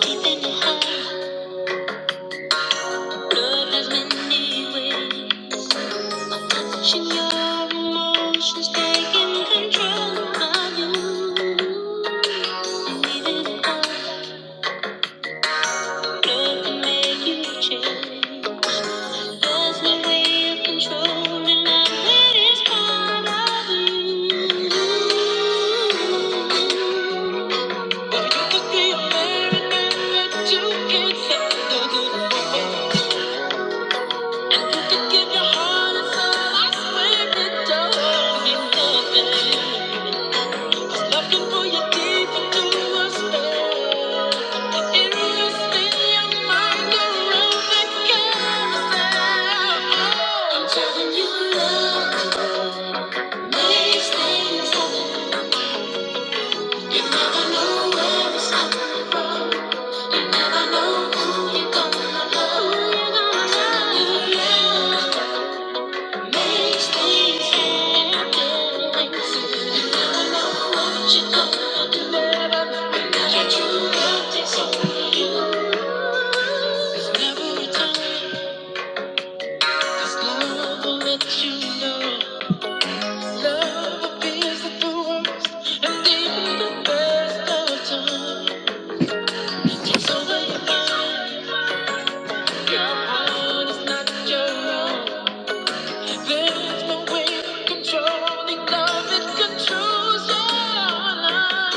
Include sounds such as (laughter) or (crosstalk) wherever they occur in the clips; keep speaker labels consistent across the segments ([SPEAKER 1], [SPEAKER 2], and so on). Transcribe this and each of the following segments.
[SPEAKER 1] Keeping it high, love has many ways. Touching your emotions, taking control of you. love can make you change. There's no way of controlling love that is part of you. Well, you could be a man and that you can't stop the good You never know who you're gonna love. Your heart is not your own. There's no way controlling love it controls your life.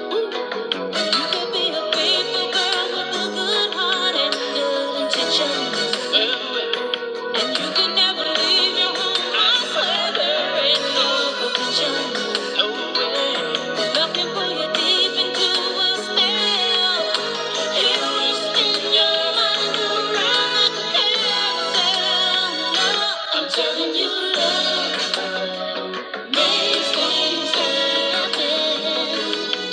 [SPEAKER 1] You can be a faithful girl with a good heart and good intentions. And you can never leave your home. I swear there ain't no option. No way. There's nothing pull you deep into a spell. Illness in your mind, around like a carousel. No, I'm telling you, love makes things happen.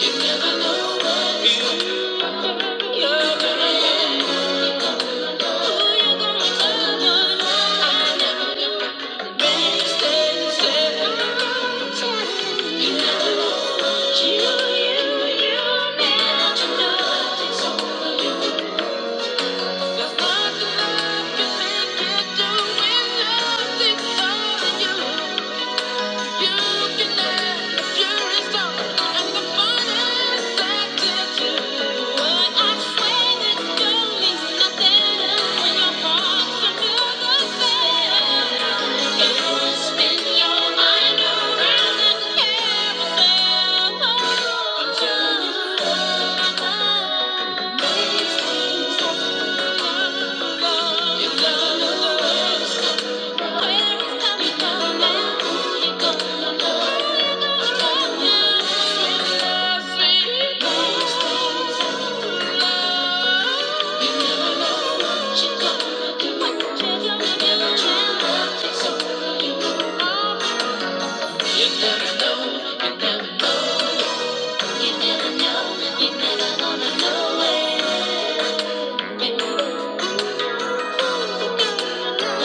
[SPEAKER 1] You never know when you're gonna nothing Thank you. Thank you. You never know, you never know, you never know, you never gonna know it. You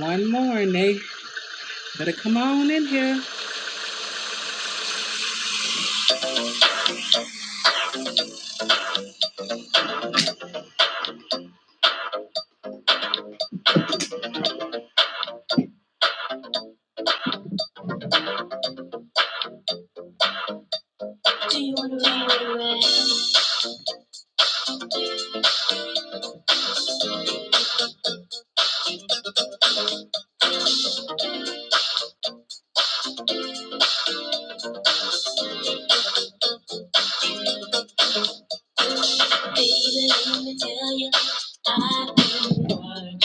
[SPEAKER 1] One more, Nate. Better come on in here. Do you wanna be Baby, let me tell you, I've been working.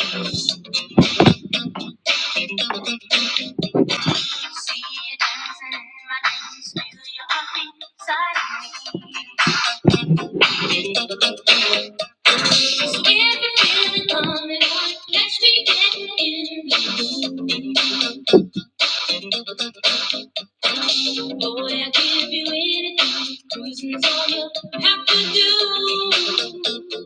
[SPEAKER 1] See you dancing, my days feel your heartbeat inside of me. Just if you feel it coming on, catch me getting in the mood. Boy, I give you anything, cruising's all you have to do.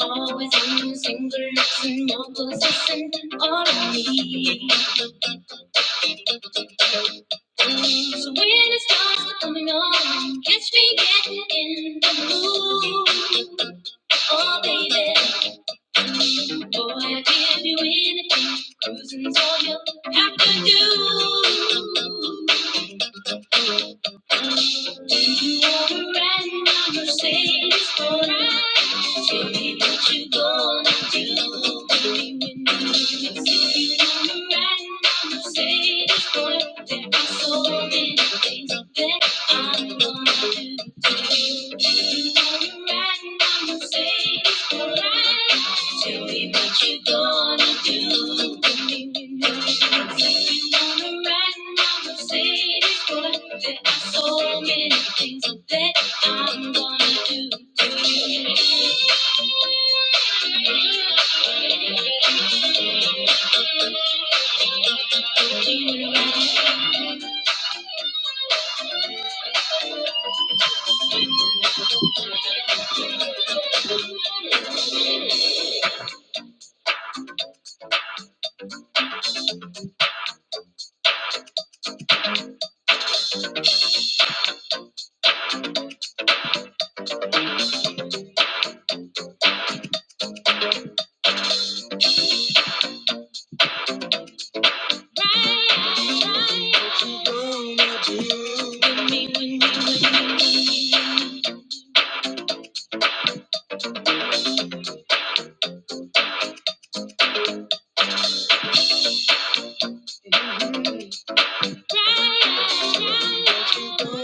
[SPEAKER 1] Always on the single, listen, more persistent, all I need. So when it starts coming on, catch me getting in the mood. Oh, baby, boy, I give you anything. Cruising's all you have to do. You are a riding on Mercedes for Tell me what you gonna do, baby, you wanna You are a Mercedes for ride. There are so many things I'm gonna do. Tell me what you gonna do for me. If you wanna ride in my Mercedes, but there are so many things that I'm gonna do to you. Do you ride? Ride, ride. What you gonna do for me, when you, when you, when you, when you. There are so many things that I'm gonna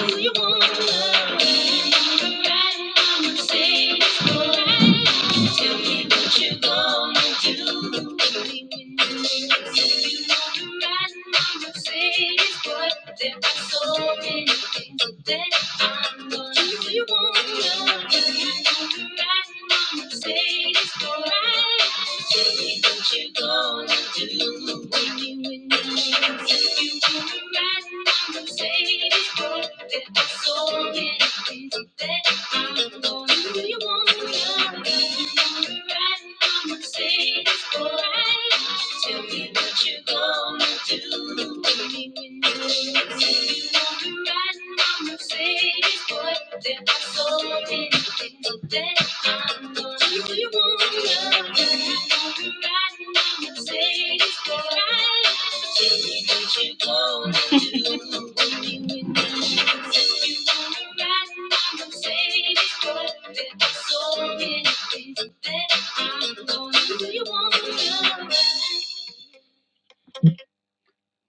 [SPEAKER 1] do. You wanna ride? in my Mercedes? go Ride, mama, say it's What you gonna do? Waking with no hands. If you wanna ride in my Mercedes, boy, bet I'm so many things. I'm gonna do you wanna love? Do You wanna ride in my Mercedes, boy? Tell me what you gonna do. Waking with no hands. If you wanna ride in my Mercedes, boy,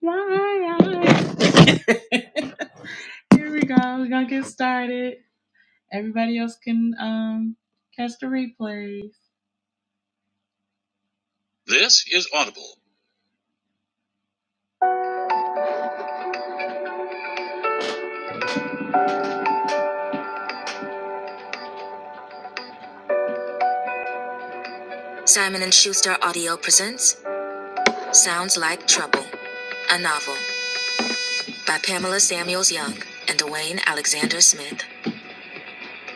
[SPEAKER 1] why? (laughs) Here we go. We're gonna get started. Everybody else can um, catch the replays. This is Audible. Simon and Schuster Audio presents Sounds Like Trouble, a novel by Pamela Samuels Young and Dwayne Alexander Smith,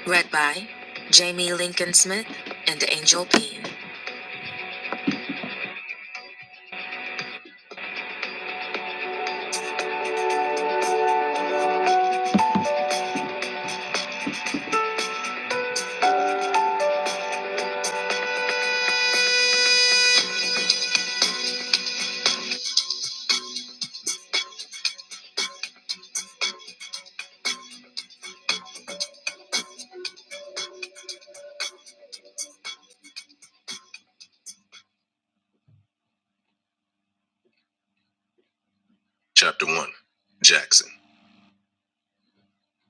[SPEAKER 1] read by Jamie Lincoln Smith and Angel Payne. Chapter 1 Jackson.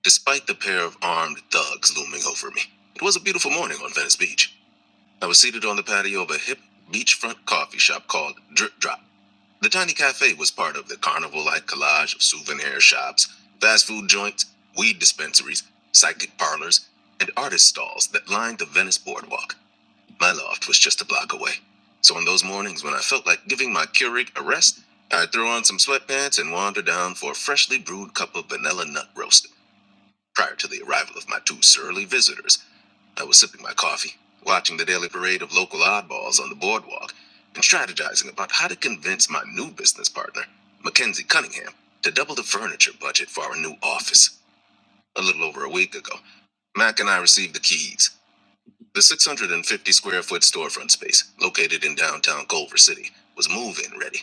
[SPEAKER 1] Despite the pair of armed thugs looming over me, it was a beautiful morning on Venice Beach. I was seated on the patio of a hip beachfront coffee shop called Drip Drop. The tiny cafe was part of the carnival like collage of souvenir shops, fast food joints, weed dispensaries, psychic parlors, and artist stalls that lined the Venice boardwalk. My loft was just a block away. So on those mornings when I felt like giving my Keurig a rest, I'd throw on some sweatpants and wander down for a freshly brewed cup of vanilla nut roast prior to the arrival of my two surly visitors I was sipping my coffee, watching the daily parade of local oddballs on the boardwalk, and strategizing about how to convince my new business partner, Mackenzie Cunningham, to double the furniture budget for our new office a little over a week ago. Mac and I received the keys. The 650 square foot storefront space, located in downtown Culver City, was move in ready.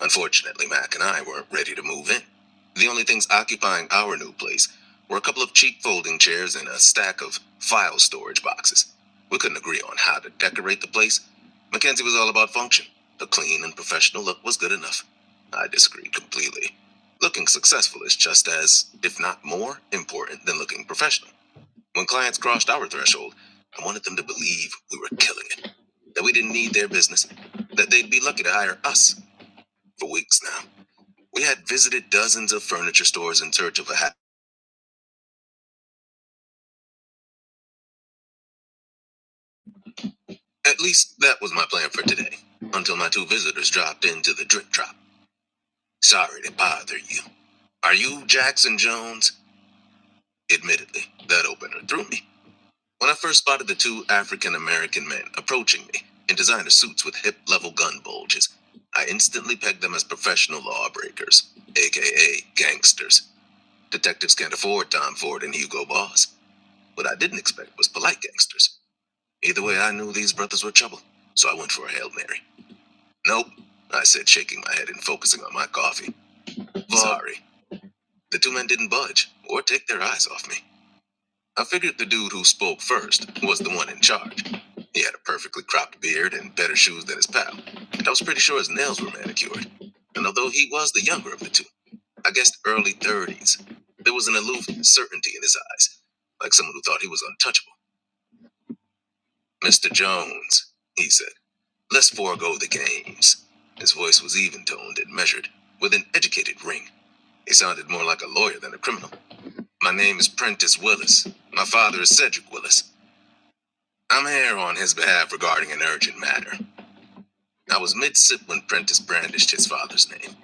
[SPEAKER 1] Unfortunately, Mac and I weren't ready to move in. The only things occupying our new place were a couple of cheap folding chairs and a stack of file storage boxes. We couldn't agree on how to decorate the place. Mackenzie was all about function. The clean and professional look was good enough. I disagreed completely. Looking successful is just as, if not more, important than looking professional. When clients crossed our threshold, I wanted them to believe we were killing it, that we didn't need their business, that they'd be lucky to hire us for weeks now. We had visited dozens of furniture stores in search of a hat. At least that was my plan for today, until my two visitors dropped into the drip drop. Sorry to bother you. Are you Jackson Jones? Admittedly, that opener threw me. When I first spotted the two African American men approaching me in designer suits with hip level gun bulges, I instantly pegged them as professional lawbreakers, aka gangsters. Detectives can't afford Tom Ford and Hugo Boss. What I didn't expect was polite gangsters. Either way, I knew these brothers were trouble, so I went for a Hail Mary. Nope, I said, shaking my head and focusing on my coffee. Sorry. The two men didn't budge or take their eyes off me. I figured the dude who spoke first was the one in charge. He had a perfectly cropped beard and better shoes than his pal, and I was pretty sure his nails were manicured. And although he was the younger of the two, I guessed early 30s, there was an aloof certainty in his eyes, like someone who thought he was untouchable. Mr. Jones, he said, let's forego the games. His voice was even toned and measured, with an educated ring. He sounded more like a lawyer than a criminal. My name is Prentice Willis. My father is Cedric Willis. I'm here on his behalf regarding an urgent matter. I was mid sip when Prentice brandished his father's name,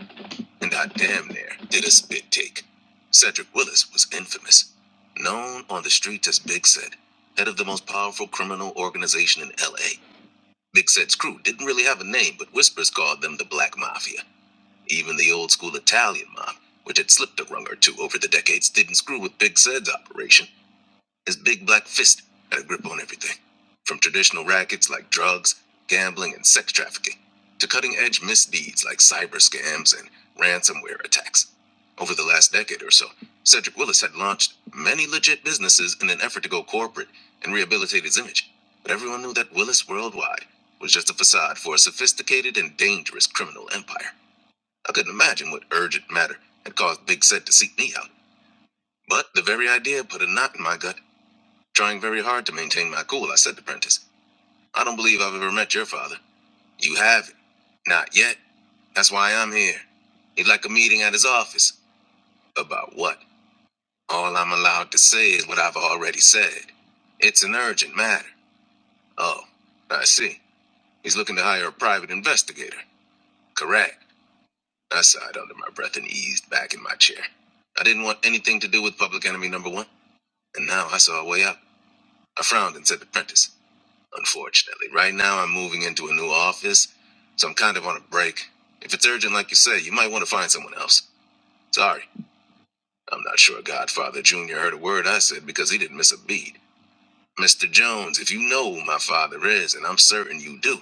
[SPEAKER 1] and I damn near did a spit take. Cedric Willis was infamous, known on the streets as Big Sid, head of the most powerful criminal organization in LA. Big Sid's crew didn't really have a name, but whispers called them the Black Mafia. Even the old school Italian mob, which had slipped a rung or two over the decades, didn't screw with Big Sid's operation. His big black fist had a grip on everything from traditional rackets like drugs, gambling, and sex trafficking, to cutting edge misdeeds like cyber scams and ransomware attacks. Over the last decade or so, Cedric Willis had launched many legit businesses in an effort to go corporate and rehabilitate his image. But everyone knew that Willis Worldwide was just a facade for a sophisticated and dangerous criminal empire. I couldn't imagine what urgent matter had caused Big Set to seek me out, but the very idea put a knot in my gut. Trying very hard to maintain my cool, I said to Prentice. I don't believe I've ever met your father. You haven't. Not yet. That's why I'm here. He'd like a meeting at his office. About what? All I'm allowed to say is what I've already said. It's an urgent matter. Oh, I see. He's looking to hire a private investigator. Correct. I sighed under my breath and eased back in my chair. I didn't want anything to do with public enemy number one, and now I saw a way out. I frowned and said to Prentice. unfortunately. Right now, I'm moving into a new office, so I'm kind of on a break. If it's urgent, like you say, you might want to find someone else. Sorry, I'm not sure Godfather Jr. heard a word I said because he didn't miss a beat. Mr. Jones, if you know who my father is, and I'm certain you do,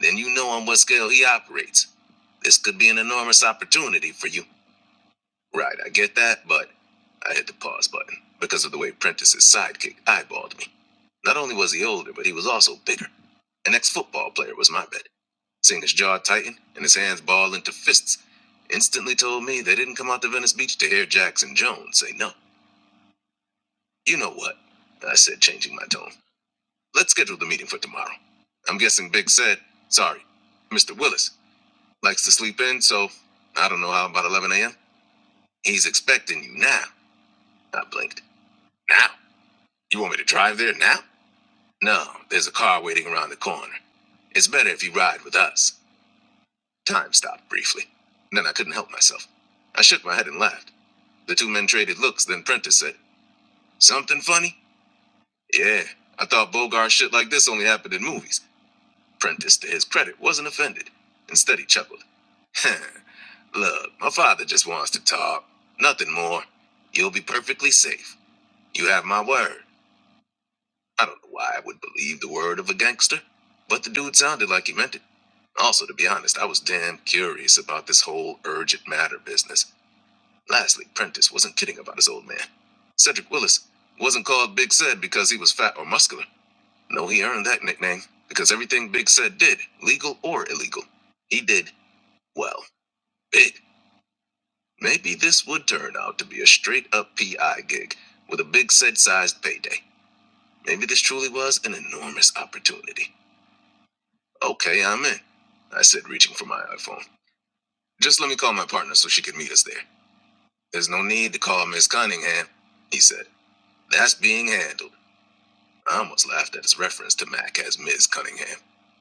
[SPEAKER 1] then you know on what scale he operates. This could be an enormous opportunity for you. Right, I get that, but I hit the pause button because of the way Prentice's sidekick eyeballed me. Not only was he older, but he was also bigger. An ex football player was my bet. Seeing his jaw tighten and his hands ball into fists instantly told me they didn't come out to Venice Beach to hear Jackson Jones say no. You know what? I said, changing my tone. Let's schedule the meeting for tomorrow. I'm guessing Big said, sorry, Mr. Willis likes to sleep in, so I don't know how about 11 a.m. He's expecting you now. I blinked. Now? You want me to drive there now? No, there's a car waiting around the corner. It's better if you ride with us. Time stopped briefly. Then I couldn't help myself. I shook my head and laughed. The two men traded looks, then Prentice said, Something funny? Yeah, I thought Bogart shit like this only happened in movies. Prentice, to his credit, wasn't offended. Instead, he chuckled. (laughs) Look, my father just wants to talk. Nothing more. You'll be perfectly safe. You have my word. I don't know why I would believe the word of a gangster, but the dude sounded like he meant it. Also, to be honest, I was damn curious about this whole urgent matter business. Lastly, Prentice wasn't kidding about his old man. Cedric Willis wasn't called Big Ced because he was fat or muscular. No, he earned that nickname because everything Big Ced did, legal or illegal, he did, well, big. Maybe this would turn out to be a straight up PI gig with a Big Ced sized payday. Maybe this truly was an enormous opportunity. Okay, I'm in, I said, reaching for my iPhone. Just let me call my partner so she can meet us there. There's no need to call Miss Cunningham, he said. That's being handled. I almost laughed at his reference to Mac as Ms. Cunningham.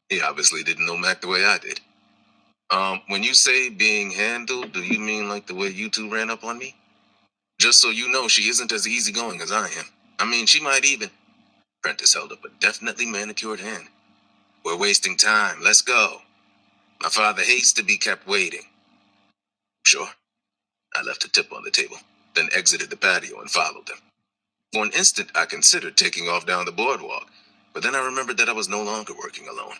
[SPEAKER 1] He obviously didn't know Mac the way I did. Um, when you say being handled, do you mean like the way you two ran up on me? Just so you know, she isn't as easygoing as I am. I mean, she might even. Prentice held up a definitely manicured hand. We're wasting time. Let's go. My father hates to be kept waiting. Sure. I left a tip on the table, then exited the patio and followed them. For an instant, I considered taking off down the boardwalk, but then I remembered that I was no longer working alone.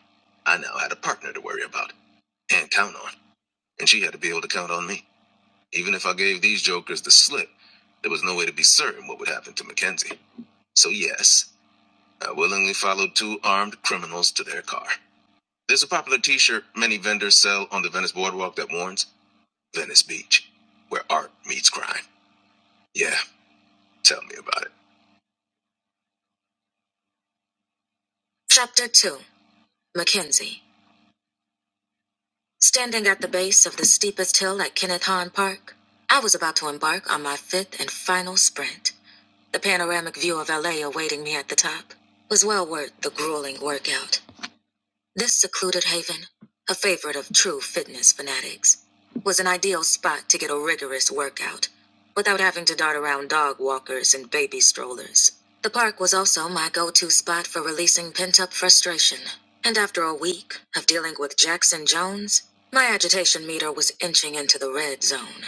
[SPEAKER 1] I now had a partner to worry about and count on, and she had to be able to count on me. Even if I gave these jokers the slip, there was no way to be certain what would happen to Mackenzie. So, yes, I willingly followed two armed criminals to their car. There's a popular t shirt many vendors sell on the Venice boardwalk that warns Venice Beach, where art meets crime. Yeah, tell me about it. Chapter 2 Mackenzie. Standing at the base of the steepest hill at Kenneth Hahn Park, I was about to embark on my fifth and final sprint. The panoramic view of LA awaiting me at the top was well worth the grueling workout. This secluded haven, a favorite of true fitness fanatics, was an ideal spot to get a rigorous workout without having to dart around dog walkers and baby strollers. The park was also my go to spot for releasing pent up frustration. And after a week of dealing with Jackson Jones, my agitation meter was inching into the red zone.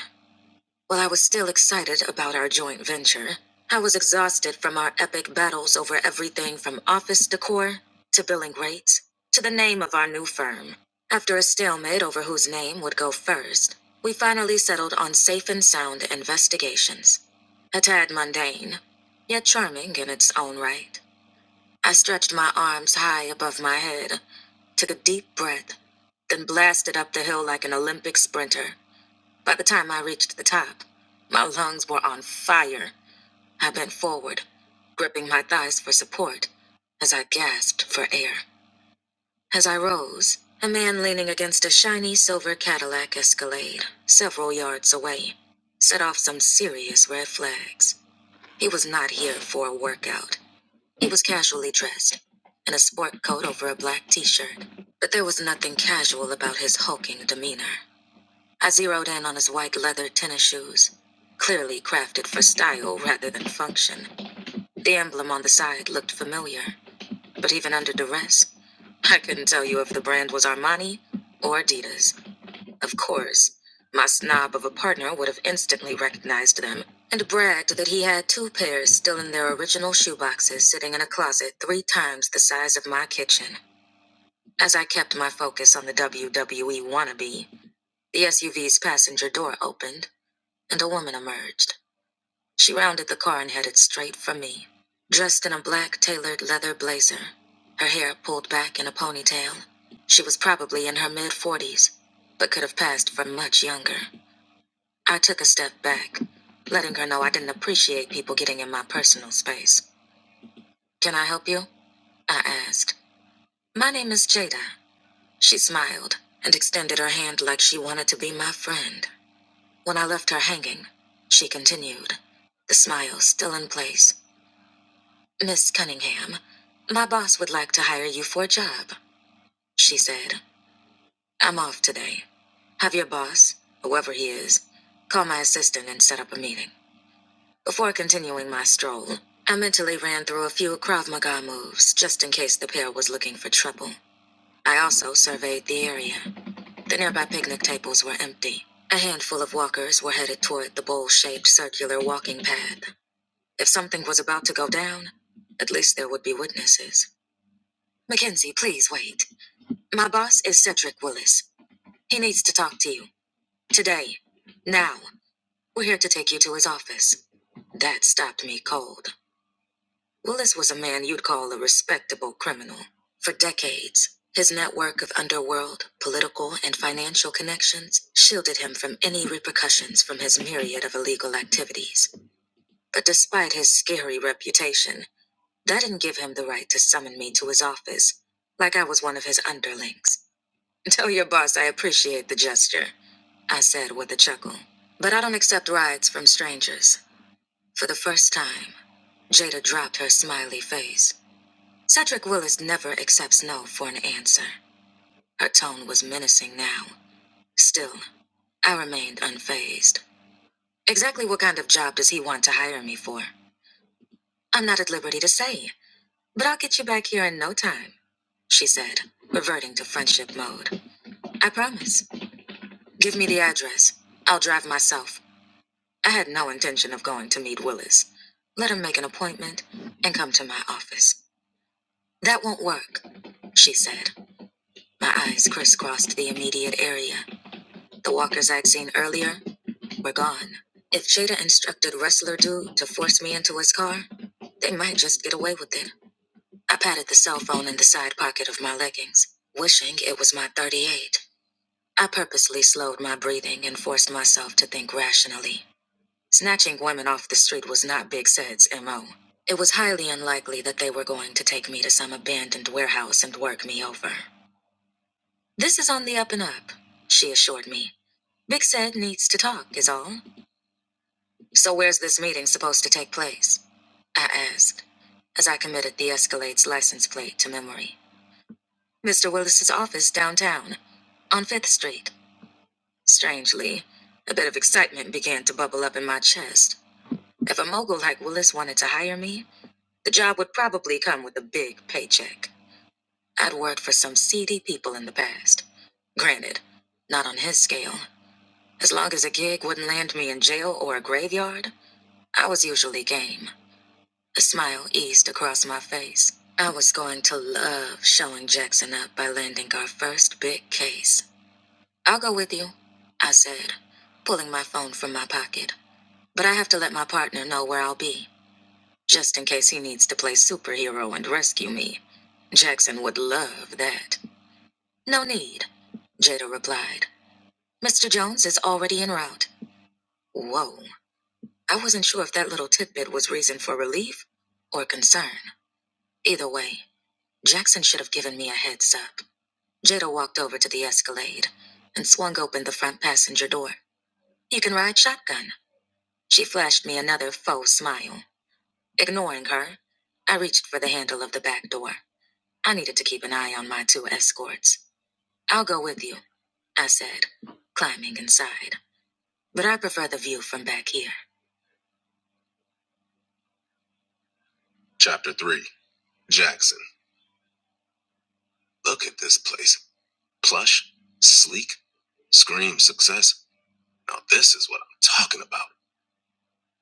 [SPEAKER 1] While I was still excited about our joint venture, I was exhausted from our epic battles over everything from office decor to billing rates to the name of our new firm. After a stalemate over whose name would go first, we finally settled on Safe and Sound Investigations. A tad mundane, yet charming in its own right. I stretched my arms high above my head, took a deep breath, then blasted up the hill like an Olympic sprinter. By the time I reached the top, my lungs were on fire. I bent forward, gripping my thighs for support as I gasped for air. As I rose, a man leaning against a shiny silver Cadillac Escalade, several yards away, set off some serious red flags. He was not here for a workout. He was casually dressed, in a sport coat over a black t shirt, but there was nothing casual about his hulking demeanor. I zeroed in on his white leather tennis shoes, clearly crafted for style rather than function. The emblem on the side looked familiar, but even under duress, I couldn't tell you if the brand was Armani or Adidas. Of course, my snob of a partner would have instantly recognized them and bragged that he had two pairs still in their original shoeboxes sitting in a closet three times the size of my kitchen. As I kept my focus on the WWE wannabe, the SUV's passenger door opened and a woman emerged. She rounded the car and headed straight for me. Dressed in a black tailored leather blazer, her hair pulled back in a ponytail, she was probably in her mid 40s, but could have passed for much younger. I took a step back, letting her know I didn't appreciate people getting in my personal space. Can I help you? I asked. My name is Jada. She smiled and extended her hand like she wanted to be my friend. When I left her hanging, she continued, the smile still in place. Miss Cunningham, my boss would like to hire you for a job, she said. I'm off today. Have your boss, whoever he is, call my assistant and set up a meeting. Before continuing my stroll, I mentally ran through a few Krav Maga moves just in case the pair was looking for trouble. I also surveyed the area. The nearby picnic tables were empty. A handful of walkers were headed toward the bowl shaped circular walking path. If something was about to go down, at least there would be witnesses. Mackenzie, please wait. My boss is Cedric Willis. He needs to talk to you. Today. Now. We're here to take you to his office. That stopped me cold. Willis was a man you'd call a respectable criminal. For decades, his network of underworld, political, and financial connections shielded him from any repercussions from his myriad of illegal activities. But despite his scary reputation, That didn't give him the right to summon me to his office, like I was one of his underlings. (laughs) Tell your boss I appreciate the gesture, I said with a chuckle. But I don't accept rides from strangers. For the first time, Jada dropped her smiley face. Cedric Willis never accepts no for an answer. Her tone was menacing now. Still, I remained unfazed. Exactly what kind of job does he want to hire me for? I'm not at liberty to say, but I'll get you back here in no time. she said, reverting to friendship mode. I promise. Give me the address. I'll drive myself. I had no intention of going to meet Willis. Let him make an appointment and come to my office. That won't work, she said. My eyes crisscrossed the immediate area. The walkers I'd seen earlier were gone. If Jada instructed Wrestler Dude to force me into his car, they might just get away with it. I patted the cell phone in the side pocket of my leggings, wishing it was my 38. I purposely slowed my breathing and forced myself to think rationally. Snatching women off the street was not Big Sed's MO. It was highly unlikely that they were going to take me to some abandoned warehouse and work me over. This is on the up and up, she assured me. Big Sed needs to talk, is all. So where's this meeting supposed to take place? I asked, as I committed the Escalade's license plate to memory. Mr. Willis's office downtown, on 5th Street. Strangely, a bit of excitement began to bubble up in my chest. If a mogul like Willis wanted to hire me, the job would probably come with a big paycheck. I'd worked for some seedy people in the past. Granted, not on his scale. As long as a gig wouldn't land me in jail or a graveyard, I was usually game. A smile eased across my face. I was going to love showing Jackson up by landing our first big case. I'll go with you, I said, pulling my phone from my pocket. But I have to let my partner know where I'll be, just in case he needs to play superhero and rescue me. Jackson would love that. No need, Jada replied. Mr. Jones is already en route. Whoa. I wasn't sure if that little tidbit was reason for relief or concern. Either way, Jackson should have given me a heads up. Jada walked over to the Escalade and swung open the front passenger door. You can ride shotgun. She flashed me another faux smile. Ignoring her, I reached for the handle of the back door. I needed to keep an eye on my two escorts. I'll go with you, I said, climbing inside. But I prefer the view from back here. Chapter 3 Jackson. Look at this place. Plush, sleek, screams success. Now, this is what I'm talking about.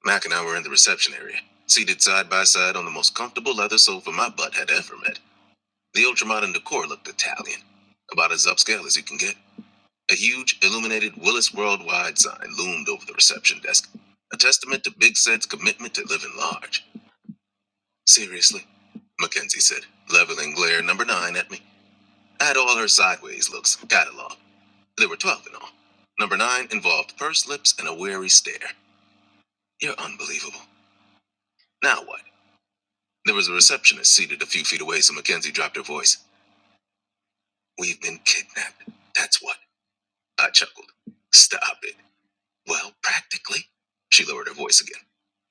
[SPEAKER 1] Mac and I were in the reception area, seated side by side on the most comfortable leather sofa my butt had ever met. The ultramodern decor looked Italian, about as upscale as you can get. A huge, illuminated Willis Worldwide sign loomed over the reception desk, a testament to Big Set's commitment to living large. Seriously? Mackenzie said, leveling glare number nine at me. I had all her sideways looks cataloged. There were 12 in all. Number nine involved pursed lips and a wary stare. You're unbelievable. Now what? There was a receptionist seated a few feet away, so Mackenzie dropped her voice. We've been kidnapped. That's what. I chuckled. Stop it. Well, practically. She lowered her voice again.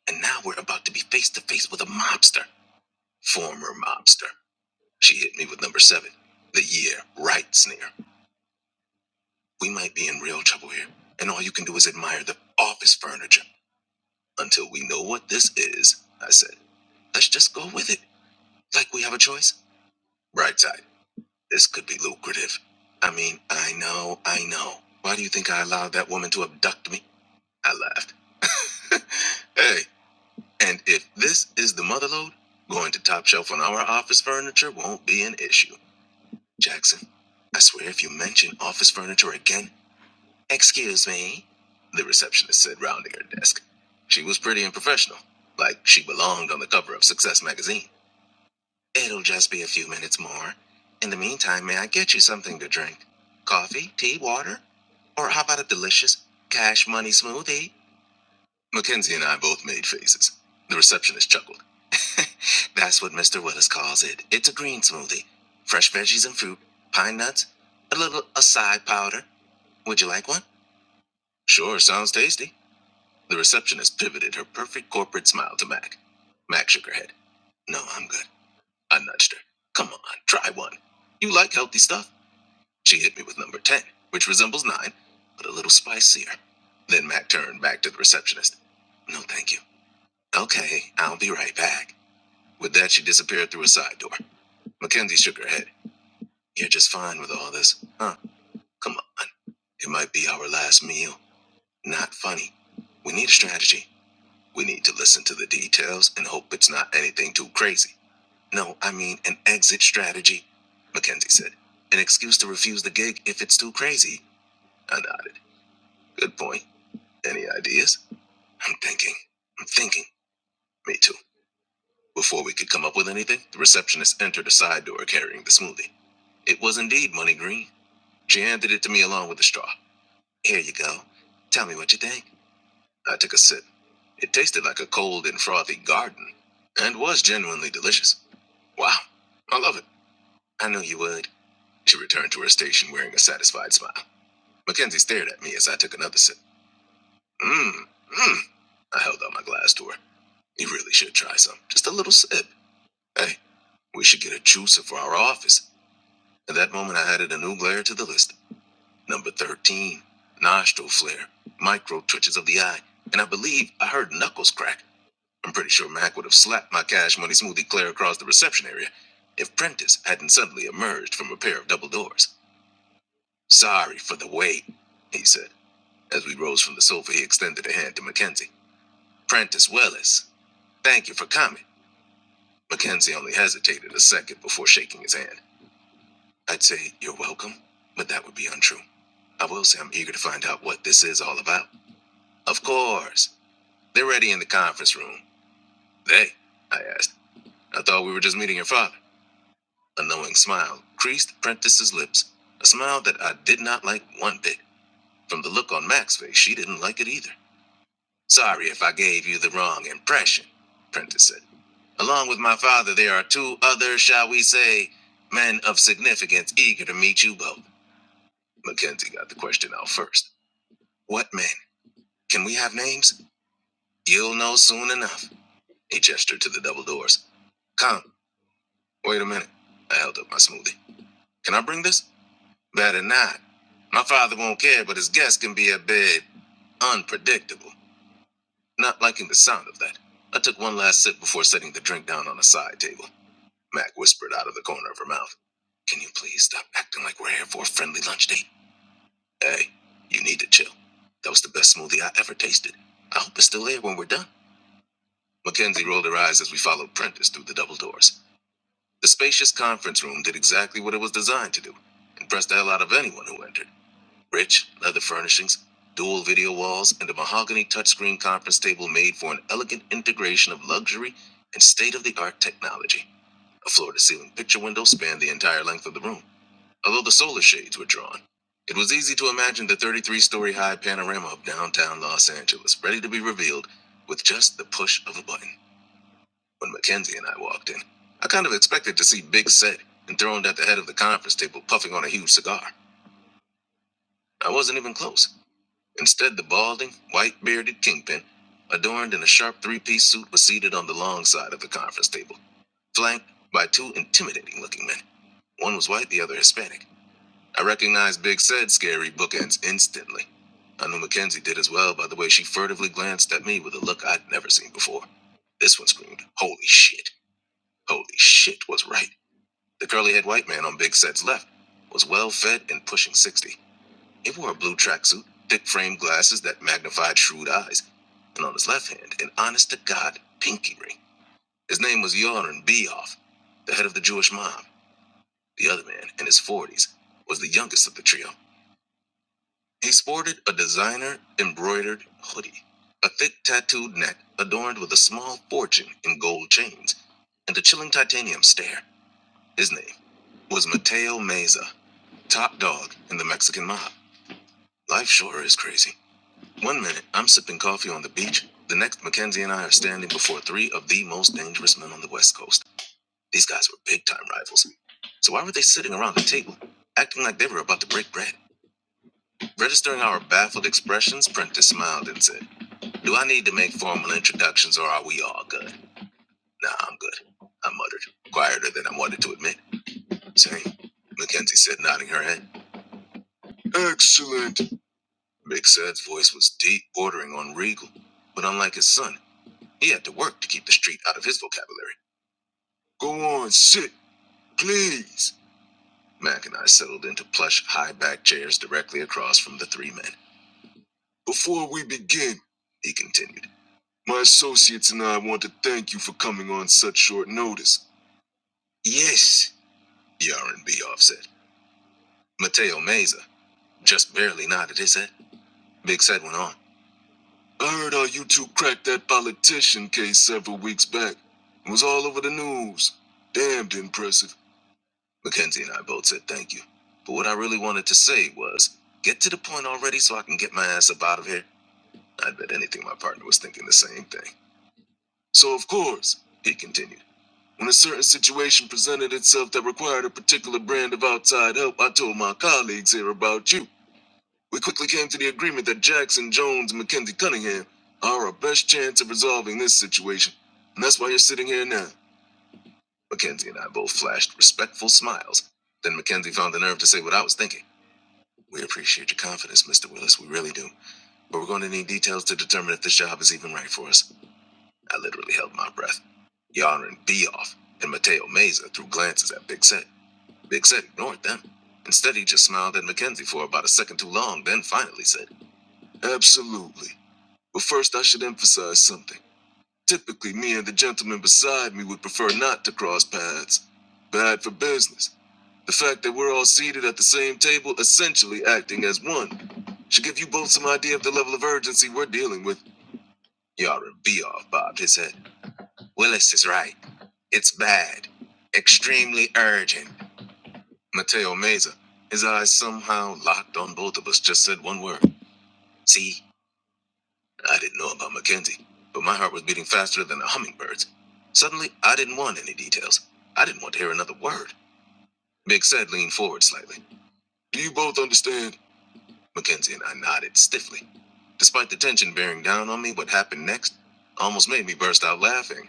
[SPEAKER 1] And now we're about to be face to face with a mobster. Former mobster. She hit me with number seven. The year, right, Sneer. We might be in real trouble here. And all you can do is admire the office furniture. Until we know what this is, I said, let's just go with it. Like we have a choice. Bright side. This could be lucrative. I mean, I know, I know. Why do you think I allowed that woman to abduct me? I laughed. (laughs) hey, And if this is the mother load, going to Top Shelf on our office furniture won't be an issue. Jackson, I swear if you mention office furniture again, excuse me, the receptionist said, rounding her desk. She was pretty and professional, like she belonged on the cover of Success magazine. It'll just be a few minutes more. In the meantime, may I get you something to drink? Coffee, tea, water? Or how about a delicious cash money smoothie? Mackenzie and I both made faces. The receptionist chuckled. (laughs) That's what Mr. Willis calls it. It's a green smoothie. Fresh veggies and fruit, pine nuts, a little acai powder. Would you like one? Sure, sounds tasty. The receptionist pivoted her perfect corporate smile to Mac. Mac shook her head. No, I'm good. I nudged her. Come on, try one. You like healthy stuff? She hit me with number 10, which resembles 9, but a little spicier. Then Mac turned back to the receptionist. No, thank you. Okay, I'll be right back. With that, she disappeared through a side door. Mackenzie shook her head. You're just fine with all this. Huh? Come on. It might be our last meal. Not funny. We need a strategy. We need to listen to the details and hope it's not anything too crazy. No, I mean an exit strategy, Mackenzie said. An excuse to refuse the gig if it's too crazy. I nod. Good point. Any ideas? I'm thinking. I'm thinking. Me too. Before we could come up with anything, the receptionist entered a side door carrying the smoothie. It was indeed money green. She handed it to me along with the straw. Here you go. Tell me what you think. I took a sip. It tasted like a cold and frothy garden and was genuinely delicious. Wow, I love it. I knew you would. She returned to her station wearing a satisfied smile. Mackenzie stared at me as I took another sip. Mmm, mmm. I held out my glass to her. You really should try some. Just a little sip. Hey, we should get a juicer for our office. At that moment, I added a new glare to the list. Number 13, nostril flare, micro twitches of the eye, and I believe I heard knuckles crack. I'm pretty sure Mac would have slapped my cash money smoothie clear across the reception area if Prentice hadn't suddenly emerged from a pair of double doors. Sorry for the wait, he said. As we rose from the sofa, he extended a hand to Mackenzie. Prentice Willis, thank you for coming. Mackenzie only hesitated a second before shaking his hand. I'd say you're welcome, but that would be untrue. I will say I'm eager to find out what this is all about. Of course. They're ready in the conference room. They? I asked. I thought we were just meeting your father. A knowing smile creased Prentice's lips, a smile that I did not like one bit. From the look on Mac's face, she didn't like it either. Sorry if I gave you the wrong impression, Prentice said. Along with my father, there are two other, shall we say, men of significance eager to meet you both. Mackenzie got the question out first. What men? Can we have names? You'll know soon enough. He gestured to the double doors. Come, wait a minute. I held up my smoothie. Can I bring this? Better not. My father won't care, but his guests can be a bit unpredictable. Not liking the sound of that. I took one last sip before setting the drink down on a side table. Mac whispered out of the corner of her mouth. Can you please stop acting like we're here for a friendly lunch date? Hey, you need to chill. That was the best smoothie I ever tasted. I hope it's still there when we're done. Mackenzie rolled her eyes as we followed Prentice through the double doors. The spacious conference room did exactly what it was designed to do impress the hell out of anyone who entered. Rich leather furnishings, dual video walls, and a mahogany touchscreen conference table made for an elegant integration of luxury and state of the art technology. A floor to ceiling picture window spanned the entire length of the room, although the solar shades were drawn. It was easy to imagine the 33 story high panorama of downtown Los Angeles ready to be revealed with just the push of a button. When Mackenzie and I walked in, I kind of expected to see Big Set enthroned at the head of the conference table puffing on a huge cigar. I wasn't even close. Instead, the balding, white bearded kingpin, adorned in a sharp three piece suit, was seated on the long side of the conference table, flanked by two intimidating looking men. One was white, the other Hispanic. I recognized Big Set's scary bookends instantly. I knew Mackenzie did as well by the way she furtively glanced at me with a look I'd never seen before. This one screamed, Holy shit! Holy shit was right. The curly haired white man on Big Set's left was well fed and pushing 60. He wore a blue tracksuit, thick framed glasses that magnified shrewd eyes, and on his left hand, an honest to God pinky ring. His name was Yoram Beoff, the head of the Jewish mob. The other man, in his 40s, was the youngest of the trio. He sported a designer embroidered hoodie, a thick tattooed neck adorned with a small fortune in gold chains, and a chilling titanium stare. His name was Mateo Meza, top dog in the Mexican mob. Life sure is crazy. One minute, I'm sipping coffee on the beach. The next, Mackenzie and I are standing before three of the most dangerous men on the West Coast. These guys were big time rivals. So why were they sitting around the table, acting like they were about to break bread? Registering our baffled expressions, Prentice smiled and said, Do I need to make formal introductions or are we all good? Nah, I'm good. I muttered, quieter than I wanted to admit. Same, Mackenzie said, nodding her head. Excellent. Big Sad's voice was deep, bordering on regal, but unlike his son, he had to work to keep the street out of his vocabulary. Go on, sit, please. Mac and I settled into plush, high back chairs directly across from the three men. Before we begin, he continued, my associates and I want to thank you for coming on such short notice. Yes, Yaron B. said. Mateo Meza just barely nodded his head. Big Sad went on. I heard how you two cracked that politician case several weeks back. It was all over the news. Damned impressive. Mackenzie and I both said thank you. But what I really wanted to say was get to the point already so I can get my ass up out of here. I bet anything my partner was thinking the same thing. So, of course, he continued, when a certain situation presented itself that required a particular brand of outside help, I told my colleagues here about you. We quickly came to the agreement that Jackson, Jones, and Mackenzie Cunningham are our best chance of resolving this situation. And that's why you're sitting here now. Mackenzie and I both flashed respectful smiles. Then Mackenzie found the nerve to say what I was thinking. We appreciate your confidence, Mr. Willis, we really do. But we're going to need details to determine if this job is even right for us. I literally held my breath. Yarn and Beoff and Mateo Meza threw glances at Big Set. Big Set ignored them. Instead, he just smiled at Mackenzie for about a second too long, then finally said, Absolutely. But first, I should emphasize something. Typically, me and the gentleman beside me would prefer not to cross paths. Bad for business. The fact that we're all seated at the same table, essentially acting as one, should give you both some idea of the level of urgency we're dealing with. Yara off, bobbed his head. Willis is right. It's bad. Extremely urgent. Mateo Meza, his eyes somehow locked on both of us, just said one word. See? I didn't know about Mackenzie, but my heart was beating faster than a hummingbird's. Suddenly, I didn't want any details. I didn't want to hear another word. Big Sed leaned forward slightly. Do you both understand? Mackenzie and I nodded stiffly. Despite the tension bearing down on me, what happened next almost made me burst out laughing.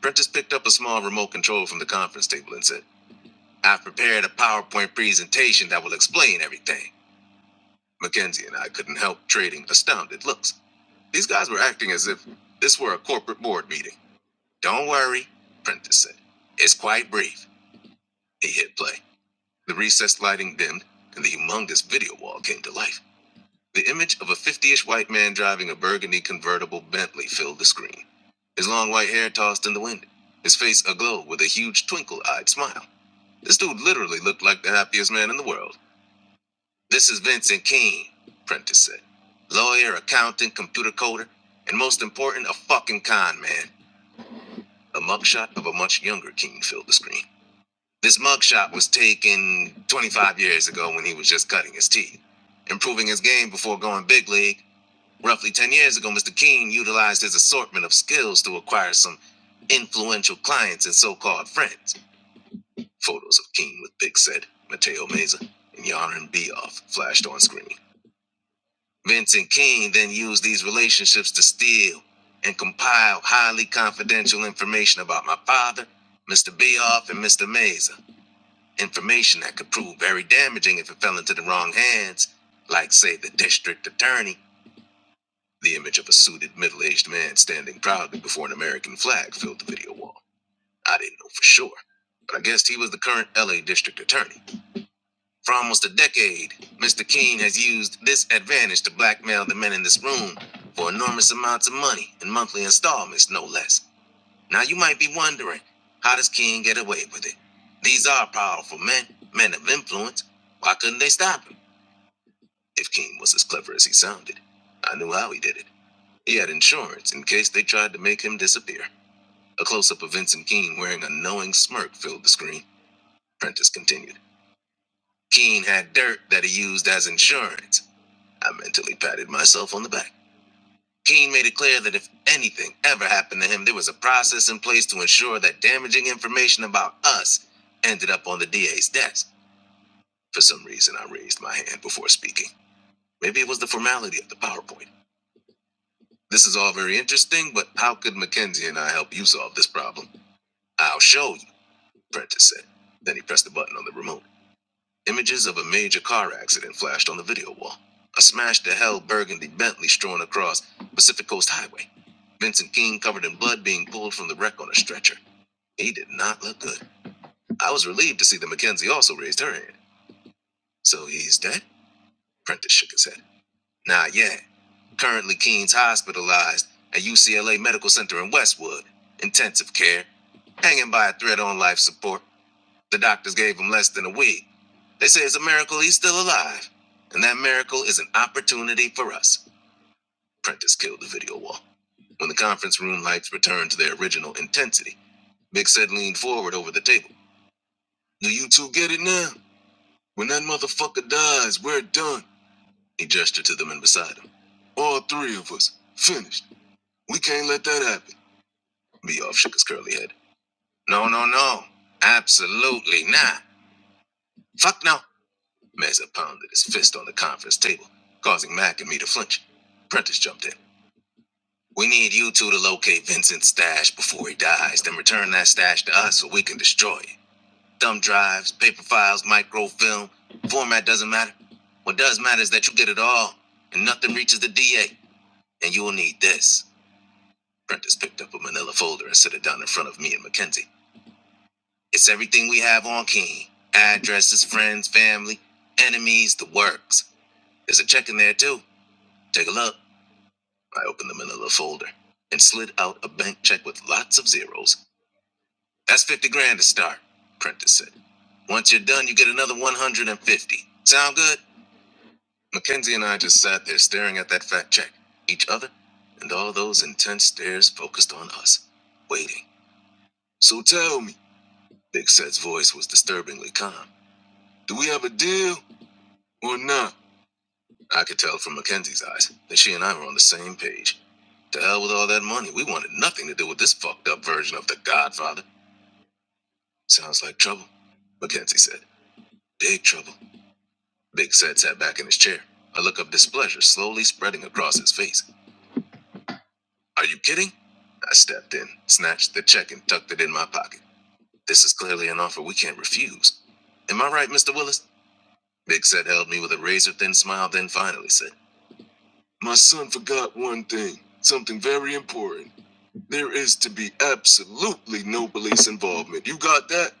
[SPEAKER 1] Prentice picked up a small remote control from the conference table and said, I've prepared a PowerPoint presentation that will explain everything. Mackenzie and I couldn't help trading astounded looks. These guys were acting as if this were a corporate board meeting. Don't worry, Prentice said. It's quite brief. He hit play. The recessed lighting dimmed, and the humongous video wall came to life. The image of a 50 ish white man driving a burgundy convertible Bentley filled the screen, his long white hair tossed in the wind, his face aglow with a huge twinkle eyed smile. This dude literally looked like the happiest man in the world. This is Vincent Keene, Prentice said. Lawyer, accountant, computer coder, and most important, a fucking con man. A mugshot of a much younger Keene filled the screen. This mugshot was taken 25 years ago when he was just cutting his teeth. Improving his game before going big league, roughly 10 years ago, Mr. Keene utilized his assortment of skills to acquire some influential clients and so called friends. Photos of Keene with Big Set, Mateo Meza, and Yarn Beoff flashed on screen. Vincent Keene then used these relationships to steal and compile highly confidential information about my father, Mr. Beoff, and Mr. Meza. Information that could prove very damaging if it fell into the wrong hands, like, say, the district attorney. The image of a suited middle aged man standing proudly before an American flag filled the video wall. I didn't know for sure, but I guessed he was the current LA district attorney. For almost a decade, Mr. King has used this advantage to blackmail the men in this room for enormous amounts of money in monthly installments, no less. Now you might be wondering, how does King get away with it? These are powerful men, men of influence. Why couldn't they stop him? If King was as clever as he sounded, I knew how he did it. He had insurance in case they tried to make him disappear. A close up of Vincent Keene wearing a knowing smirk filled the screen. Prentice continued. Keene had dirt that he used as insurance. I mentally patted myself on the back. King made it clear that if anything ever happened to him, there was a process in place to ensure that damaging information about us ended up on the DA's desk. For some reason, I raised my hand before speaking. Maybe it was the formality of the PowerPoint. This is all very interesting, but how could Mackenzie and I help you solve this problem? I'll show you, Prentice said. Then he pressed the button on the remote. Images of a major car accident flashed on the video wall. A smashed to hell burgundy Bentley strewn across Pacific Coast Highway. Vincent King covered in blood being pulled from the wreck on a stretcher. He did not look good. I was relieved to see that Mackenzie also raised her hand. So he's dead? Prentice shook his head. Nah, yeah. Currently, Keen's hospitalized at UCLA Medical Center in Westwood. Intensive care. Hanging by a thread on life support. The doctors gave him less than a week. They say it's a miracle he's still alive. And that miracle is an opportunity for us. Prentice killed the video wall. When the conference room lights returned to their original intensity, Big Sid leaned forward over the table. Do you two get it now? When that motherfucker dies, we're done. He gestured to the men beside him. All three of us. Finished. We can't let that happen. Beoff shook his curly head. No, no, no. Absolutely not. Fuck no. Meza pounded his fist on the conference table, causing Mac and me to flinch. Prentice jumped in. We need you two to locate Vincent's stash before he dies, then return that stash to us so we can destroy it. Thumb drives, paper files, microfilm, format doesn't matter. What does matter is that you get it all, and nothing reaches the DA. And you will need this. Prentice picked up a manila folder and set it down in front of me and Mackenzie. It's everything we have on Keen addresses, friends, family, enemies, the works. There's a check in there, too. Take a look. I opened the manila folder and slid out a bank check with lots of zeros. That's 50 grand to start, Prentice said. Once you're done, you get another 150. Sound good? Mackenzie and I just sat there staring at that fat check, each other, and all those intense stares focused on us, waiting. So tell me, Big Set's voice was disturbingly calm. Do we have a deal or not? I could tell from Mackenzie's eyes that she and I were on the same page. To hell with all that money. We wanted nothing to do with this fucked up version of The Godfather. Sounds like trouble, Mackenzie said. Big trouble. Big said sat back in his chair, a look of displeasure slowly spreading across his face. Are you kidding? I stepped in, snatched the check, and tucked it in my pocket. This is clearly an offer we can't refuse. Am I right, Mr. Willis? Big said held me with a razor thin smile, then finally said, My son forgot one thing, something very important. There is to be absolutely no police involvement. You got that?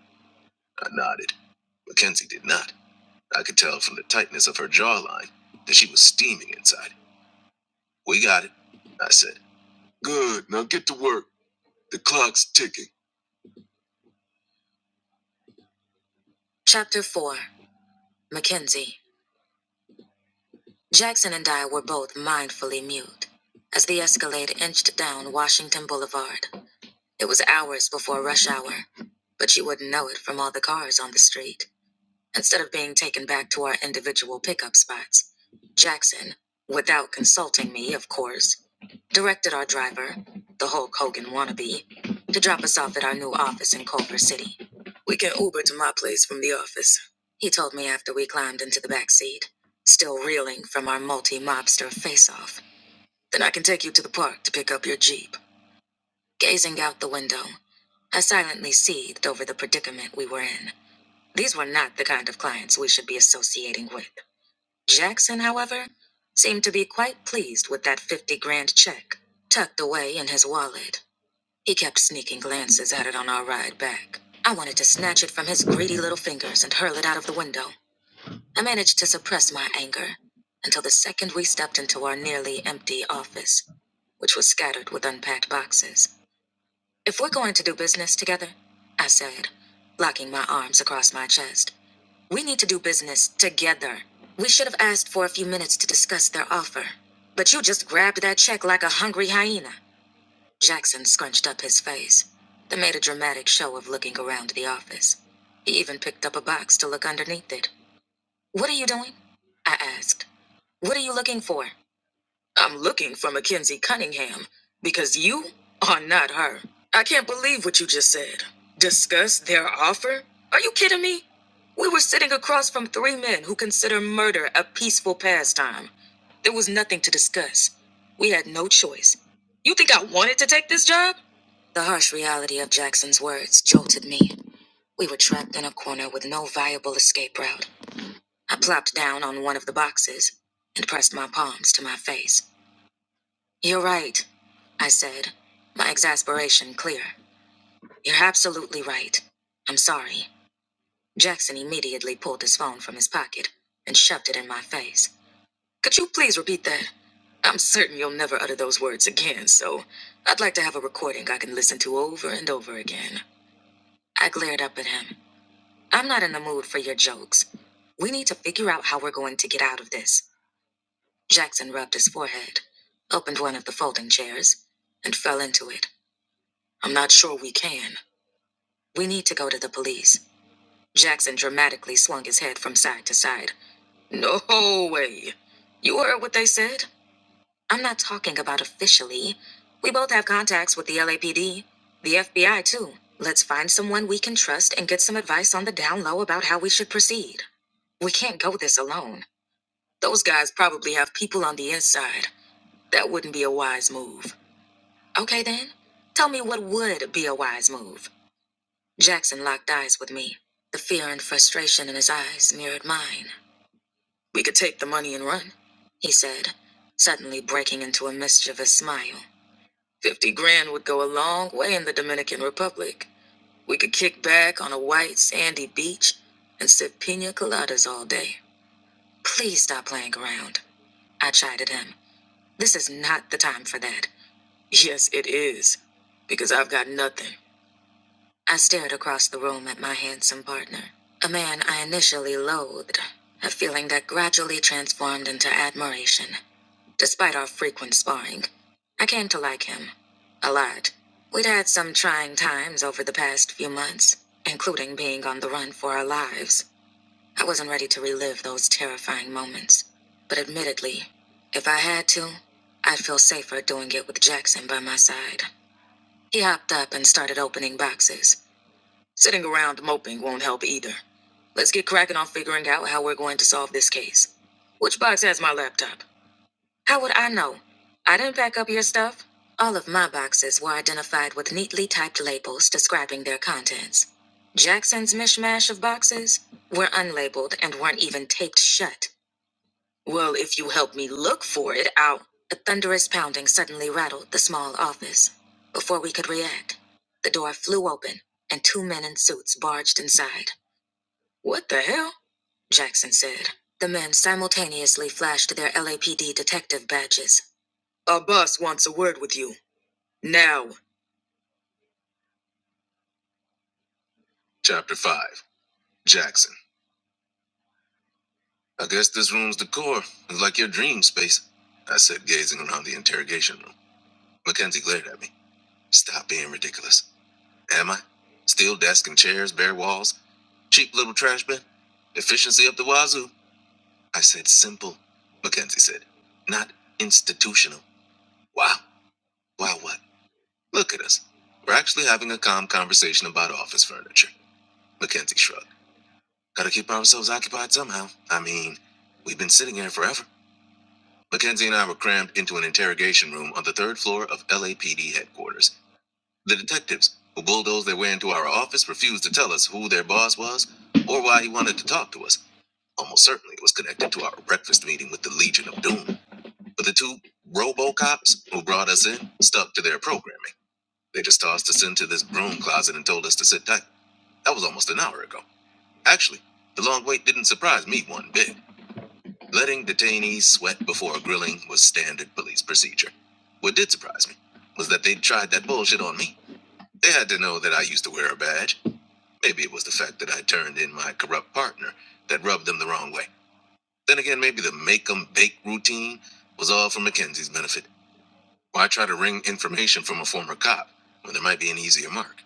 [SPEAKER 1] I nodded. Mackenzie did not. I could tell from the tightness of her jawline that she was steaming inside. We got it, I said. Good, now get to work. The clock's ticking. Chapter 4 Mackenzie. Jackson and I were both mindfully mute. As the Escalade inched down Washington Boulevard, it was hours before rush hour, but you wouldn't know it from all the cars on the street. instead of being taken back to our individual pickup spots. Jackson, without consulting me, of course, directed our driver, the Hulk Hogan wannabe, to drop us off at our new office in Culver City. We can Uber to my place from the office, he told me after we climbed into the back seat, still reeling from our multi mobster face off. Then I can take you to the park to pick up your Jeep. Gazing out the window, I silently seethed over the predicament we were in. These were not the kind of clients we should be associating with. Jackson, however, seemed to be quite pleased with that 50 grand check tucked away in his wallet. He kept sneaking glances at it on our ride back. I wanted to snatch it from his greedy little fingers and hurl it out of the window. I managed to suppress my anger until the second we stepped into our nearly empty office, which was scattered with unpacked boxes. If we're going to do business together, I said, locking my arms across my chest. We need to do business together. We should have asked for a few minutes to discuss their offer. But you just grabbed that check like a hungry hyena. Jackson scrunched up his face. They made a dramatic show of looking around the office. He even picked up a box to look underneath it. What are you doing? I asked. What are you looking for? I'm looking for Mackenzie Cunningham because you are not her. I can't believe what you just said. Discuss their offer? Are you kidding me? We were sitting across from three men who consider murder a peaceful pastime. There was nothing to discuss. We had no choice. You think I wanted to take this job? The harsh reality of Jackson's words jolted me. We were trapped in a corner with no viable escape route. I plopped down on one of the boxes and pressed my palms to my face. You're right, I said, my exasperation clear. You're absolutely right. I'm sorry. Jackson immediately pulled his phone from his pocket and shoved it in my face. Could you please repeat that? I'm certain you'll never utter those words again, so I'd like to have a recording I can listen to over and over again. I glared up at him. I'm not in the mood for your jokes. We need to figure out how we're going to get out of this. Jackson rubbed his forehead, opened one of the folding chairs, and fell into it. I'm not sure we can. We need to go to the police. Jackson dramatically swung his head from side to side. No way. You heard what they said? I'm not talking about officially. We both have contacts with the LAPD, the FBI, too. Let's find someone we can trust and get some advice on the down low about how we should proceed. We can't go this alone. Those guys probably have people on the inside. That wouldn't be a wise move. Okay, then. Tell me what would be a wise move. Jackson locked eyes with me. The fear and frustration in his eyes mirrored mine. We could take the money and run, he said, suddenly breaking into a mischievous smile. Fifty grand would go a long way in the Dominican Republic. We could kick back on a white, sandy beach and sip pina coladas all day. Please stop playing around, I chided him. This is not the time for that. Yes, it is, because I've got nothing. I stared across the room at my handsome partner, a man I initially loathed, a feeling that gradually transformed into admiration, despite our frequent sparring. I came to like him. A lot. We'd had some trying times over the past few months, including being on the run for our lives. I wasn't ready to relive those terrifying moments. But admittedly, if I had to, I'd feel safer doing it with Jackson by my side. He hopped up and started opening boxes Sitting around moping won't help either. Let's get cracking on figuring out how we're going to solve this case. Which box has my laptop? How would I know? I didn't pack up your stuff. All of my boxes were identified with neatly typed labels describing their contents. Jackson's mishmash of boxes were unlabeled and weren't even taped shut. Well, if you help me look for it, I'll. A thunderous pounding suddenly rattled the small office. Before we could react, the door flew open and two men in suits barged inside. What the hell? Jackson said. The men simultaneously flashed their LAPD detective badges. Our boss wants a word with you. Now. Chapter 5 Jackson. I guess this room's decor is like your dream space, I said, gazing around the interrogation room. Mackenzie glared at me. Stop being ridiculous. Am I? Steel desk and chairs, bare walls, cheap little trash bin. Efficiency up the wazoo. I said simple, Mackenzie said. Not institutional. Wow. Wow, what? Look at us. We're actually having a calm conversation about office furniture. Mackenzie shrugged. Gotta keep ourselves occupied somehow. I mean, we've been sitting here forever. Mackenzie and I were crammed into an interrogation room on the third floor of LAPD headquarters. The detectives who bulldozed their way into our office refused to tell us who their boss was or why he wanted to talk to us. Almost certainly it was connected to our breakfast meeting with the Legion of Doom. But the two Robo cops who brought us in stuck to their programming. They just tossed us into this broom closet and told us to sit tight. That was almost an hour ago. Actually, the long wait didn't surprise me one bit. Letting detainees sweat before grilling was standard police procedure. What did surprise me was that they tried that bullshit on me. They had to know that I used to wear a badge. Maybe it was the fact that I turned in my corrupt partner that rubbed them the wrong way. Then again, maybe the make 'em bake routine was all for Mackenzie's benefit. Why try to wring information from a former cop when there might be an easier mark?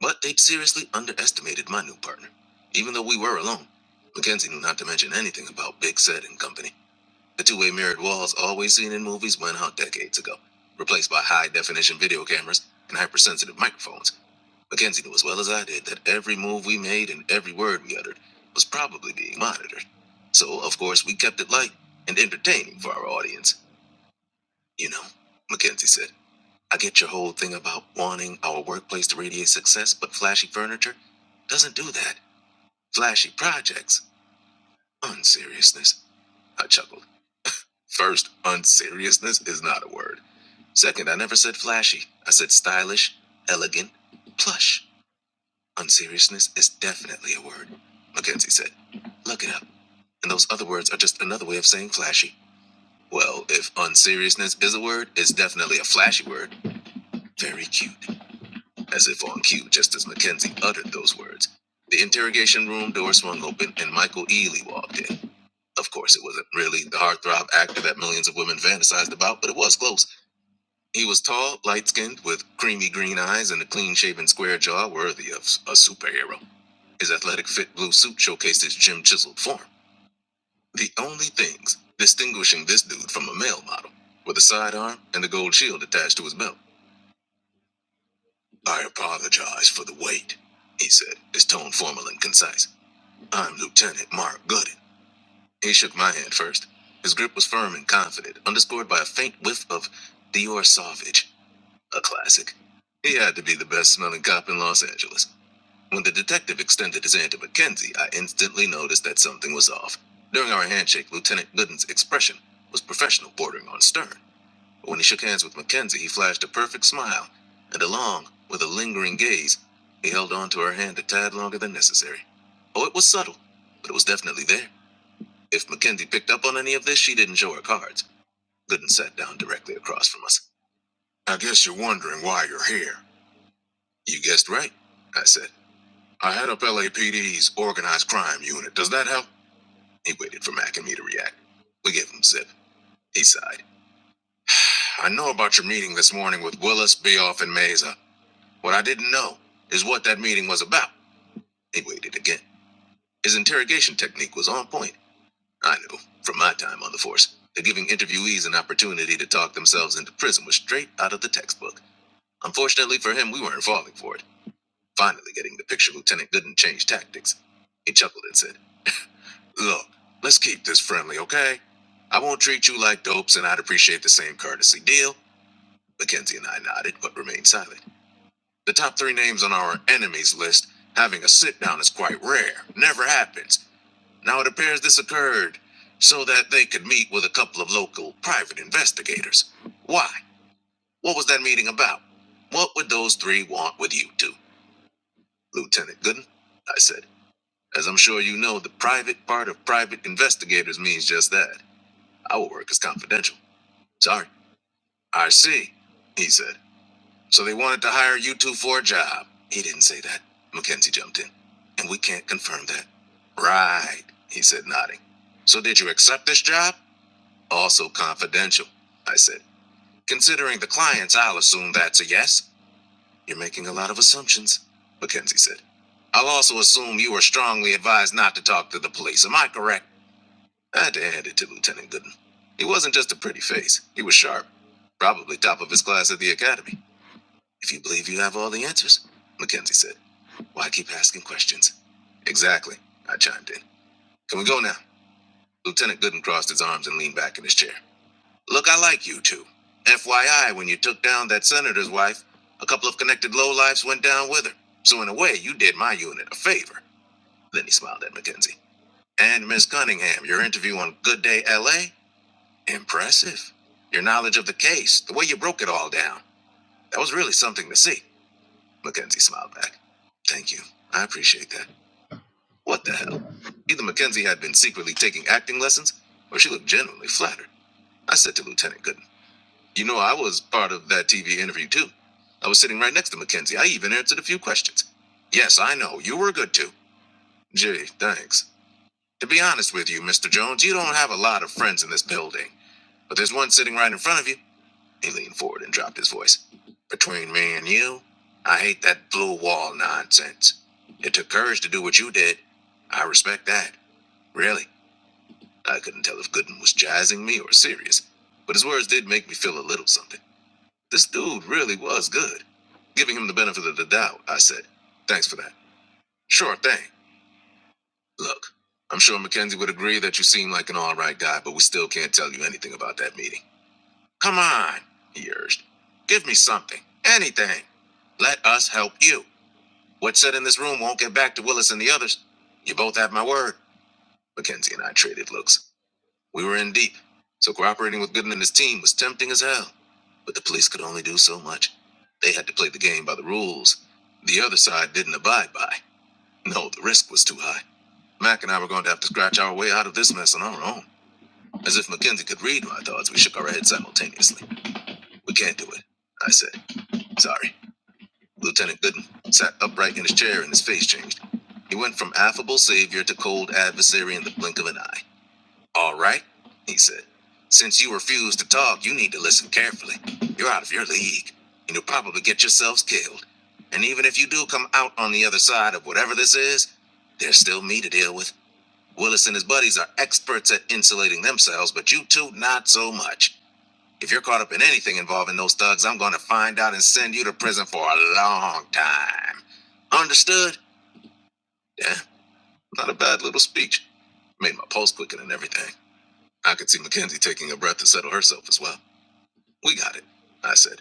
[SPEAKER 1] But they'd seriously underestimated my new partner, even though we were alone. Mackenzie knew not to mention anything about Big Set and company. The two-way mirrored walls always seen in movies went out decades ago, replaced by high-definition video cameras and hypersensitive microphones. Mackenzie knew as well as I did that every move we made and every word we uttered was probably being monitored. So, of course, we kept it light and entertaining for our audience. You know, Mackenzie said, I get your whole thing about wanting our workplace to radiate success, but flashy furniture doesn't do that. Flashy projects, unseriousness. I chuckled. First, unseriousness is not a word. Second, I never said flashy. I said stylish, elegant, plush. Unseriousness is definitely a word, Mackenzie said. Look it up. And those other words are just another way of saying flashy. Well, if unseriousness is a word, it's definitely a flashy word. Very cute. As if on cue, just as Mackenzie uttered those words. The interrogation room door swung open and Michael Ealy walked in. Of course, it wasn't really the heartthrob actor that millions of women fantasized about, but it was close. He was tall, light skinned, with creamy green eyes and a clean shaven square jaw worthy of a superhero. His athletic fit blue suit showcased his gym chiseled form. The only things distinguishing this dude from a male model were the sidearm and the gold shield attached to his belt. I apologize for the wait, he said, his tone formal and concise. I'm Lieutenant Mark Gooden. He shook my hand first. His grip was firm and confident, underscored by a faint whiff of Dior Sauvage. a classic. He had to be the best smelling cop in Los Angeles. When the detective extended his hand to Mackenzie, I instantly noticed that something was off. During our handshake, Lieutenant Gooden's expression was professional, bordering on stern. But when he shook hands with Mackenzie, he flashed a perfect smile, and along with a lingering gaze, he held on to her hand a tad longer than necessary. Oh, it was subtle, but it was definitely there. If Mackenzie picked up on any of this, she didn't show her cards. Gooden sat down directly across from us. I guess you're wondering why you're here. You guessed right, I said. I head up LAPD's organized crime unit. Does that help? He waited for Mac and me to react. We gave him zip. He sighed. I know about your meeting this morning with Willis, Beoff, and Mesa. What I didn't know is what that meeting was about. He waited again. His interrogation technique was on point. I knew, from my time on the force, that giving interviewees an opportunity to talk themselves into prison was straight out of the textbook. Unfortunately for him, we weren't falling for it. Finally getting the picture, Lieutenant Gooden changed tactics. He chuckled and said, Look, let's keep this friendly, okay? I won't treat you like dopes, and I'd appreciate the same courtesy deal. Mackenzie and I nodded, but remained silent. The top three names on our enemies list having a sit down is quite rare. Never happens. Now it appears this occurred so that they could meet with a couple of local private investigators. Why? What was that meeting about? What would those three want with you two? Lieutenant Gooden, I said. As I'm sure you know, the private part of private investigators means just that. Our work is confidential. Sorry. I see, he said. So they wanted to hire you two for a job. He didn't say that. Mackenzie jumped in. And we can't confirm that. Right, he said, nodding. So did you accept this job? Also confidential, I said. Considering the clients, I'll assume that's a yes. You're making a lot of assumptions, Mackenzie said. I'll also assume you were strongly advised not to talk to the police. Am I correct? I had to hand it to Lieutenant Gooden. He wasn't just a pretty face, he was sharp. Probably top of his class at the academy. If you believe you have all the answers, Mackenzie said. Why keep asking questions? Exactly, I chimed in. Can we go now? Lieutenant Gooden crossed his arms and leaned back in his chair. Look, I like you two. FYI, when you took down that senator's wife, a couple of connected lowlifes went down with her. So in a way, you did my unit a favor. Then he smiled at Mackenzie. And Miss Cunningham, your interview on Good Day LA? Impressive. Your knowledge of the case, the way you broke it all down, that was really something to see. Mackenzie smiled back. Thank you. I appreciate that. What the hell? Either Mackenzie had been secretly taking acting lessons, or she looked genuinely flattered. I said to Lieutenant Gooden, You know, I was part of that TV interview too. I was sitting right next to Mackenzie. I even answered a few questions. Yes, I know. You were good too. Gee, thanks. To be honest with you, Mr. Jones, you don't have a lot of friends in this building, but there's one sitting right in front of you. He leaned forward and dropped his voice. Between me and you, I hate that blue wall nonsense. It took courage to do what you did. I respect that. Really. I couldn't tell if Gooden was jazzing me or serious, but his words did make me feel a little something. This dude really was good. Giving him the benefit of the doubt, I said. Thanks for that. Sure thing. Look, I'm sure Mackenzie would agree that you seem like an alright guy, but we still can't tell you anything about that meeting. Come on, he urged. Give me something, anything. Let us help you. What's said in this room won't get back to Willis and the others. You both have my word. Mackenzie and I traded looks. We were in deep, so cooperating with Gooden and his team was tempting as hell. But the police could only do so much. They had to play the game by the rules. The other side didn't abide by. No, the risk was too high. Mac and I were going to have to scratch our way out of this mess on our own. As if Mackenzie could read my thoughts, we shook our heads simultaneously. We can't do it, I said. Sorry. Lieutenant Gooden sat upright in his chair and his face changed. He went from affable savior to cold adversary in the blink of an eye. All right, he said. Since you refuse to talk, you need to listen carefully. You're out of your league, and you'll probably get yourselves killed. And even if you do come out on the other side of whatever this is, there's still me to deal with. Willis and his buddies are experts at insulating themselves, but you two, not so much. If you're caught up in anything involving those thugs, I'm going to find out and send you to prison for a long time. Understood? Yeah, not a bad little speech. Made my pulse quicken and everything. I could see Mackenzie taking a breath to settle herself as well. We got it, I said.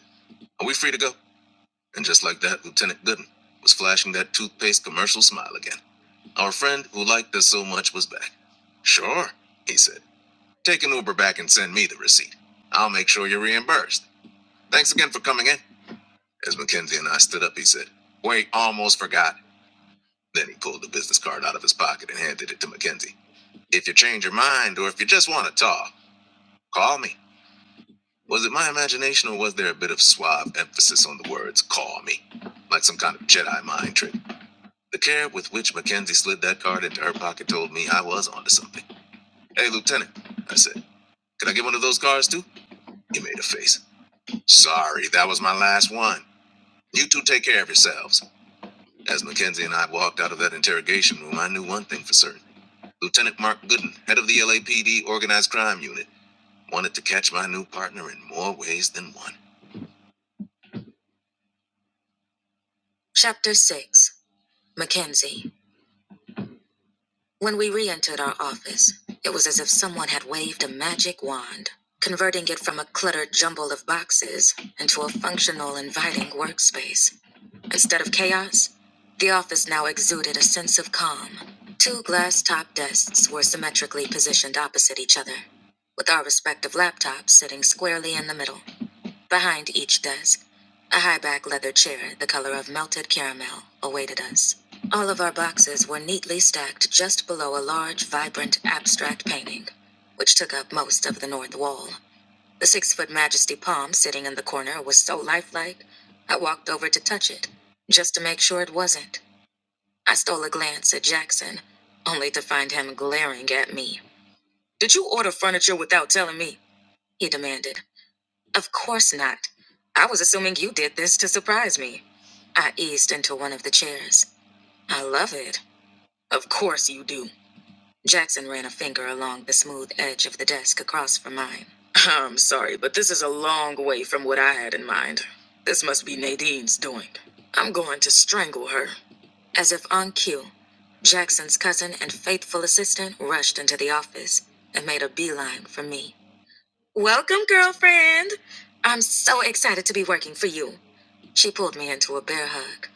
[SPEAKER 1] Are we free to go? And just like that, Lieutenant Gooden was flashing that toothpaste commercial smile again. Our friend who liked us so much was back. Sure, he said. Take an Uber back and send me the receipt. I'll make sure you're reimbursed. Thanks again for coming in. As Mackenzie and I stood up, he said, Wait, almost forgot. Then he pulled the business card out of his pocket and handed it to Mackenzie. If you change your mind or if you just want to talk, call me. Was it my imagination or was there a bit of suave emphasis on the words call me? Like some kind of Jedi mind trick. The care with which Mackenzie slid that card into her pocket told me I was onto something. Hey, Lieutenant, I said, "Can I get one of those cards too? He made a face. Sorry, that was my last one. You two take care of yourselves. As Mackenzie and I walked out of that interrogation room, I knew one thing for certain. Lieutenant Mark Gooden, head of the LAPD Organized Crime Unit, wanted to catch my new partner in more ways than one. Chapter 6 Mackenzie. When we re entered our office, it was as if someone had waved a magic wand, converting it from a cluttered jumble of boxes into a functional, inviting workspace. Instead of chaos, the office now exuded a sense of calm. Two glass top desks were symmetrically positioned opposite each other, with our respective laptops sitting squarely in the middle. Behind each desk, a high back leather chair the color of melted caramel awaited us. All of our boxes were neatly stacked just below a large, vibrant, abstract painting, which took up most of the north wall. The six foot majesty palm sitting in the corner was so lifelike, I walked over to touch it, just to make sure it wasn't. I stole a glance at Jackson, only to find him glaring at me. Did you order furniture without telling me? He demanded. Of course not. I was assuming you did this to surprise me. I eased into one of the chairs. I love it. Of course you do. Jackson ran a finger along the smooth edge of the desk across from mine. I'm sorry, but this is a long way from what I had in mind. This must be Nadine's doing. I'm going to strangle her. As if on cue, Jackson's cousin and faithful assistant rushed into the office and made a beeline for me. Welcome, girlfriend. I'm so excited to be working for you. She pulled me into a bear hug.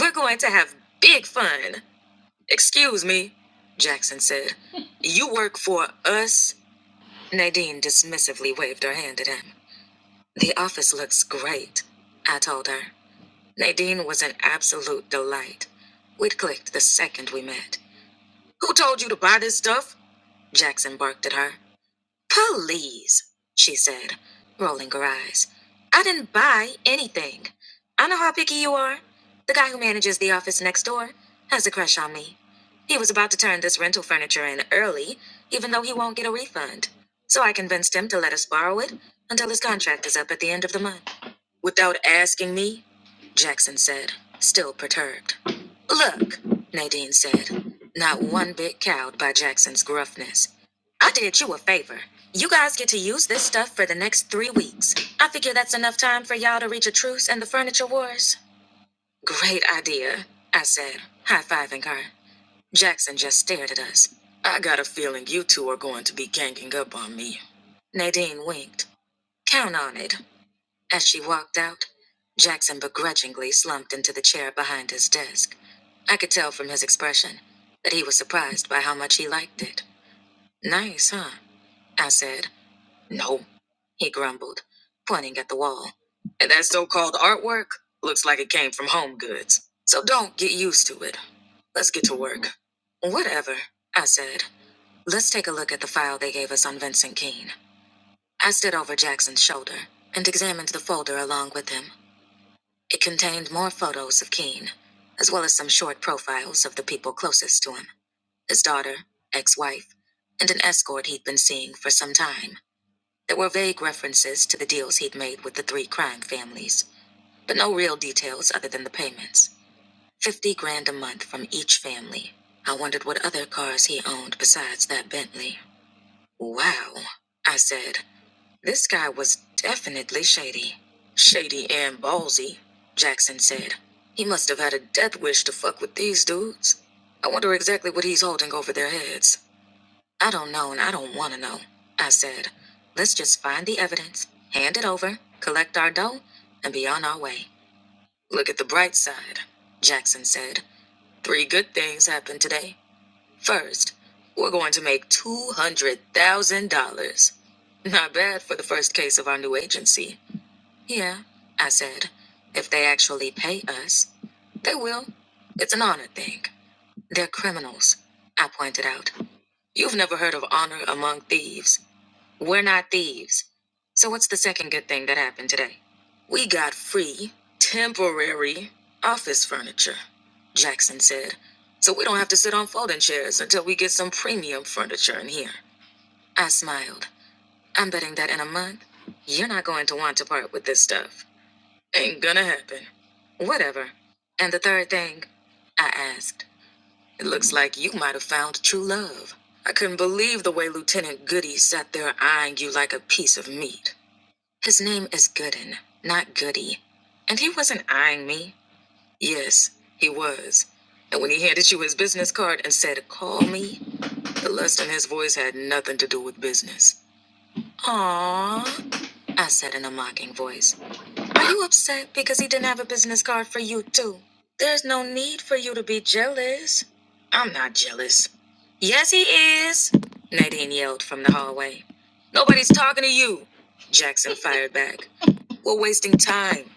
[SPEAKER 1] We're going to have big fun. Excuse me, Jackson said. You work for us? Nadine dismissively waved her hand at him. The office looks great, I told her. Nadine was an absolute delight. We'd clicked the second we met. Who told you to buy this stuff? Jackson barked at her. Please, she said, rolling her eyes. I didn't buy anything. I know how picky you are. The guy who manages the office next door has a crush on me. He was about to turn this rental furniture in early, even though he won't get a refund. So I convinced him to let us borrow it until his contract is up at the end of the month. Without asking me? Jackson said, still perturbed. Look, Nadine said, not one bit cowed by Jackson's gruffness. I did you a favor. You guys get to use this stuff for the next three weeks. I figure that's enough time for y'all to reach a truce in the furniture wars. Great idea, I said, high fiving her. Jackson just stared at us. I got a feeling you two are going to be ganging up on me. Nadine winked. Count on it. As she walked out, Jackson begrudgingly slumped into the chair behind his desk. I could tell from his expression that he was surprised by how much he liked it. Nice, huh? I said. No, he grumbled, pointing at the wall. And that so called artwork looks like it came from Home Goods. So don't get used to it. Let's get to work. Whatever, I said. Let's take a look at the file they gave us on Vincent Keene. I stood over Jackson's shoulder and examined the folder along with him. It contained more photos of Keene, as well as some short profiles of the people closest to him his daughter, ex wife, and an escort he'd been seeing for some time. There were vague references to the deals he'd made with the three crime families, but no real details other than the payments. Fifty grand a month from each family. I wondered what other cars he owned besides that Bentley. Wow, I said. This guy was definitely shady. Shady and ballsy, Jackson said. He must have had a death wish to fuck with these dudes. I wonder exactly what he's holding over their heads. I don't know and I don't want to know, I said. Let's just find the evidence, hand it over, collect our dough, and be on our way. Look at the bright side, Jackson said. Three good things happened today. First, we're going to make $200,000. Not bad for the first case of our new agency. Yeah, I said. If they actually pay us, they will. It's an honor thing. They're criminals, I pointed out. You've never heard of honor among thieves. We're not thieves. So, what's the second good thing that happened today? We got free, temporary office furniture, Jackson said. So, we don't have to sit on folding chairs until we get some premium furniture in here. I smiled. I'm betting that in a month, you're not going to want to part with this stuff. Ain't gonna happen. Whatever. And the third thing? I asked. It looks like you might have found true love. I couldn't believe the way Lieutenant Goody sat there eyeing you like a piece of meat. His name is Gooden, not Goody. And he wasn't eyeing me. Yes, he was. And when he handed you his business card and said, call me, the lust in his voice had nothing to do with business. Aww, I said in a mocking voice. Are you upset because he didn't have a business card for you, too? There's no need for you to be jealous. I'm not jealous. Yes, he is, Nadine yelled from the hallway. Nobody's talking to you, Jackson fired back. We're wasting time.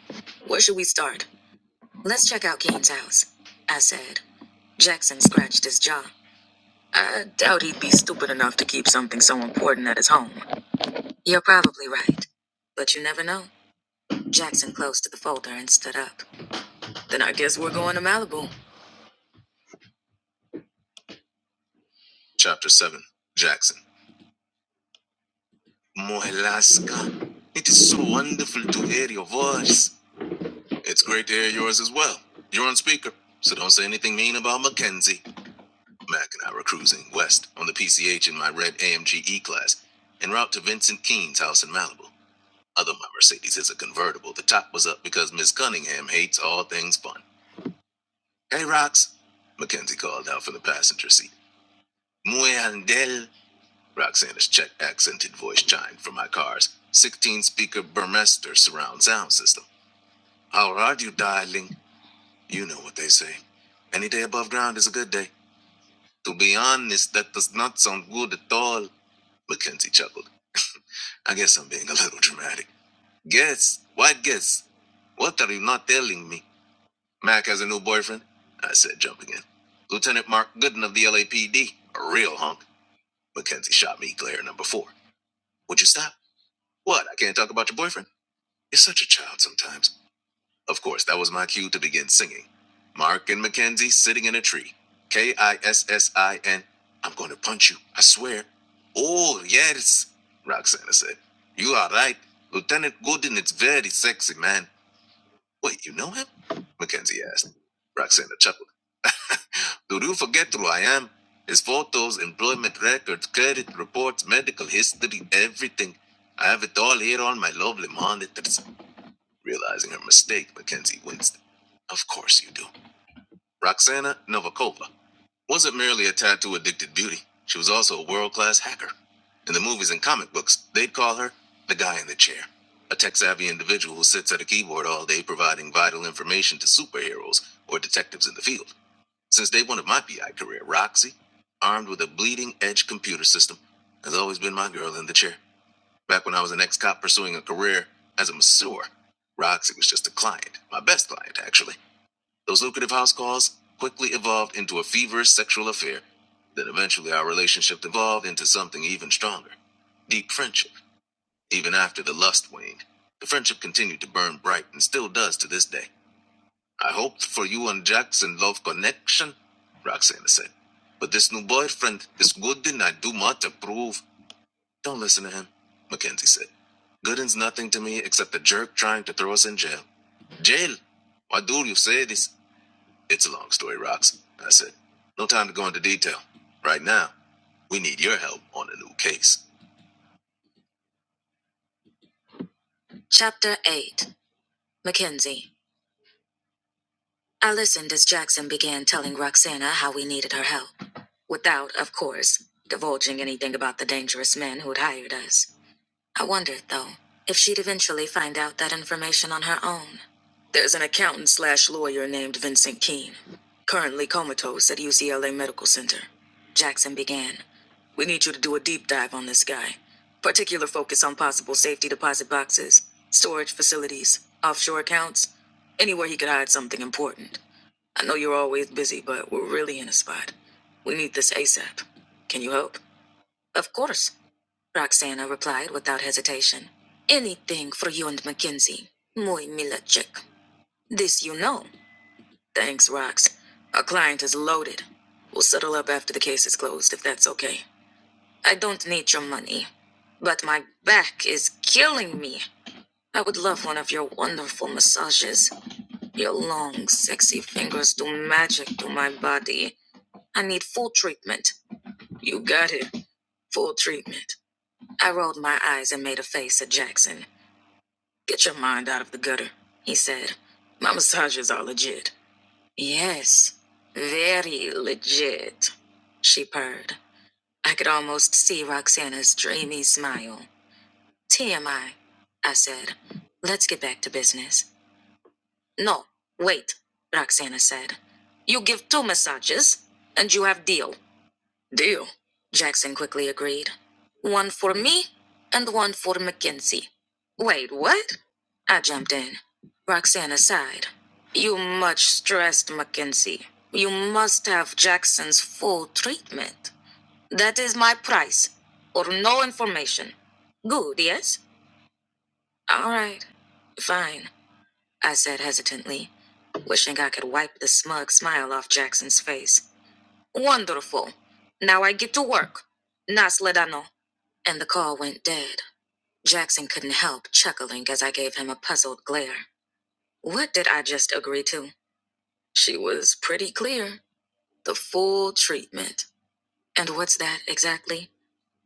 [SPEAKER 1] Where should we start? Let's check out Keen's house, I said. Jackson scratched his jaw. I doubt he'd be stupid enough to keep something so important at his home. You're probably right. But you never know. Jackson closed the folder and stood up. Then I guess we're going to Malibu. Chapter 7 Jackson. Mohelasca, it is so wonderful to hear your voice. It's great to hear yours as well. You're on speaker, so don't say anything mean about Mackenzie. Mac and I were cruising west on the PCH in my red AMG E class, en route to Vincent Keene's house in Malibu. Although my Mercedes is a convertible, the top was up because Miss Cunningham hates all things fun. Hey, Rox, Mackenzie called out from the passenger seat. Muy andel. Roxana's Czech accented voice chimed from my car's 16 speaker Burmester surround sound system. How are you, darling? You know what they say. Any day above ground is a good day. To be honest, that does not sound good at all, Mackenzie chuckled. (laughs) I guess I'm being a little dramatic. Guess? What guess? What are you not telling me? Mac has a new boyfriend? I said, jumping in. Lieutenant Mark Gooden of the LAPD. A P D. A real hunk. Mackenzie shot me glare number four. Would you stop? What? I can't talk about your boyfriend. You're such a child sometimes. Of course, that was my cue to begin singing. Mark and Mackenzie sitting in a tree. K I S S I N. I'm going to punch you, I swear. Oh, yes, Roxana said. You are right. Lieutenant Gooden is very sexy, man. Wait, you know him? Mackenzie asked. Roxana chuckled. (laughs) Do you forget who I am? His photos, employment records, credit reports, medical history, everything. I have it all here on my lovely monitors. Realizing her mistake, Mackenzie winced. Of course you do. Roxana Novakova wasn't merely a tattoo addicted beauty, she was also a world class hacker. In the movies and comic books, they'd call her the guy in the chair, a tech savvy individual who sits at a keyboard all day providing vital information to superheroes or detectives in the field. Since day one of my PI career, Roxy, armed with a bleeding edge computer system, has always been my girl in the chair. Back when I was an ex cop pursuing a career as a masseur, Roxy was just a client, my best client, actually. Those lucrative house calls quickly evolved into a feverish sexual affair. Then eventually our relationship evolved into something even stronger deep friendship. Even after the lust waned, the friendship continued to burn bright and still does to this day. I hoped for you and Jackson love connection, Roxana said. But this new boyfriend is good and I do not approve. Don't listen to him, Mackenzie said. Gooden's nothing to me except a jerk trying to throw us in jail. Jail? Why do you say this? It's a long story, Rox, I said. No time to go into detail. Right now, we need your help on a new case. Chapter 8 Mackenzie. I listened as Jackson began telling Roxana how we needed her help, without, of course, divulging anything about the dangerous men who'd hired us. I wondered, though, if she'd eventually find out that information on her own. There's an accountant slash lawyer named Vincent Keene, currently comatose at UCLA Medical Center. Jackson began. We need you to do a deep dive on this guy. Particular focus on possible safety deposit boxes, storage facilities, offshore accounts, anywhere he could hide something important. I know you're always busy, but we're really in a spot. We need this ASAP. Can you help? Of course, Roxana replied without hesitation. Anything for you and Mackenzie. Muy mila This you know. Thanks, Rox. Our client is loaded. We'll settle up after the case is closed, if that's okay. I don't need your money, but my back is killing me. I would love one of your wonderful massages. Your long, sexy fingers do magic to my body. I need full treatment. You got it. Full treatment. I rolled my eyes and made a face at Jackson. Get your mind out of the gutter, he said. My massages are legit. Yes, very legit, she purred. I could almost see Roxana's dreamy smile. TMI, I I said. Let's get back to business. No, wait, Roxana said. You give two massages, and you have deal. Deal, Jackson quickly agreed. One for me and one for Mackenzie. Wait, what? I jumped in. Roxana sighed. You much stressed, Mackenzie. You must have Jackson's full treatment. That is my price, or no information. Good, yes? All right. Fine, I said hesitantly, wishing I could wipe the smug smile off Jackson's face. Wonderful. Now I get to work. Nasledano. And the call went dead. Jackson couldn't help chuckling as I gave him a puzzled glare. What did I just agree to? She was pretty clear. The full treatment. And what's that exactly?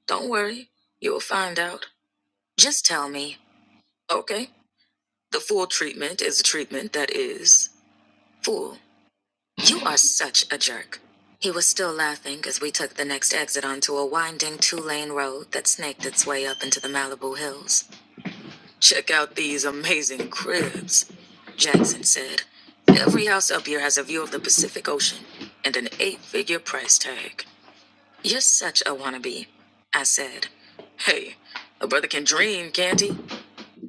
[SPEAKER 1] Don't worry, you'll find out. Just tell me. Okay. The full treatment is a treatment that is full. You are such a jerk. He was still laughing as we took the next exit onto a winding two lane road that snaked its way up into the Malibu hills. Check out these amazing cribs, Jackson said. Every house up here has a view of the Pacific Ocean and an eight figure price tag. You're such a wannabe, I said. Hey, a brother can dream, can't he?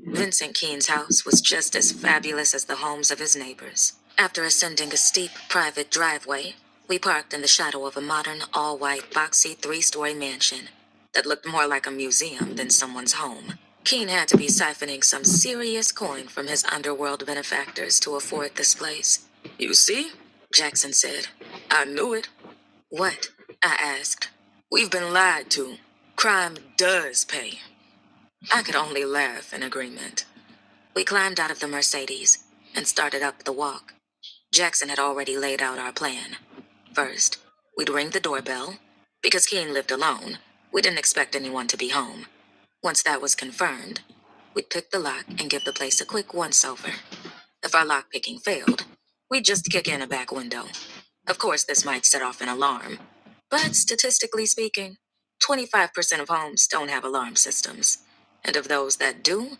[SPEAKER 1] Vincent Keene's house was just as fabulous as the homes of his neighbors. After ascending a steep private driveway, we parked in the shadow of a modern, all white, boxy three story mansion that looked more like a museum than someone's home. Keene had to be siphoning some serious coin from his underworld benefactors to afford this place. You see? Jackson said. I knew it. What? I asked. We've been lied to. Crime does pay. I could only laugh in agreement. We climbed out of the Mercedes and started up the walk. Jackson had already laid out our plan. First, we'd ring the doorbell. Because Keene lived alone, we didn't expect anyone to be home. Once that was confirmed, we'd pick the lock and give the place a quick once over. If our lockpicking failed, we'd just kick in a back window. Of course, this might set off an alarm, but statistically speaking, 25% of homes don't have alarm systems. And of those that do,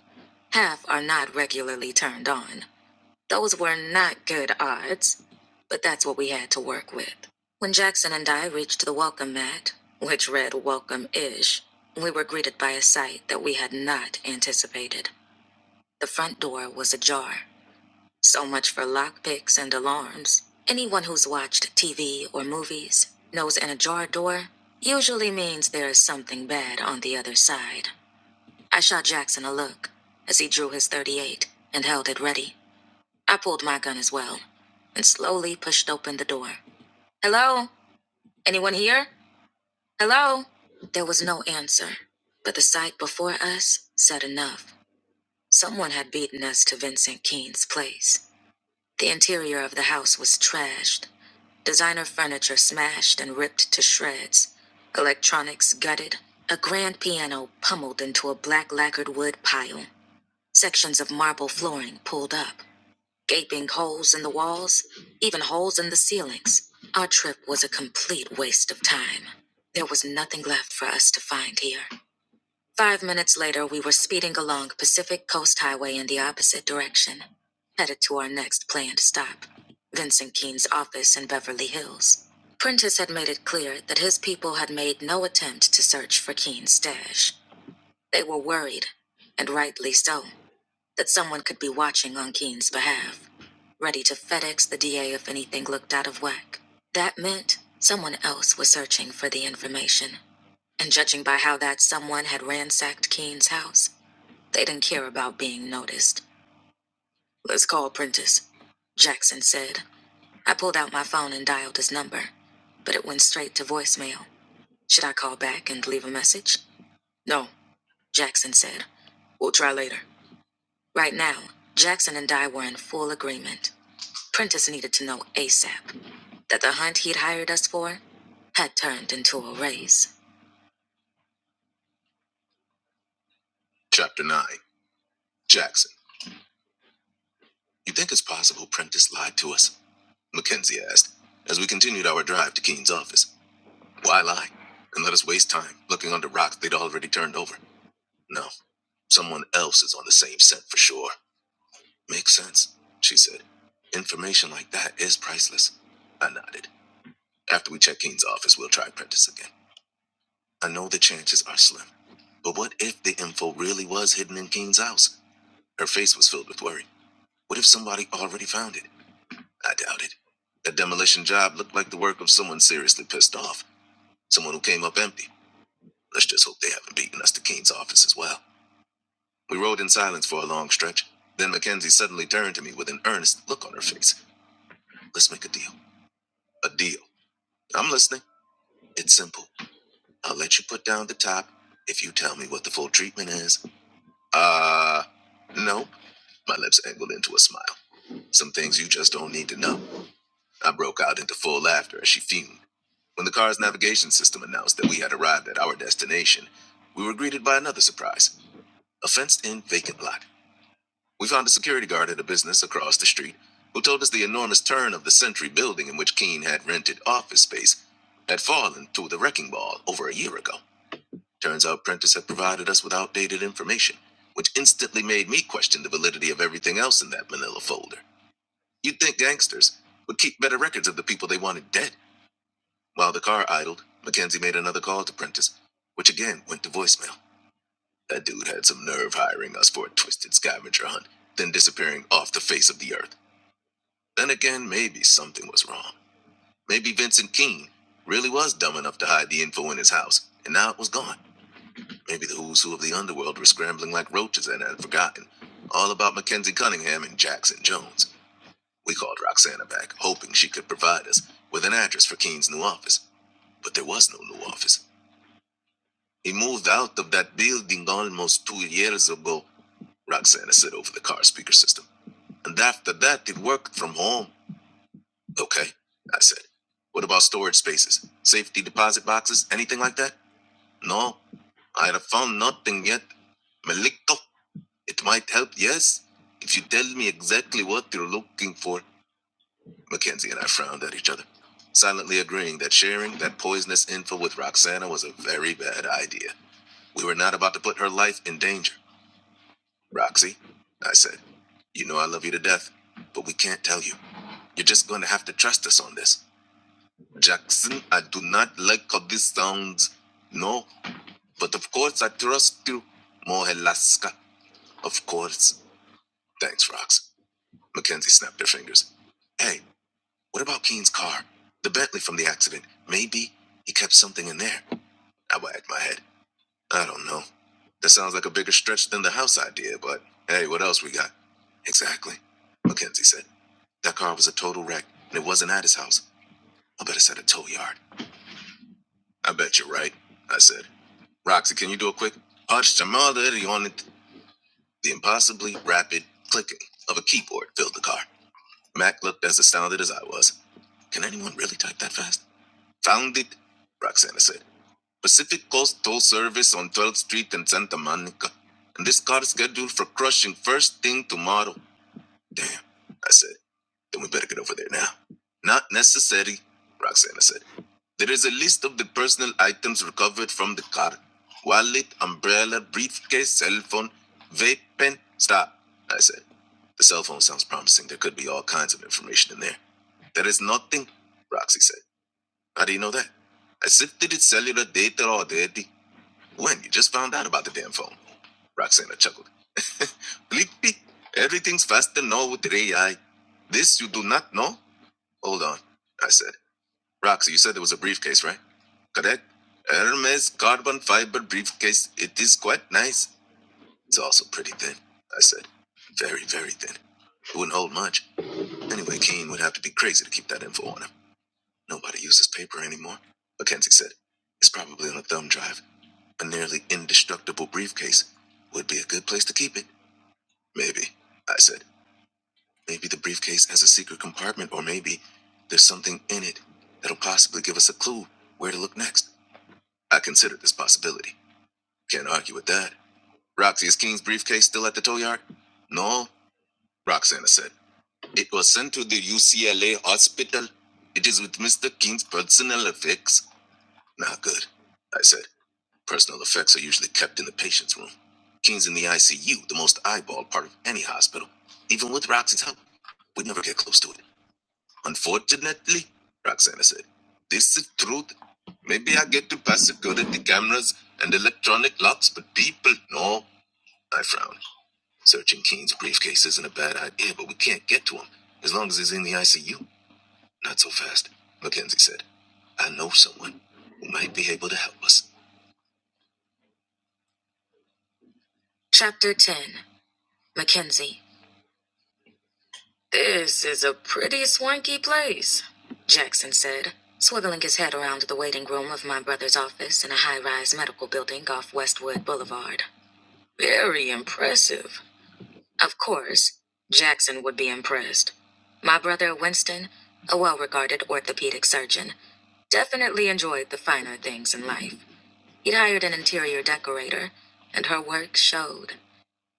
[SPEAKER 1] half are not regularly turned on. Those were not good odds, but that's what we had to work with. When Jackson and I reached the welcome mat, which read welcome ish, we were greeted by a sight that we had not anticipated. The front door was ajar. So much for lockpicks and alarms. Anyone who's watched TV or movies knows an ajar door usually means there is something bad on the other side. I shot Jackson a look as he drew his 38 and held it ready. I pulled my gun as well and slowly pushed open the door. Hello? Anyone here? Hello? There was no answer, but the sight before us said enough. Someone had beaten us to Vincent Keene's place. The interior of the house was trashed, designer furniture smashed and ripped to shreds, electronics gutted, a grand piano pummeled into a black lacquered wood pile, sections of marble flooring pulled up, gaping holes in the walls, even holes in the ceilings. Our trip was a complete waste of time. There was nothing left for us to find here. Five minutes later, we were speeding along Pacific Coast Highway in the opposite direction, headed to our next planned stop Vincent Keene's office in Beverly Hills. Prentice had made it clear that his people had made no attempt to search for Keene's stash. They were worried, and rightly so, that someone could be watching on Keene's behalf, ready to FedEx the DA if anything looked out of whack. That meant someone else was searching for the information. And judging by how that someone had ransacked Keene's house, they didn't care about being noticed. Let's call Prentice, Jackson said. I pulled out my phone and dialed his number, but it went straight to voicemail. Should I call back and leave a message? No, Jackson said. We'll try later. Right now, Jackson and I were in full agreement. Prentice needed to know ASAP that the hunt he'd hired us for had turned into a race. Chapter 9 Jackson. You think it's possible Prentice lied to us? Mackenzie asked, as we continued our drive to Keene's office. Why lie? And let us waste time looking under rocks they'd already turned over. No, someone else is on the same scent for sure. Makes sense, she said. Information like that is priceless. I nodded. After we check Keene's office, we'll try Prentice again. I know the chances are slim. But what if the info really was hidden in Keene's house? Her face was filled with worry. What if somebody already found it? I doubt it. That demolition job looked like the work of someone seriously pissed off. Someone who came up empty. Let's just hope they haven't beaten us to Keene's office as well. We rode in silence for a long stretch. Then Mackenzie suddenly turned to me with an earnest look on her face. Let's make a deal. A deal. I'm listening. It's simple. I'll let you put down the top if you tell me what the full treatment is. Uh, no. My lips angled into a smile. Some things you just don't need to know. I broke out into full laughter as she fumed. When the car's navigation system announced that we had arrived at our destination, we were greeted by another surprise a fenced in vacant lot. We found a security guard at a business across the street who told us the enormous turn of the Century building in which Keene had rented office space had fallen to the wrecking ball over a year ago. Turns out Prentice had provided us with outdated information, which instantly made me question the validity of everything else in that manila folder. You'd think gangsters would keep better records of the people they wanted dead while the car idled, Mackenzie made another call to Prentice, which again went to voicemail. That dude had some nerve hiring us for a twisted scavenger hunt, then disappearing off the face of the earth. Then again, maybe something was wrong. Maybe Vincent Keene really was dumb enough to hide the info in his house, and now it was gone. Maybe the who's who of the underworld were scrambling like roaches and had forgotten all about Mackenzie Cunningham and Jackson Jones. We called Roxana back, hoping she could provide us with an address for Keene's new office, but there was no new office. He moved out of that building almost two years ago, Roxana said over the car speaker system. And after that, he worked from home. Okay, I said. What about storage spaces, safety deposit boxes, anything like that? No, I have found nothing yet. Malikto, it might help, yes, if you tell me exactly what you're looking for. Mackenzie and I frowned at each other, silently agreeing that sharing that poisonous info with Roxana was a very bad idea. We were not about to put her life in danger. Roxy, I said, you know I love you to death, but we can't tell you. You're just going to have to trust us on this. Jackson, I do not like how this sounds. No, but of course I trust you. Mohelaska, of course. Thanks, Rox. Mackenzie snapped her fingers. Hey, what about Keen's car? The Bentley from the accident. Maybe he kept something in there. I wagged my head. I don't know. That sounds like a bigger stretch than the house idea, but hey, what else we got? Exactly, Mackenzie said. That car was a total wreck, and it wasn't at his house. I bet it's at a tow yard. I bet you're right, I said. Roxy, can you do a quick arched mother on it? The impossibly rapid clicking of a keyboard filled the car. Mac looked as astounded as I was. Can anyone really type that fast? Found it, Roxana said. Pacific Coast Toll Service on 12th Street and Santa Monica. And this car is scheduled for crushing first thing tomorrow. Damn, I said. Then we better get over there now. Not necessary, Roxana said. There is a list of the personal items recovered from the car wallet, umbrella, briefcase, cell phone, vape pen. Stop, I said. The cell phone sounds promising. There could be all kinds of information in there. There is nothing, Roxy said. How do you know that? I sifted its cellular data already. When? You just found out about the damn phone. Roxana chuckled. (laughs) Blippi, everything's faster now with the AI. This you do not know? Hold on, I said. Roxy, you said there was a briefcase, right? Correct? Hermes carbon fiber briefcase. It is quite nice. It's also pretty thin, I said. Very, very thin. It wouldn't hold much. Anyway, Keen would have to be crazy to keep that info on him. Nobody uses paper anymore. Mackenzie said, It's probably on a thumb drive. A nearly indestructible briefcase would be a good place to keep it. Maybe, I said. Maybe the briefcase has a secret compartment, or maybe there's something in it that'll possibly give us a clue where to look next. I considered this possibility. Can't argue with that. Roxy, is King's briefcase still at the tow yard? No, Roxana said. It was sent to the UCLA hospital. It is with Mr. King's personal effects. Not good, I said. Personal effects are usually kept in the patient's room. King's in the ICU, the most eyeballed part of any hospital. Even with Roxy's help, we'd never get close to it. Unfortunately, Roxana said, this is truth. Maybe I get to pass security cameras and electronic locks, but people no. I frowned. Searching Keene's briefcase isn't a bad idea, but we can't get to him as long as he's in the ICU. Not so fast, Mackenzie said. I know someone who might be able to help us. Chapter 10 Mackenzie. This is a pretty swanky place, Jackson said, swiveling his head around the waiting room of my brother's office in a high rise medical building off Westwood Boulevard. Very impressive. Of course, Jackson would be impressed. My brother Winston, a well regarded orthopedic surgeon, definitely enjoyed the finer things in life. He'd hired an interior decorator, and her work showed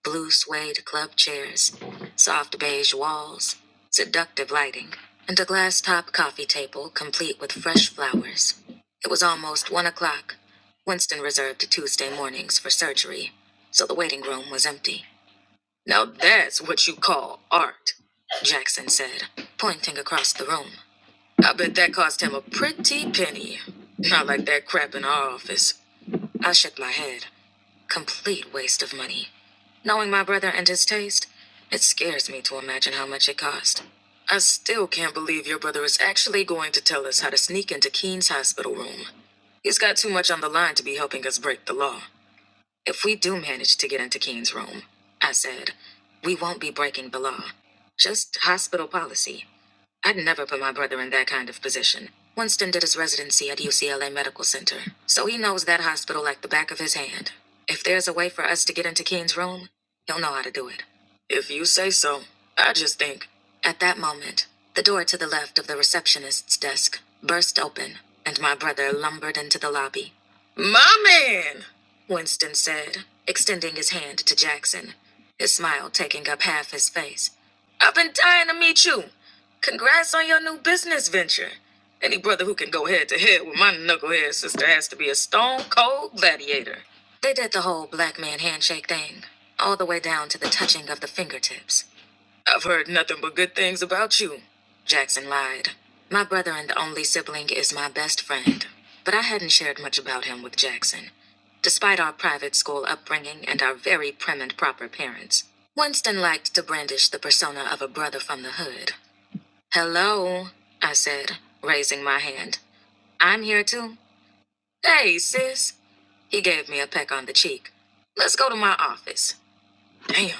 [SPEAKER 1] blue suede club chairs, soft beige walls, seductive lighting, and a glass top coffee table complete with fresh flowers. It was almost one o'clock. Winston reserved Tuesday mornings for surgery, so the waiting room was empty. Now that's what you call art, Jackson said, pointing across the room. I bet that cost him a pretty penny. Not like that crap in our office. I shook my head. Complete waste of money. Knowing my brother and his taste, it scares me to imagine how much it cost. I still can't believe your brother is actually going to tell us how to sneak into Keene's hospital room. He's got too much on the line to be helping us break the law. If we do manage to get into Keene's room, I said, we won't be breaking the law. Just hospital policy. I'd never put my brother in that kind of position. Winston did his residency at UCLA Medical Center, so he knows that hospital like the back of his hand. If there's a way for us to get into Keen's room, he'll know how to do it. If you say so, I just think. At that moment, the door to the left of the receptionist's desk burst open, and my brother lumbered into the lobby. My man! Winston said, extending his hand to Jackson, his smile taking up half his face. I've been dying to meet you. Congrats on your new business venture. Any brother who can go head to head with my knucklehead sister has to be a stone cold gladiator. They did the whole black man handshake thing, all the way down to the touching of the fingertips. I've heard nothing but good things about you, Jackson lied. My brother and only sibling is my best friend, but I hadn't shared much about him with Jackson, despite our private school upbringing and our very prim and proper parents. Winston liked to brandish the persona of a brother from the hood Hello, I said, raising my hand. I'm here too. Hey, sis. He gave me a peck on the cheek. Let's go to my office. Damn,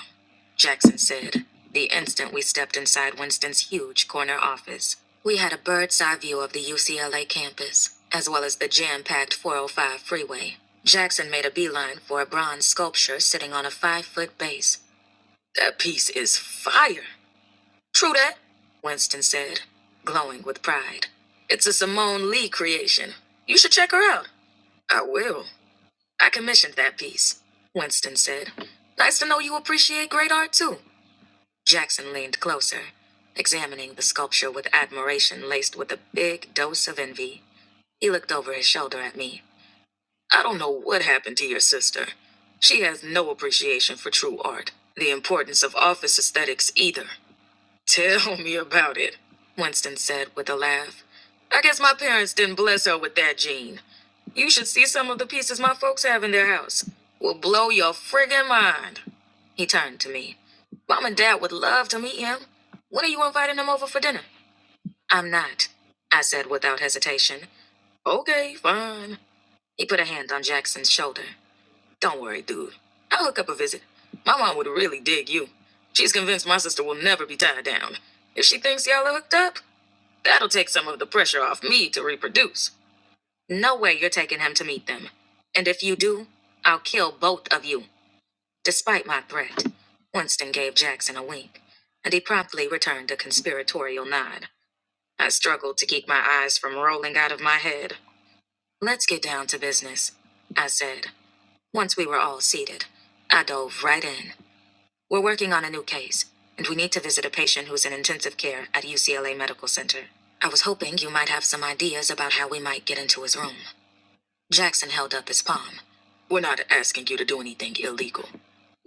[SPEAKER 1] Jackson said, the instant we stepped inside Winston's huge corner office. We had a bird's eye view of the UCLA campus, as well as the jam packed 405 freeway. Jackson made a beeline for a bronze sculpture sitting on a five foot base. That piece is fire, True that, Winston said, glowing with pride. It's a Simone Lee creation. You should check her out. I will. I commissioned that piece, Winston said. Nice to know you appreciate great art too. Jackson leaned closer, examining the sculpture with admiration laced with a big dose of envy. He looked over his shoulder at me. I don't know what happened to your sister. She has no appreciation for true art, the importance of office aesthetics either. Tell me about it, Winston said with a laugh. I guess my parents didn't bless her with that gene. You should see some of the pieces my folks have in their house. Will blow your friggin' mind. He turned to me. Mom and Dad would love to meet him. When are you inviting him over for dinner? I'm not, I said without hesitation. Okay, fine. He put a hand on Jackson's shoulder. Don't worry, dude. I'll hook up a visit. My mom would really dig you. She's convinced my sister will never be tied down. If she thinks y'all are hooked up, that'll take some of the pressure off me to reproduce. No way you're taking him to meet them. And if you do, I'll kill both of you, despite my threat. Winston gave Jackson a wink, and he promptly returned a conspiratorial nod. I struggled to keep my eyes from rolling out of my head. Let's get down to business, I said, once we were all seated. I dove right in. We're working on a new case, and we need to visit a patient who's in intensive care at UCLA Medical Center. I was hoping you might have some ideas about how we might get into his room. Jackson held up his palm. We're not asking you to do anything illegal.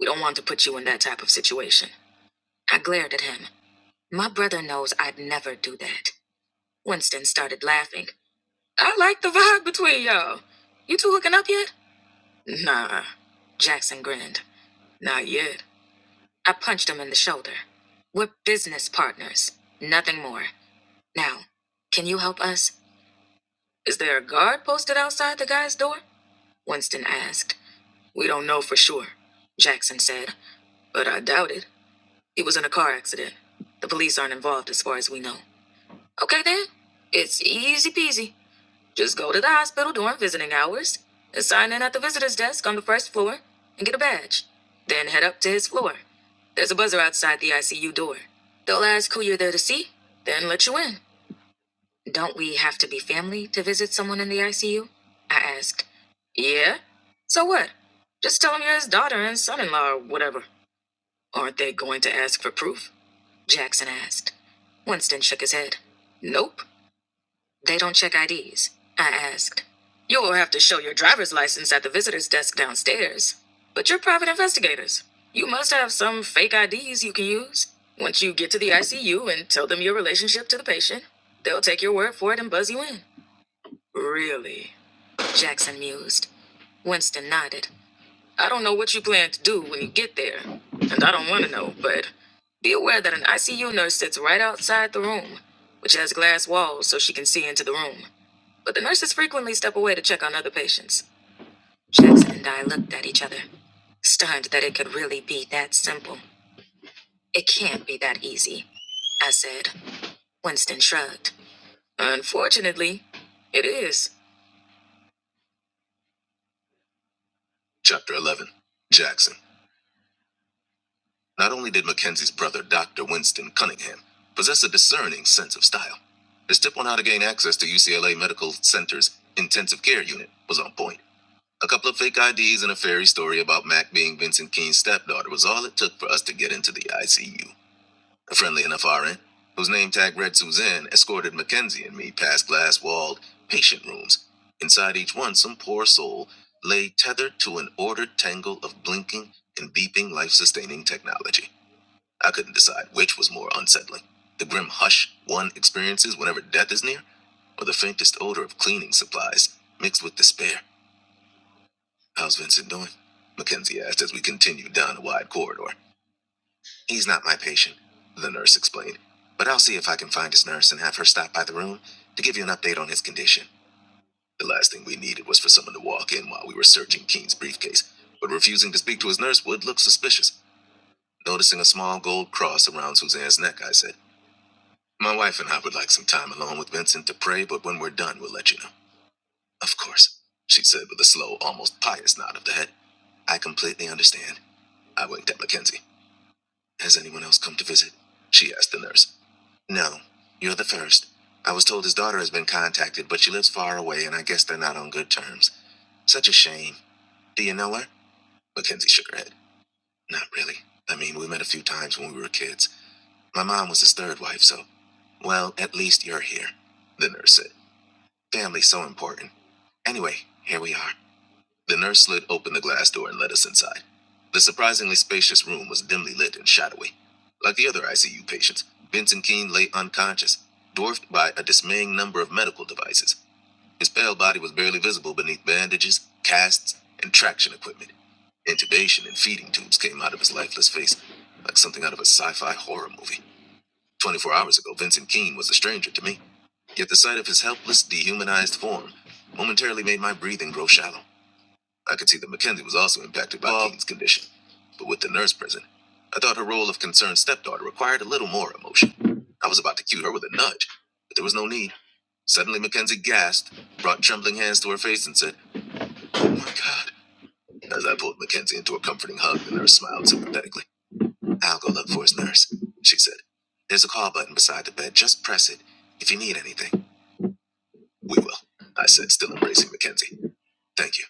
[SPEAKER 1] We don't want to put you in that type of situation. I glared at him. My brother knows I'd never do that. Winston started laughing. I like the vibe between y'all. You two hooking up yet? Nah. Jackson grinned. Not yet. I punched him in the shoulder. We're business partners, nothing more. Now, can you help us? Is there a guard posted outside the guy's door? Winston asked. We don't know for sure, Jackson said, but I doubt it. He was in a car accident. The police aren't involved as far as we know. Okay then, it's easy peasy. Just go to the hospital during visiting hours and sign in at the visitor's desk on the first floor and get a badge. Then head up to his floor. There's a buzzer outside the ICU door. They'll ask who you're there to see, then let you in. Don't we have to be family to visit someone in the ICU? I asked. Yeah? So what? Just tell them you're his daughter and son in law or whatever. Aren't they going to ask for proof? Jackson asked. Winston shook his head. Nope. They don't check IDs, I asked. You'll have to show your driver's license at the visitor's desk downstairs. But you're private investigators. You must have some fake IDs you can use. Once you get to the ICU and tell them your relationship to the patient, they'll take your word for it and buzz you in. Really? Jackson mused. Winston nodded. I don't know what you plan to do when you get there, and I don't want to know, but be aware that an ICU nurse sits right outside the room, which has glass walls so she can see into the room but the nurses frequently step away to check on other patients. Jackson and I looked at each other, stunned that it could really be that simple. It can't be that easy, I said. Winston shrugged. Unfortunately, it is. Chapter 11 Jackson. Not only did Mackenzie's brother, Dr. Winston Cunningham, possess a discerning sense of style, his tip on how to gain access to UCLA Medical Center's intensive care unit was on point. A couple of fake IDs and a fairy story about Mac being Vincent Keene's stepdaughter was all it took for us to get into the ICU. A friendly enough RN, whose name tag read Suzanne, escorted Mackenzie and me past glass walled patient rooms. Inside each one, some poor soul lay tethered to an ordered tangle of blinking and beeping life sustaining technology. I couldn't decide which was more unsettling the grim hush one experiences whenever death is near, or the faintest odor of cleaning supplies mixed with despair. How's Vincent doing? Mackenzie asked as we continued down a wide corridor. He's not my patient, the nurse explained, but I'll see if I can find his nurse and have her stop by the room to give you an update on his condition. The last thing we needed was for someone to walk in while we were searching Keene's briefcase, but refusing to speak to his nurse would look suspicious. Noticing a small gold cross around Suzanne's neck, I said, My wife and I would like some time alone with Vincent to pray, but when we're done, we'll let you know. Of course, she said with a slow, almost pious nod of the head. I completely understand. I winked at Mackenzie. Has anyone else come to visit? She asked the nurse. No, you're the first. I was told his daughter has been contacted, but she lives far away, and I guess they're not on good terms. Such a shame. Do you know her? Mackenzie shook her head. Not really. I mean, we met a few times when we were kids. My mom was his third wife, so. Well, at least you're here, the nurse said. Family's so important. Anyway, here we are. The nurse slid open the glass door and led us inside. The surprisingly spacious room was dimly lit and shadowy. Like the other ICU patients, Benson Keene lay unconscious, dwarfed by a dismaying number of medical devices. His pale body was barely visible beneath bandages, casts, and traction equipment. Intubation and feeding tubes came out of his lifeless face, like something out of a sci fi horror movie. 24 hours ago, Vincent Keene was a stranger to me, yet the sight of his helpless, dehumanized form momentarily made my breathing grow shallow. I could see that Mackenzie was also impacted by Bob. Keene's condition, but with the nurse present, I thought her role of concerned stepdaughter required a little more emotion. I was about to cue her with a nudge, but there was no need. Suddenly, Mackenzie gasped, brought trembling hands to her face, and said, Oh my God, as I pulled Mackenzie into a comforting hug, and the nurse smiled sympathetically. I'll go look for his nurse, she said. There's a call button beside the bed. Just press it. If you need anything, we will, I said, still embracing Mackenzie. Thank you.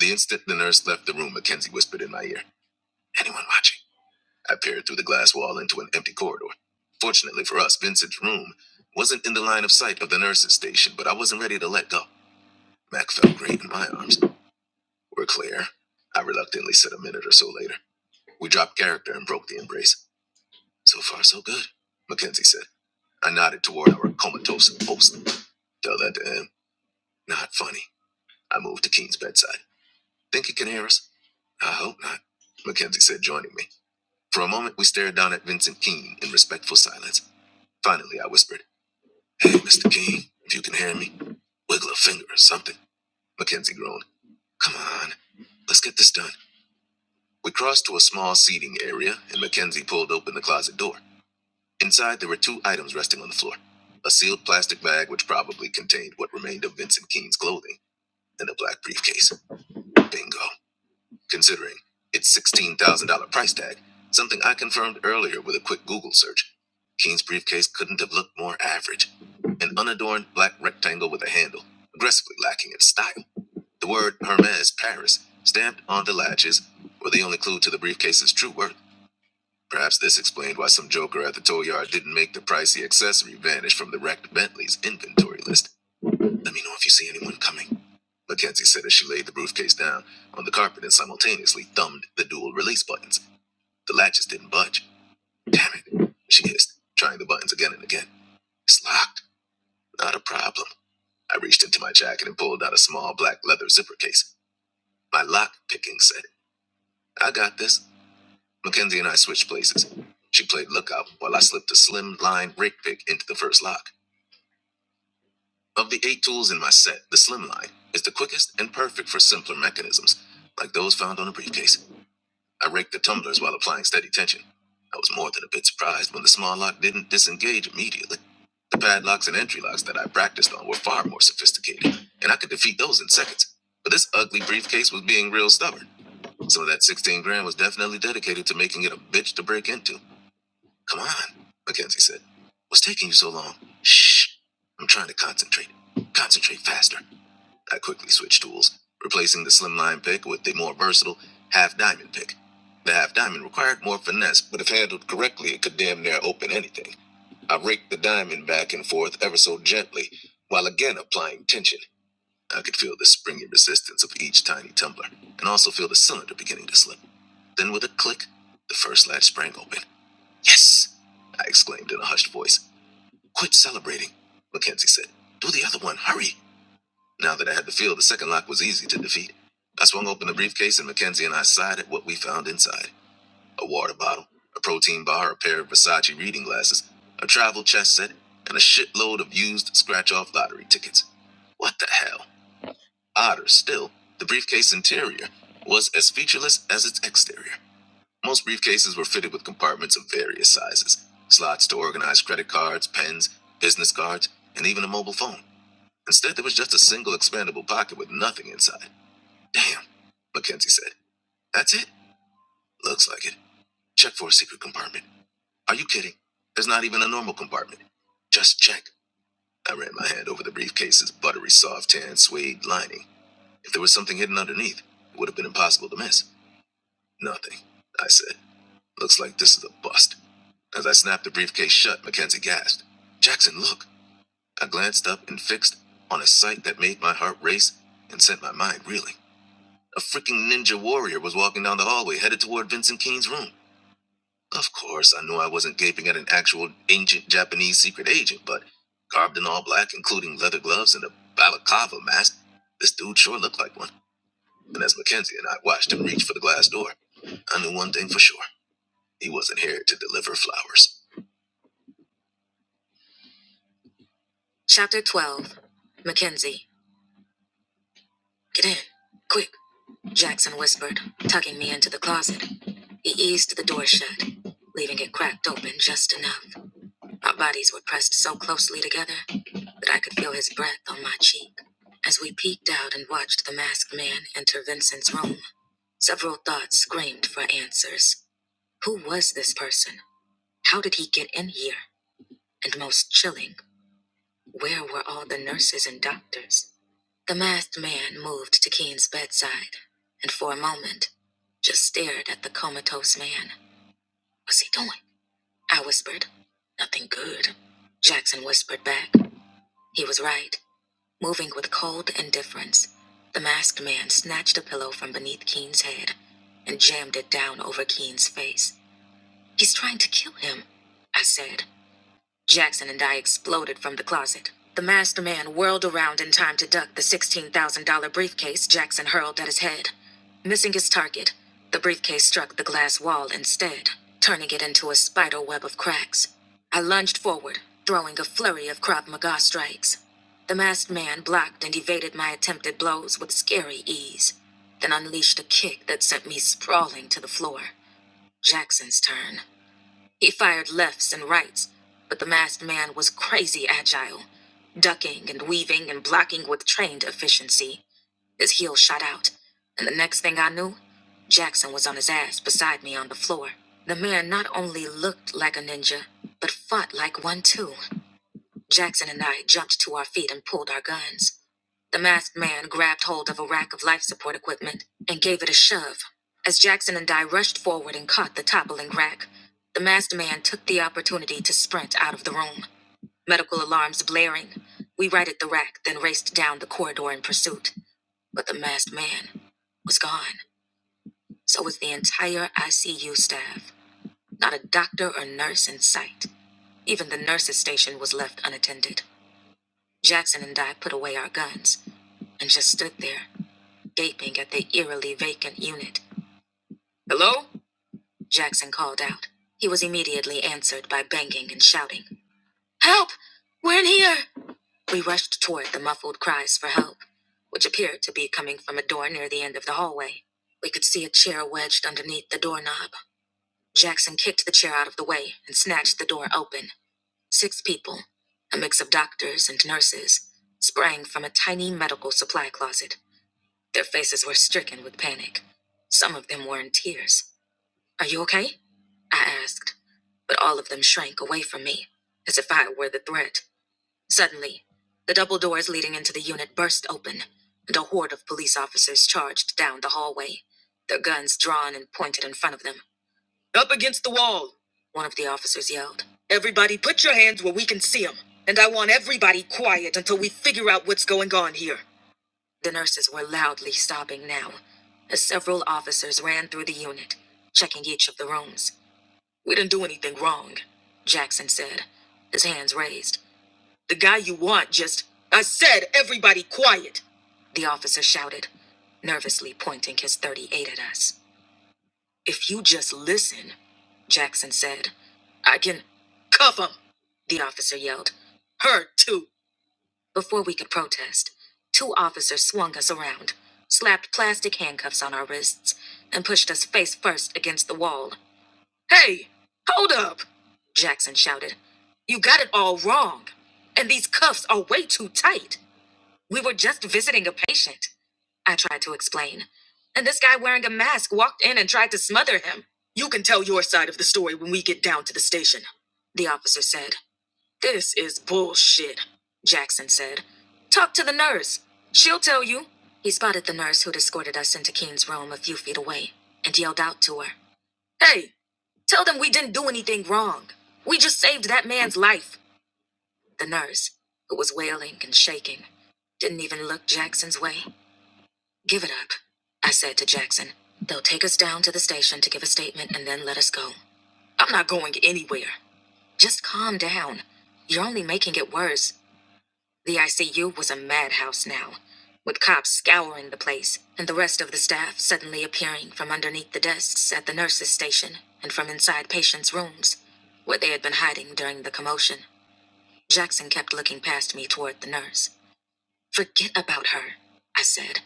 [SPEAKER 1] The instant the nurse left the room, Mackenzie whispered in my ear, Anyone watching? I peered through the glass wall into an empty corridor. Fortunately for us, Vincent's room wasn't in the line of sight of the nurse's station, but I wasn't ready to let go. Mac felt great in my arms. We're clear. I reluctantly said a minute or so later. We dropped character and broke the embrace. So far, so good, Mackenzie said. I nodded toward our comatose host. Tell that to him. Not funny. I moved to Keen's bedside. Think he can hear us? I hope not, Mackenzie said, joining me. For a moment, we stared down at Vincent Keene in respectful silence. Finally, I whispered, Hey, Mr. King, if you can hear me, wiggle a finger or something. Mackenzie groaned. Come on, let's get this done. We crossed to a small seating area, and Mackenzie pulled open the closet door. Inside, there were two items resting on the floor a sealed plastic bag, which probably contained what remained of Vincent King's clothing, and a black briefcase. Bingo. considering its $16,000 price tag, something I confirmed earlier with a quick Google search. Keen's briefcase couldn't have looked more average. An unadorned black rectangle with a handle, aggressively lacking in style. The word Hermes Paris, stamped on the latches, were the only clue to the briefcase's true worth. Perhaps this explained why some joker at the tow yard didn't make the pricey accessory vanish from the wrecked Bentley's inventory list. Let me know if you see anyone coming. Mackenzie said as she laid the briefcase down on the carpet and simultaneously thumbed the dual release buttons. The latches didn't budge. Damn it, she hissed, trying the buttons again and again. It's locked. Not a problem. I reached into my jacket and pulled out a small black leather zipper case. My lock picking set. I got this. Mackenzie and I switched places. She played lookout while I slipped a slim line rig pick into the first lock. Of the eight tools in my set, the Slimline is the quickest and perfect for simpler mechanisms, like those found on a briefcase. I raked the tumblers while applying steady tension. I was more than a bit surprised when the small lock didn't disengage immediately. The padlocks and entry locks that I practiced on were far more sophisticated, and I could defeat those in seconds. But this ugly briefcase was being real stubborn, so that 16 grand was definitely dedicated to making it a bitch to break into. Come on, Mackenzie said. What's taking you so long? Shh. I'm trying to concentrate. Concentrate faster. I quickly switched tools, replacing the slimline pick with the more versatile half diamond pick. The half diamond required more finesse, but if handled correctly, it could damn near open anything. I raked the diamond back and forth ever so gently, while again applying tension. I could feel the springy resistance of each tiny tumbler, and also feel the cylinder beginning to slip. Then, with a click, the first latch sprang open. Yes! I exclaimed in a hushed voice. Quit celebrating, Mackenzie said. Do the other one, hurry! Now that I had the feel, the second lock was easy to defeat. I swung open the briefcase and Mackenzie and I sighed at what we found inside a water bottle, a protein bar, a pair of Versace reading glasses, a travel chess set, and a shitload of used scratch off lottery tickets. What the hell? Odder still, the briefcase interior was as featureless as its exterior. Most briefcases were fitted with compartments of various sizes slots to organize credit cards, pens, business cards, and even a mobile phone. Instead, there was just a single expandable pocket with nothing inside. Damn, Mackenzie said. That's it? Looks like it. Check for a secret compartment. Are you kidding? There's not even a normal compartment. Just check. I ran my hand over the briefcase's buttery soft tan suede lining. If there was something hidden underneath, it would have been impossible to miss. Nothing, I said. Looks like this is a bust. As I snapped the briefcase shut, Mackenzie gasped. Jackson, look. I glanced up and fixed on a sight that made my heart race and sent my mind reeling. A freaking ninja warrior was walking down the hallway, headed toward Vincent Keene's room. Of course, I knew I wasn't gaping at an actual ancient Japanese secret agent, but garbed in all black, including leather gloves and a balaclava mask, this dude sure looked like one. And as Mackenzie and I watched him reach for the glass door, I knew one thing for sure. He wasn't here to deliver flowers. Chapter 12 Mackenzie. Get in. Quick. Jackson whispered, tucking me into the closet. He eased the door shut, leaving it cracked open just enough. Our bodies were pressed so closely together that I could feel his breath on my cheek. As we peeked out and watched the masked man enter Vincent's room, several thoughts screamed for answers. Who was this person? How did he get in here? And most chilling, where were all the nurses and doctors? The masked man moved to Keen's bedside and for a moment just stared at the comatose man. What's he doing? I whispered. Nothing good. Jackson whispered back. He was right, moving with cold indifference. The masked man snatched a pillow from beneath Keen's head and jammed it down over Keen's face. He's trying to kill him, I said. Jackson and I exploded from the closet. The masked man whirled around in time to duck the $16,000 briefcase Jackson hurled at his head. Missing his target, the briefcase struck the glass wall instead, turning it into a spider web of cracks. I lunged forward, throwing a flurry of Krav Maga strikes. The masked man blocked and evaded my attempted blows with scary ease, then unleashed a kick that sent me sprawling to the floor. Jackson's turn. He fired lefts and rights, but the masked man was crazy agile, ducking and weaving and blocking with trained efficiency. His heel shot out, and the next thing I knew, Jackson was on his ass beside me on the floor. The man not only looked like a ninja, but fought like one too. Jackson and I jumped to our feet and pulled our guns. The masked man grabbed hold of a rack of life support equipment and gave it a shove. As Jackson and I rushed forward and caught the toppling rack, the masked man took the opportunity to sprint out of the room, medical alarms blaring. We righted the rack, then raced down the corridor in pursuit. But the masked man was gone. So was the entire ICU staff. Not a doctor or nurse in sight. Even the nurses' station was left unattended. Jackson and I put away our guns and just stood there gaping at the eerily vacant unit. Hello? Jackson called out. He was immediately answered by banging and shouting. Help! We're in here! We rushed toward the muffled cries for help, which appeared to be coming from a door near the end of the hallway. We could see a chair wedged underneath the doorknob. Jackson kicked the chair out of the way and snatched the door open. Six people, a mix of doctors and nurses, sprang from a tiny medical supply closet. Their faces were stricken with panic. Some of them were in tears. Are you okay? I asked, but all of them shrank away from me, as if I were the threat. Suddenly, the double doors leading into the unit burst open, and a horde of police officers charged down the hallway, their guns drawn and pointed in front of them. Up against the wall, one of the officers yelled. Everybody, put your hands where we can see them, and I want everybody quiet until we figure out what's going on here. The nurses were loudly sobbing now, as several officers ran through the unit, checking each of the rooms. We didn't do anything wrong, Jackson said, his hands raised. The guy you want just. I said, everybody quiet! The officer shouted, nervously pointing his 38 at us. If you just listen, Jackson said, I can. Cuff him! The officer yelled. Her too. Before we could protest, two officers swung us around, slapped plastic handcuffs on our wrists, and pushed us face first against the wall. Hey, hold up! Jackson shouted. You got it all wrong. And these cuffs are way too tight. We were just visiting a patient, I tried to explain. And this guy wearing a mask walked in and tried to smother him. You can tell your side of the story when we get down to the station, the officer said. This is bullshit, Jackson said. Talk to the nurse. She'll tell you. He spotted the nurse who'd escorted us into Keen's room a few feet away and yelled out to her Hey, tell them we didn't do anything wrong. We just saved that man's life. The nurse, who was wailing and shaking, didn't even look Jackson's way. Give it up, I said to Jackson. They'll take us down to the station to give a statement and then let us go. I'm not going anywhere. Just calm down. You're only making it worse. The ICU was a madhouse now, with cops scouring the place and the rest of the staff suddenly appearing from underneath the desks at the nurses' station and from inside patients' rooms, where they had been hiding during the commotion. Jackson kept looking past me toward the nurse. Forget about her, I said.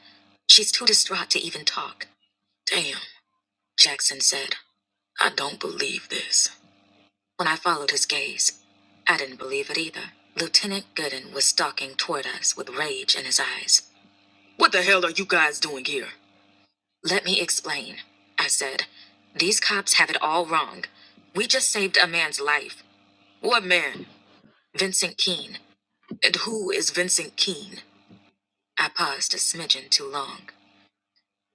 [SPEAKER 1] She's too distraught to even talk. Damn, Jackson said. I don't believe this. When I followed his gaze, I didn't believe it either. Lieutenant Gooden was stalking toward us with rage in his eyes. What the hell are you guys doing here? Let me explain, I said. These cops have it all wrong. We just saved a man's life. What man? Vincent Keene. And who is Vincent Keene? I paused a smidgen too long.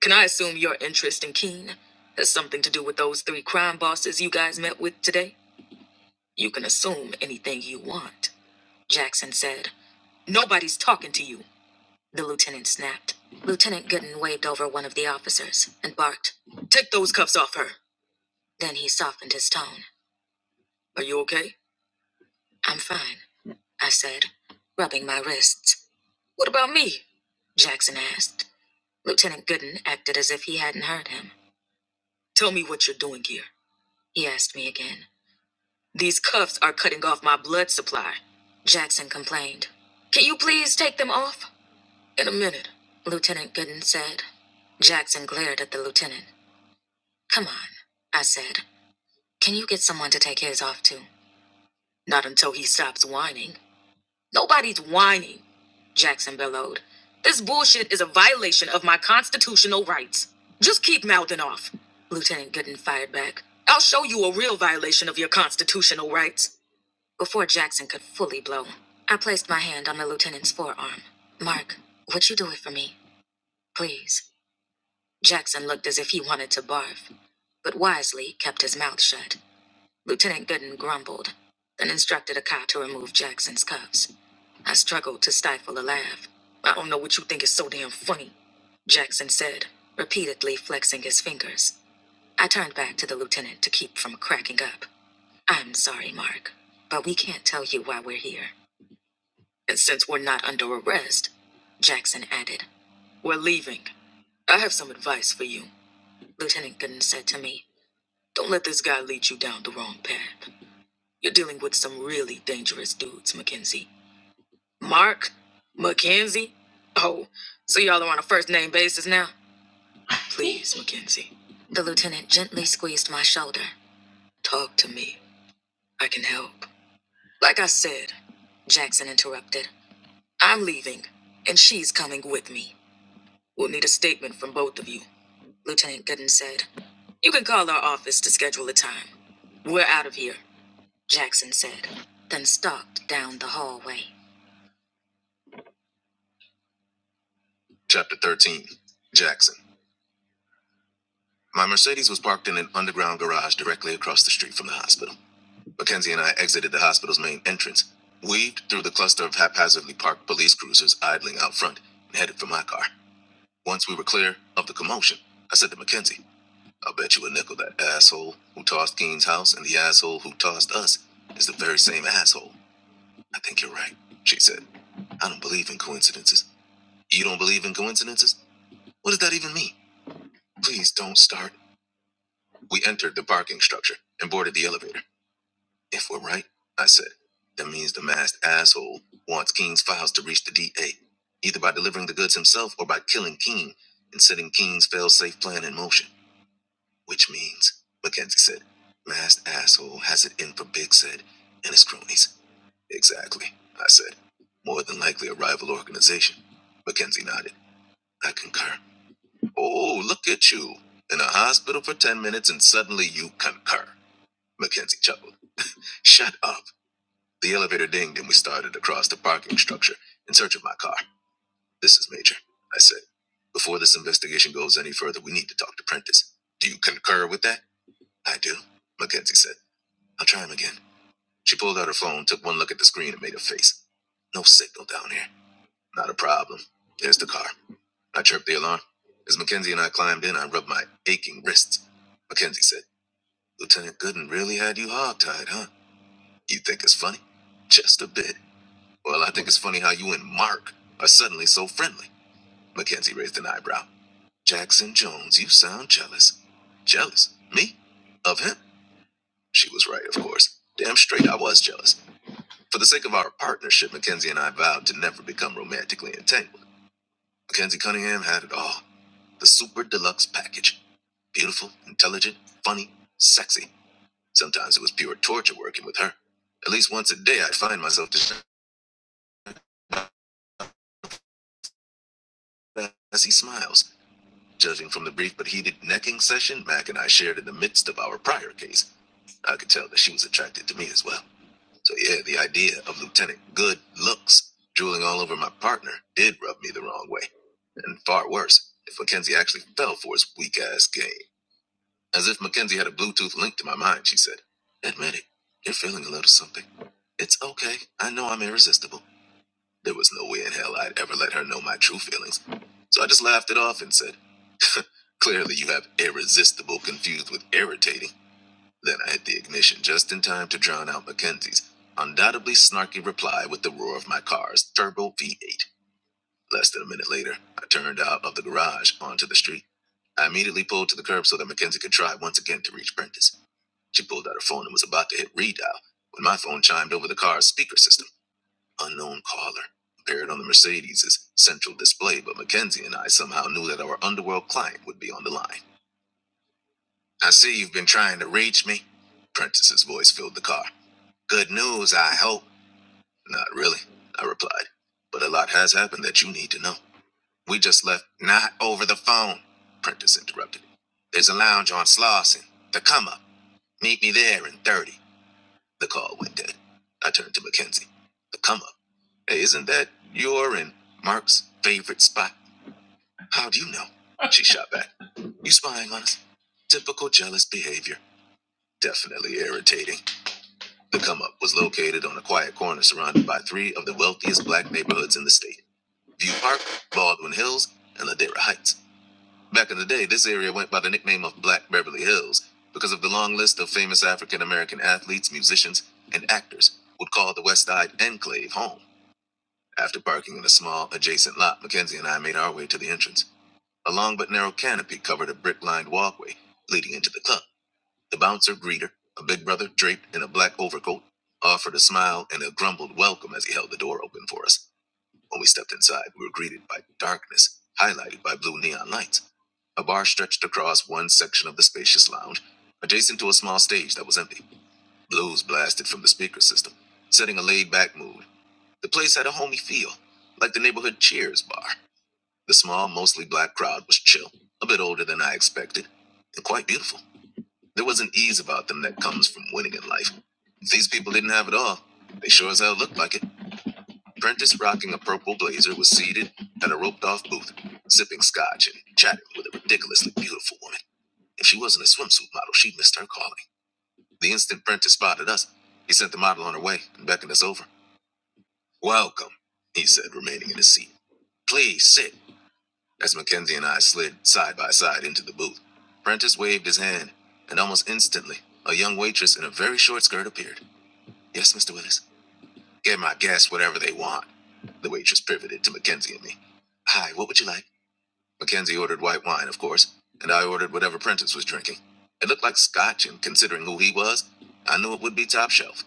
[SPEAKER 1] Can I assume your interest in Keene has something to do with those three crime bosses you guys met with today? You can assume anything you want, Jackson said. Nobody's talking to you. The lieutenant snapped. Lieutenant Gooden waved over one of the officers and barked, Take those cuffs off her. Then he softened his tone. Are you okay? I'm fine, I said, rubbing my wrists. What about me? Jackson asked. Lieutenant Gooden acted as if he hadn't heard him. Tell me what you're doing here, he asked me again. These cuffs are cutting off my blood supply. Jackson complained. Can you please take them off? In a minute, Lieutenant Gooden said. Jackson glared at the lieutenant. Come on, I said. Can you get someone to take his off too? Not until he stops whining. Nobody's whining, Jackson bellowed. This bullshit is a violation of my constitutional rights. Just keep mouthing off, Lieutenant Gooden fired back. I'll show you a real violation of your constitutional rights. Before Jackson could fully blow, I placed my hand on the lieutenant's forearm. Mark, would you do it for me? Please. Jackson looked as if he wanted to barf, but wisely kept his mouth shut. Lieutenant Gooden grumbled, then instructed a cop to remove Jackson's cuffs. I struggled to stifle a laugh. I don't know what you think is so damn funny, Jackson said, repeatedly flexing his fingers. I turned back to the lieutenant to keep from cracking up. I'm sorry, Mark, but we can't tell you why we're here. And since we're not under arrest, Jackson added, we're leaving. I have some advice for you, Lieutenant Gooden said to me. Don't let this guy lead you down the wrong path. You're dealing with some really dangerous dudes, Mackenzie. Mark? Mackenzie? Oh, so y'all are on a first name basis now? Please, Mackenzie. The lieutenant gently squeezed my shoulder. Talk to me. I can help. Like I said, Jackson interrupted. I'm leaving, and she's coming with me. We'll need a statement from both of you, Lieutenant Gooden said. You can call our office to schedule a time. We're out of here, Jackson said, then stalked down the hallway. Chapter 13 Jackson. My Mercedes was parked in an underground garage directly across the street from the hospital. Mackenzie and I exited the hospital's main entrance, weaved through the cluster of haphazardly parked police cruisers idling out front, and headed for my car. Once we were clear of the commotion, I said to Mackenzie, I'll bet you a nickel that asshole who tossed Keene's house and the asshole who tossed us is the very same asshole. I think you're right, she said. I don't believe in coincidences. You don't believe in coincidences? What does that even mean? Please don't start We entered the parking structure and boarded the elevator. If we're right, I said, that means the masked asshole wants Keen's files to reach the DA, either by delivering the goods himself or by killing Keen and setting Keen's fail-safe plan in motion. Which means, Mackenzie said, masked asshole has it in for Big Sid and his cronies. Exactly, I said. More than likely a rival organization. Mackenzie nodded. I concur. Oh, look at you. In a hospital for 10 minutes and suddenly you concur. Mackenzie chuckled. Shut up. The elevator dinged and we started across the parking structure in search of my car. This is Major, I said. Before this investigation goes any further, we need to talk to Prentice. Do you concur with that? I do, Mackenzie said. I'll try him again. She pulled out her phone, took one look at the screen, and made a face. No signal down here. Not a problem. There's the car. I chirped the alarm. As Mackenzie and I climbed in, I rubbed my aching wrists. Mackenzie said, Lieutenant Gooden really had you hogtied, huh? You think it's funny? Just a bit. Well, I think it's funny how you and Mark are suddenly so friendly. Mackenzie raised an eyebrow. Jackson Jones, you sound jealous. Jealous? Me? Of him? She was right, of course. Damn straight, I was jealous. For the sake of our partnership, Mackenzie and I vowed to never become romantically entangled. Mackenzie Cunningham had it all the super deluxe package. Beautiful, intelligent, funny, sexy. Sometimes it was pure torture working with her. At least once a day, I'd find myself distracted. by as he smiles. Judging from the brief but heated necking session Mac and I shared in the midst of our prior case, I could tell that she was attracted to me as well. So yeah, the idea of Lieutenant Good Looks drooling all over my partner did rub me the wrong way. And far worse, if Mackenzie actually fell for his weak ass game. As if Mackenzie had a Bluetooth link to my mind, she said. Admit it, you're feeling a little something. It's okay. I know I'm irresistible. There was no way in hell I'd ever let her know my true feelings. So I just laughed it off and said, (laughs) Clearly, you have irresistible confused with irritating. Then I hit the ignition just in time to drown out Mackenzie's undoubtedly snarky reply with the roar of my car's turbo V8. Less than a minute later, I turned out of the garage onto the street. I immediately pulled to the curb so that Mackenzie could try once again to reach Prentice. She pulled out her phone and was about to hit redial when my phone chimed over the car's speaker system. Unknown caller appeared on the Mercedes' central display, but Mackenzie and I somehow knew that our underworld client would be on the line. I see you've been trying to reach me. Prentice's voice filled the car. Good news, I hope. Not really, I replied. But a lot has happened that you need to know. We just left not over the phone, Prentice interrupted. There's a lounge on Slauson. The come up. Meet me there in 30. The call went dead. I turned to Mackenzie. The come up. Hey, isn't that your and Mark's favorite spot? How do you know? She shot back. You spying on us? Typical jealous behavior. Definitely irritating. The come up was located on a quiet corner surrounded by three of the wealthiest black neighborhoods in the state View Park, Baldwin Hills, and Ladera Heights. Back in the day, this area went by the nickname of Black Beverly Hills because of the long list of famous African American athletes, musicians, and actors would call the West Side enclave home. After parking in a small adjacent lot, Mackenzie and I made our way to the entrance. A long but narrow canopy covered a brick lined walkway leading into the club. The bouncer greeter, a big brother draped in a black overcoat, offered a smile and a grumbled welcome as he held the door open for us. When we stepped inside, we were greeted by darkness, highlighted by blue neon lights. A bar stretched across one section of the spacious lounge, adjacent to a small stage that was empty. Blues blasted from the speaker system, setting a laid back mood. The place had a homey feel, like the neighborhood Cheers bar. The small, mostly black crowd was chill, a bit older than I expected, and quite beautiful. There was an ease about them that comes from winning in life. If these people didn't have it all, they sure as hell looked like it. Prentice, rocking a purple blazer, was seated at a roped off booth, sipping scotch and chatting with a ridiculously beautiful woman. If she wasn't a swimsuit model, she missed her calling. The instant Prentice spotted us, he sent the model on her way and beckoned us over. Welcome, he said, remaining in his seat. Please sit, as Mackenzie and I slid side by side into the booth. Prentice waved his hand, and almost instantly, a young waitress in a very short skirt appeared. Yes, Mr. Willis. Get my guests whatever they want. The waitress pivoted to Mackenzie and me. Hi, what would you like? Mackenzie ordered white wine, of course, and I ordered whatever Prentice was drinking. It looked like scotch, and considering who he was, I knew it would be top shelf.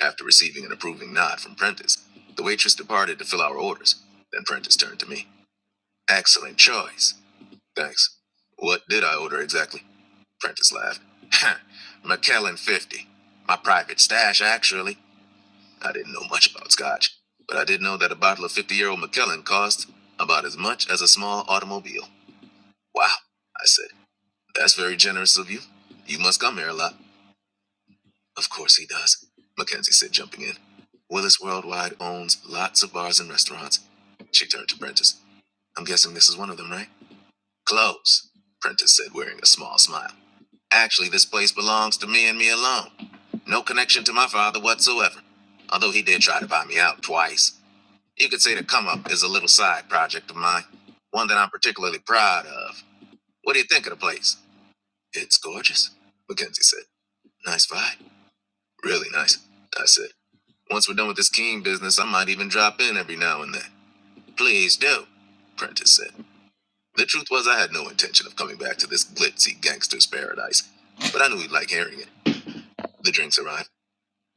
[SPEAKER 1] After receiving an approving nod from Prentice, the waitress departed to fill our orders. Then Prentice turned to me. Excellent choice. Thanks. What did I order exactly? Prentice laughed. (laughs) McKellen 50. My private stash, actually. I didn't know much about scotch, but I did know that a bottle of 50 year old Macallan cost about as much as a small automobile. Wow, I said. That's very generous of you. You must come here a lot. Of course he does, Mackenzie said, jumping in. Willis Worldwide owns lots of bars and restaurants. She turned to Prentice. I'm guessing this is one of them, right? Close, Prentice said, wearing a small smile. Actually, this place belongs to me and me alone. No connection to my father whatsoever, although he did try to buy me out twice. You could say the come up is a little side project of mine, one that I'm particularly proud of. What do you think of the place? It's gorgeous, Mackenzie said. Nice vibe. Really nice, I said. Once we're done with this king business, I might even drop in every now and then. Please do, Prentice said. The truth was, I had no intention of coming back to this glitzy gangster's paradise, but I knew he'd like hearing it. The drinks arrived.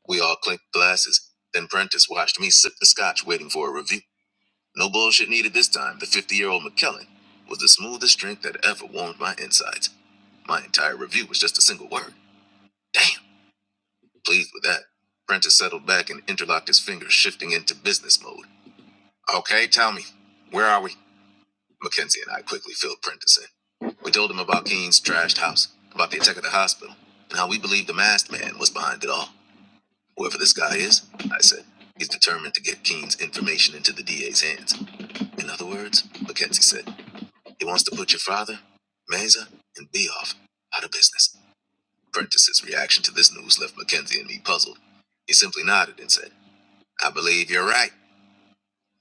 [SPEAKER 1] We all clinked glasses. Then Prentice watched me sip the scotch, waiting for a review. No bullshit needed this time. The 50 year old McKellen was the smoothest drink that ever warmed my insides. My entire review was just a single word. Damn. Pleased with that. Prentice settled back and interlocked his fingers, shifting into business mode. Okay, tell me, where are we? Mackenzie and I quickly filled Prentice in. We told him about Keene's trashed house, about the attack at the hospital, and how we believed the masked man was behind it all. Whoever this guy is, I said, he's determined to get Keene's information into the DA's hands. In other words, Mackenzie said. He wants to put your father, Meza, and Beoff out of business. Prentice's reaction to this news left Mackenzie and me puzzled. He simply nodded and said, I believe you're right.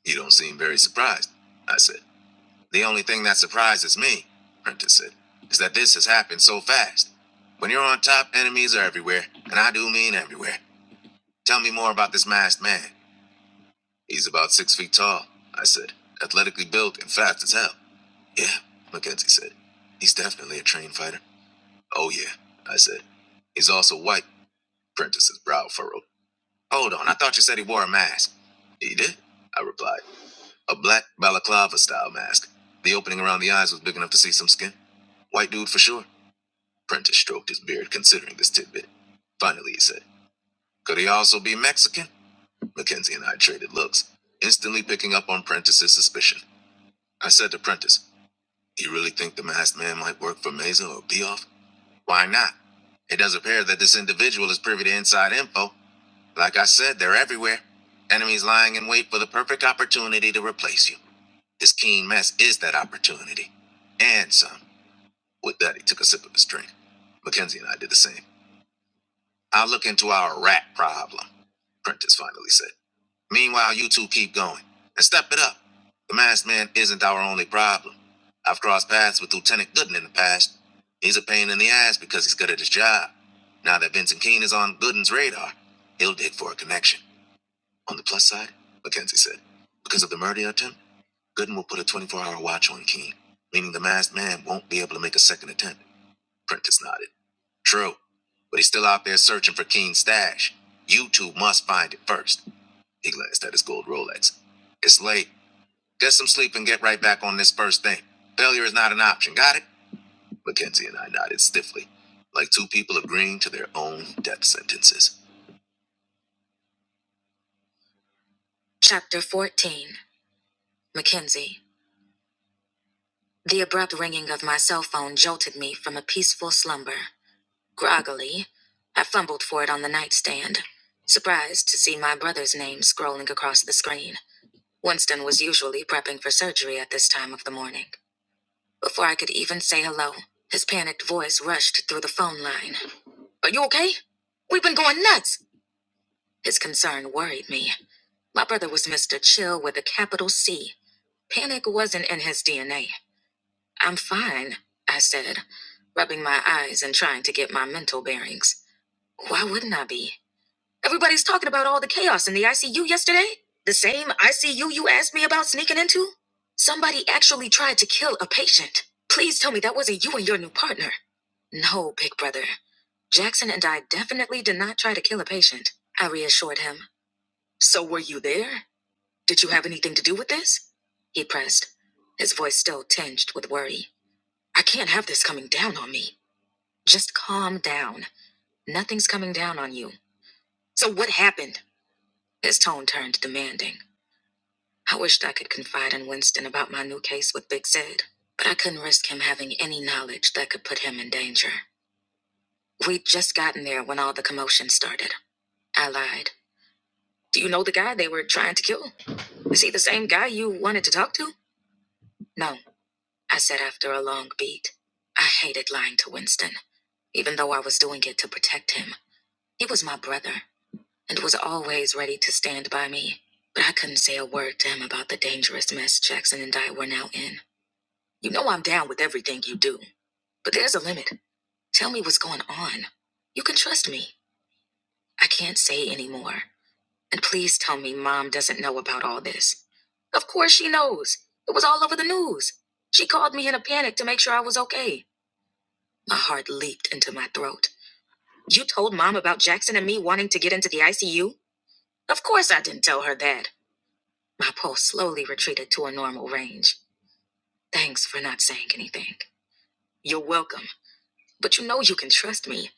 [SPEAKER 1] You don't seem very surprised. I said, The only thing that surprises me, Prentice said, is that this has happened so fast. When you're on top, enemies are everywhere, and I do mean everywhere. Tell me more about this masked man. He's about six feet tall, I said, athletically built and fast as hell. Yeah, Mackenzie said. He's definitely a trained fighter. Oh, yeah, I said. He's also white. Prentice's brow furrowed. Hold on, I thought you said he wore a mask. He did, I replied. A black balaclava style mask. The opening around the eyes was big enough to see some skin. White dude for sure. Prentice stroked his beard, considering this tidbit. Finally, he said, Could he also be Mexican? Mackenzie and I traded looks, instantly picking up on Prentice's suspicion. I said to Prentice, You really think the masked man might work for Mesa or Beoff? Why not? It does appear that this individual is privy to inside info. Like I said, they're everywhere. Enemies lying in wait for the perfect opportunity to replace you. This keen mess is that opportunity. And some. With that, he took a sip of his drink. Mackenzie and I did the same. I'll look into our rat problem, Prentice finally said. Meanwhile, you two keep going and step it up. The masked man isn't our only problem. I've crossed paths with Lieutenant Gooden in the past. He's a pain in the ass because he's good at his job. Now that Vincent Keene is on Gooden's radar, he'll dig for a connection. On the plus side, Mackenzie said, because of the murder attempt, Gooden will put a 24 hour watch on Keene, meaning the masked man won't be able to make a second attempt. Prentice nodded. True, but he's still out there searching for Keene's stash. You two must find it first. He glanced at his gold Rolex. It's late. Get some sleep and get right back on this first thing. Failure is not an option. Got it? Mackenzie and I nodded stiffly, like two people agreeing to their own death sentences. Chapter 14 Mackenzie. The abrupt ringing of my cell phone jolted me from a peaceful slumber. Groggily, I fumbled for it on the nightstand, surprised to see my brother's name scrolling across the screen. Winston was usually prepping for surgery at this time of the morning. Before I could even say hello, his panicked voice rushed through the phone line. Are you okay? We've been going nuts! His concern worried me. My brother was Mr. Chill with a capital C. Panic wasn't in his DNA. I'm fine, I said, rubbing my eyes and trying to get my mental bearings. Why wouldn't I be? Everybody's talking about all the chaos in the ICU yesterday. The same ICU you asked me about sneaking into? Somebody actually tried to kill a patient. Please tell me that wasn't you and your new partner. No, big brother. Jackson and I definitely did not try to kill a patient, I reassured him. So were you there? Did you have anything to do with this? He pressed, his voice still tinged with worry. I can't have this coming down on me. Just calm down. Nothing's coming down on you. So what happened? His tone turned demanding. I wished I could confide in Winston about my new case with Big Sid, but I couldn't risk him having any knowledge that could put him in danger. We'd just gotten there when all the commotion started. I lied. Do you know the guy they were trying to kill? Is he the same guy you wanted to talk to? No, I said after a long beat. I hated lying to Winston, even though I was doing it to protect him. He was my brother, and was always ready to stand by me. But I couldn't say a word to him about the dangerous mess Jackson and I were now in. You know I'm down with everything you do, but there's a limit. Tell me what's going on. You can trust me. I can't say any more. And please tell me Mom doesn't know about all this. Of course she knows. It was all over the news. She called me in a panic to make sure I was okay. My heart leaped into my throat. You told Mom about Jackson and me wanting to get into the ICU? Of course I didn't tell her that. My pulse slowly retreated to a normal range. Thanks for not saying anything. You're welcome, but you know you can trust me.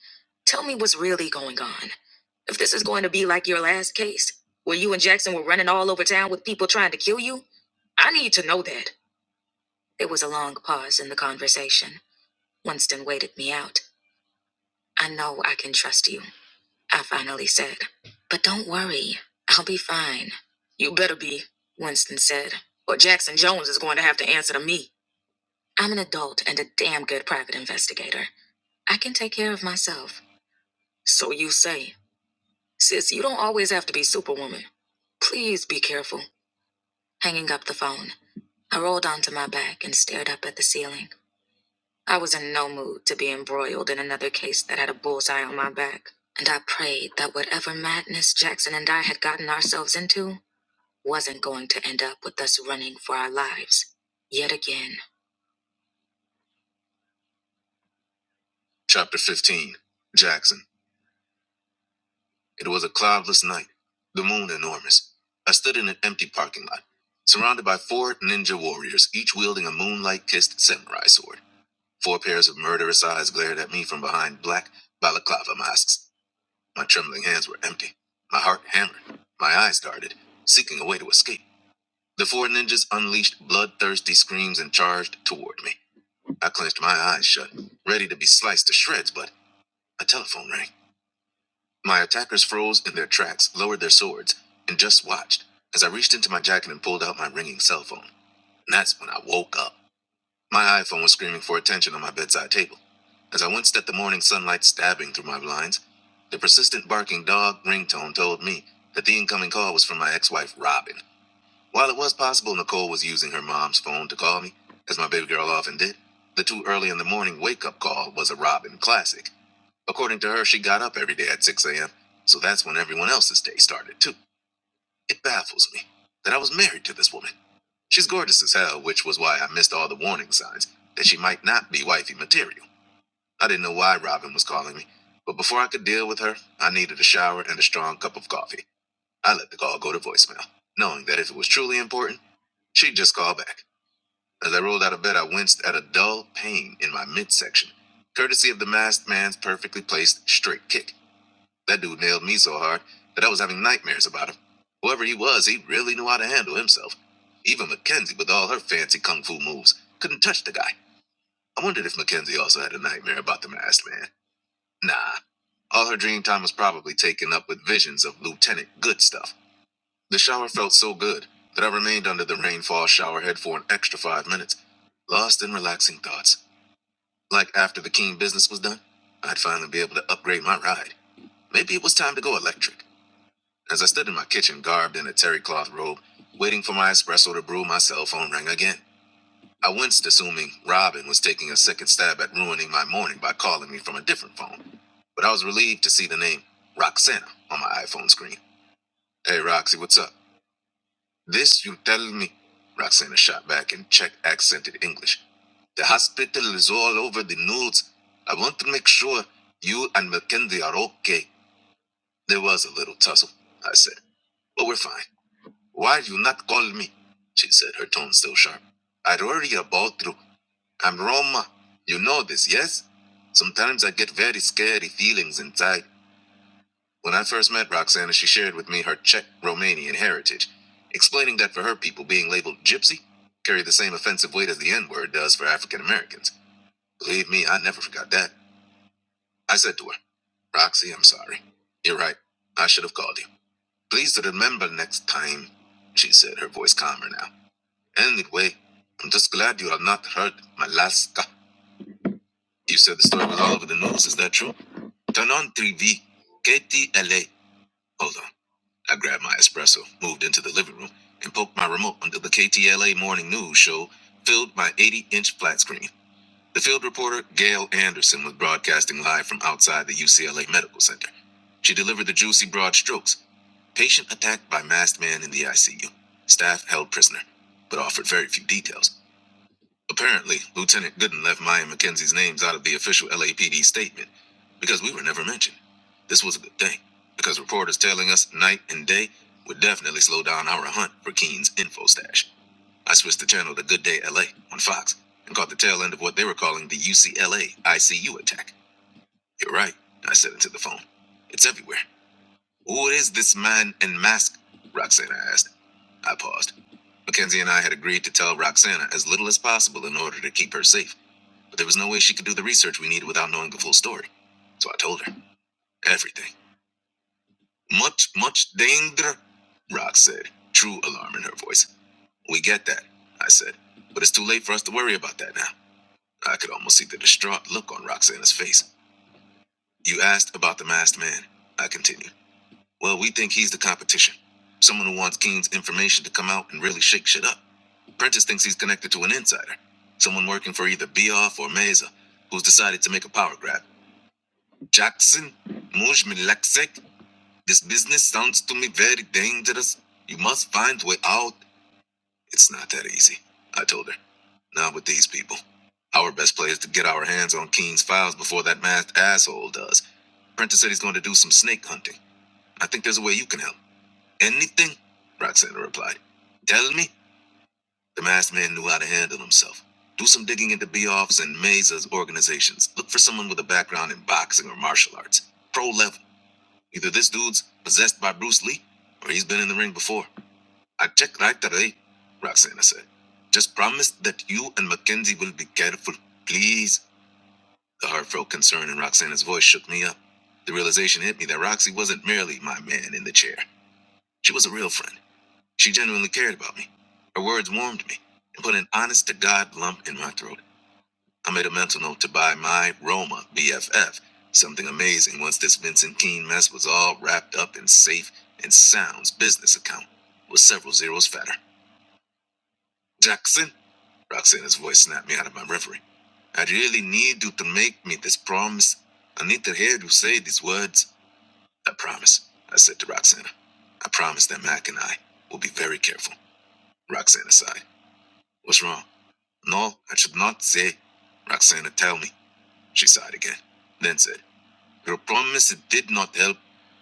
[SPEAKER 1] Tell me what's really going on. If this is going to be like your last case, where you and Jackson were running all over town with people trying to kill you, I need to know that. There was a long pause in the conversation. Winston waited me out. I know I can trust you, I finally said. But don't worry, I'll be fine. You better be, Winston said, or Jackson Jones is going to have to answer to me. I'm an adult and a damn good private investigator. I can take care of myself. So you say. Sis, you don't always have to be Superwoman. Please be careful. Hanging up the phone, I rolled onto my back and stared up at the ceiling. I was in no mood to be embroiled in another case that had a bullseye on my back, and I prayed that whatever madness Jackson and I had gotten ourselves into wasn't going to end up with us running for our lives. Yet again. Chapter 15 Jackson. It was a cloudless night, the moon enormous. I stood in an empty parking lot, surrounded by four ninja warriors, each wielding a moonlight kissed samurai sword. Four pairs of murderous eyes glared at me from behind black balaclava masks. My trembling hands were empty. My heart hammered. My eyes darted, seeking a way to escape. The four ninjas unleashed bloodthirsty screams and charged toward me. I clenched my eyes shut, ready to be sliced to shreds, but a telephone rang. My attackers froze in their tracks, lowered their swords, and just watched as I reached into my jacket and pulled out my ringing cell phone. And that's when I woke up. My iPhone was screaming for attention on my bedside table. As I winced at the morning sunlight stabbing through my blinds, the persistent barking dog ringtone told me that the incoming call was from my ex wife, Robin. While it was possible Nicole was using her mom's phone to call me, as my baby girl often did, the too early in the morning wake up call was a Robin classic. According to her, she got up every day at 6 a.m., so that's when everyone else's day started, too. It baffles me that I was married to this woman. She's gorgeous as hell, which was why I missed all the warning signs that she might not be wifey material. I didn't know why Robin was calling me, but before I could deal with her, I needed a shower and a strong cup of coffee. I let the call go to voicemail, knowing that if it was truly important, she'd just call back. As I rolled out of bed, I winced at a dull pain in my midsection, courtesy of the masked man's perfectly placed straight kick. That dude nailed me so hard that I was having nightmares about him. Whoever he was, he really knew how to handle himself. Even Mackenzie, with all her fancy kung fu moves, couldn't touch the guy. I wondered if Mackenzie also had a nightmare about the masked man. Nah. All her dream time was probably taken up with visions of Lieutenant Good stuff. The shower felt so good that I remained under the rainfall showerhead for an extra five minutes, lost in relaxing thoughts. Like after the keen business was done, I'd finally be able to upgrade my ride. Maybe it was time to go electric. As I stood in my kitchen, garbed in a terry cloth robe, waiting for my espresso to brew, my cell phone rang again. I winced, assuming Robin was taking a second stab at ruining my morning by calling me from a different phone. But I was relieved to see the name Roxana on my iPhone screen. Hey, Roxy, what's up? This you tell me. Roxana shot back in Czech accented English. The hospital is all over the news. I want to make sure you and Mackenzie are okay. There was a little tussle, I said, but we're fine. Why you not call me? She said, her tone still sharp. I worry about you. I'm Roma. You know this, yes? Sometimes I get very scary feelings inside. When I first met Roxana, she shared with me her Czech Romanian heritage, explaining that for her people, being labeled gypsy carried the same offensive weight as the N word does for African Americans. Believe me, I never forgot that. I said to her, Roxy, I'm sorry. You're right. I should have called you. Please remember next time, she said, her voice calmer now. Anyway, I'm just glad you have not heard Malaska. You said the story was all over the news. Is that true? Turn on 3V. KTLA. Hold on. I grabbed my espresso, moved into the living room, and poked my remote until the KTLA morning news show filled my 80 inch flat screen. The field reporter, Gail Anderson, was broadcasting live from outside the UCLA Medical Center. She delivered the juicy broad strokes. Patient attacked by masked man in the ICU. Staff held prisoner, but offered very few details. Apparently, Lieutenant Gooden left Maya McKenzie's names out of the official LAPD statement because we were never mentioned. This was a good thing because reporters tailing us night and day would definitely slow down our hunt for Keene's info stash. I switched the channel to Good Day LA on Fox and caught the tail end of what they were calling the UCLA ICU attack. You're right, I said into the phone. It's everywhere. Who is this man in mask? Roxana asked. I paused. Mackenzie and I had agreed to tell Roxana as little as possible in order to keep her safe. But there was no way she could do the research we needed without knowing the full story. So I told her everything. Much, much danger, Rock said, true alarm in her voice. We get that, I said. But it's too late for us to worry about that now. I could almost see the distraught look on Roxana's face. You asked about the masked man, I continued. Well, we think he's the competition. Someone who wants Keen's information to come out and really shake shit up. Prentice thinks he's connected to an insider. Someone working for either Beoff or Mesa, who's decided to make a power grab. Jackson, Mush Milaksek, this business sounds to me very dangerous. You must find a way out. It's not that easy, I told her. Not with these people. Our best play is to get our hands on Keen's files before that masked asshole does. Prentice said he's going to do some snake hunting. I think there's a way you can help. Anything? Roxana replied. Tell me? The masked man knew how to handle himself. Do some digging into Beoff's and Mesa's organizations. Look for someone with a background in boxing or martial arts. Pro level. Either this dude's possessed by Bruce Lee, or he's been in the ring before. I checked right away, Roxana said. Just promise that you and Mackenzie will be careful, please. The heartfelt concern in Roxana's voice shook me up. The realization hit me that Roxy wasn't merely my man in the chair. She was a real friend. She genuinely cared about me. Her words warmed me and put an honest to God lump in my throat. I made a mental note to buy my Roma BFF. Something amazing once this Vincent Keene mess was all wrapped up in safe and sound's business account with several zeros fatter. Jackson, Roxana's voice snapped me out of my reverie. I really need you to make me this promise. I need to hear you say these words. I promise, I said to Roxana. I promise that Mac and I will be very careful. Roxana sighed. What's wrong? No, I should not say. Roxana, tell me. She sighed again, then said, Your promise did not help.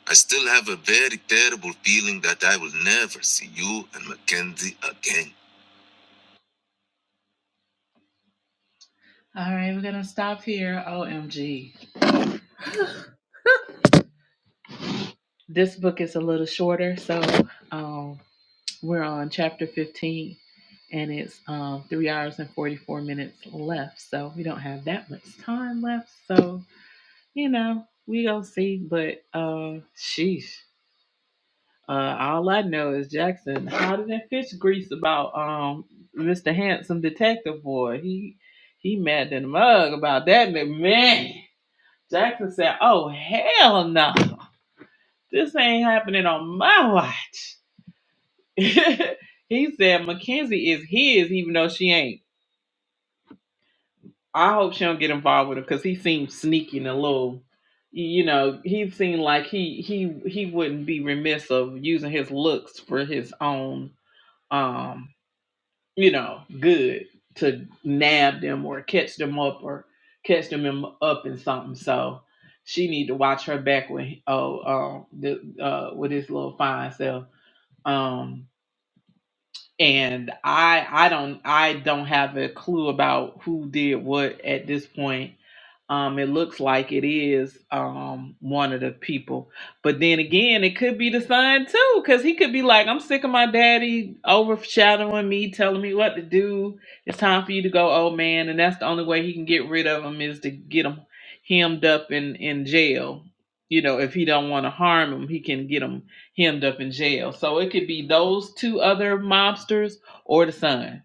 [SPEAKER 1] I still have a very terrible feeling that I will never see you and Mackenzie again. All right, we're gonna stop here. OMG. (sighs) this book is a little shorter, so um, we're on chapter 15, and it's um, three hours and 44 minutes left. So we don't have that much time left. So you know, we gonna see. But uh, sheesh. Uh, all I know is Jackson hotter than fish grease about um Mr. Handsome Detective Boy. He he mad than a mug about that nigga. man. Jackson said, "Oh hell no, this ain't happening on my watch." (laughs) he said Mackenzie is his, even though she ain't. I hope she don't get involved with him because he seems sneaky and a little. You know, he seemed like he he he wouldn't be remiss of using his looks for his own. um you know, good to nab them or catch them up or catch them in, up in something. So she need to watch her back with oh um the uh with his little fine self. Um and I I don't I don't have a clue about who did what at this point. Um, it looks like it is um one of the people, but then again, it could be the son too, because he could be like, "I'm sick of my daddy overshadowing me, telling me what to do. It's time for you to go, old man." And that's the only way he can get rid of him is to get him hemmed up in in jail. You know, if he don't want to harm him, he can get him hemmed up in jail. So it could be those two other mobsters or the son.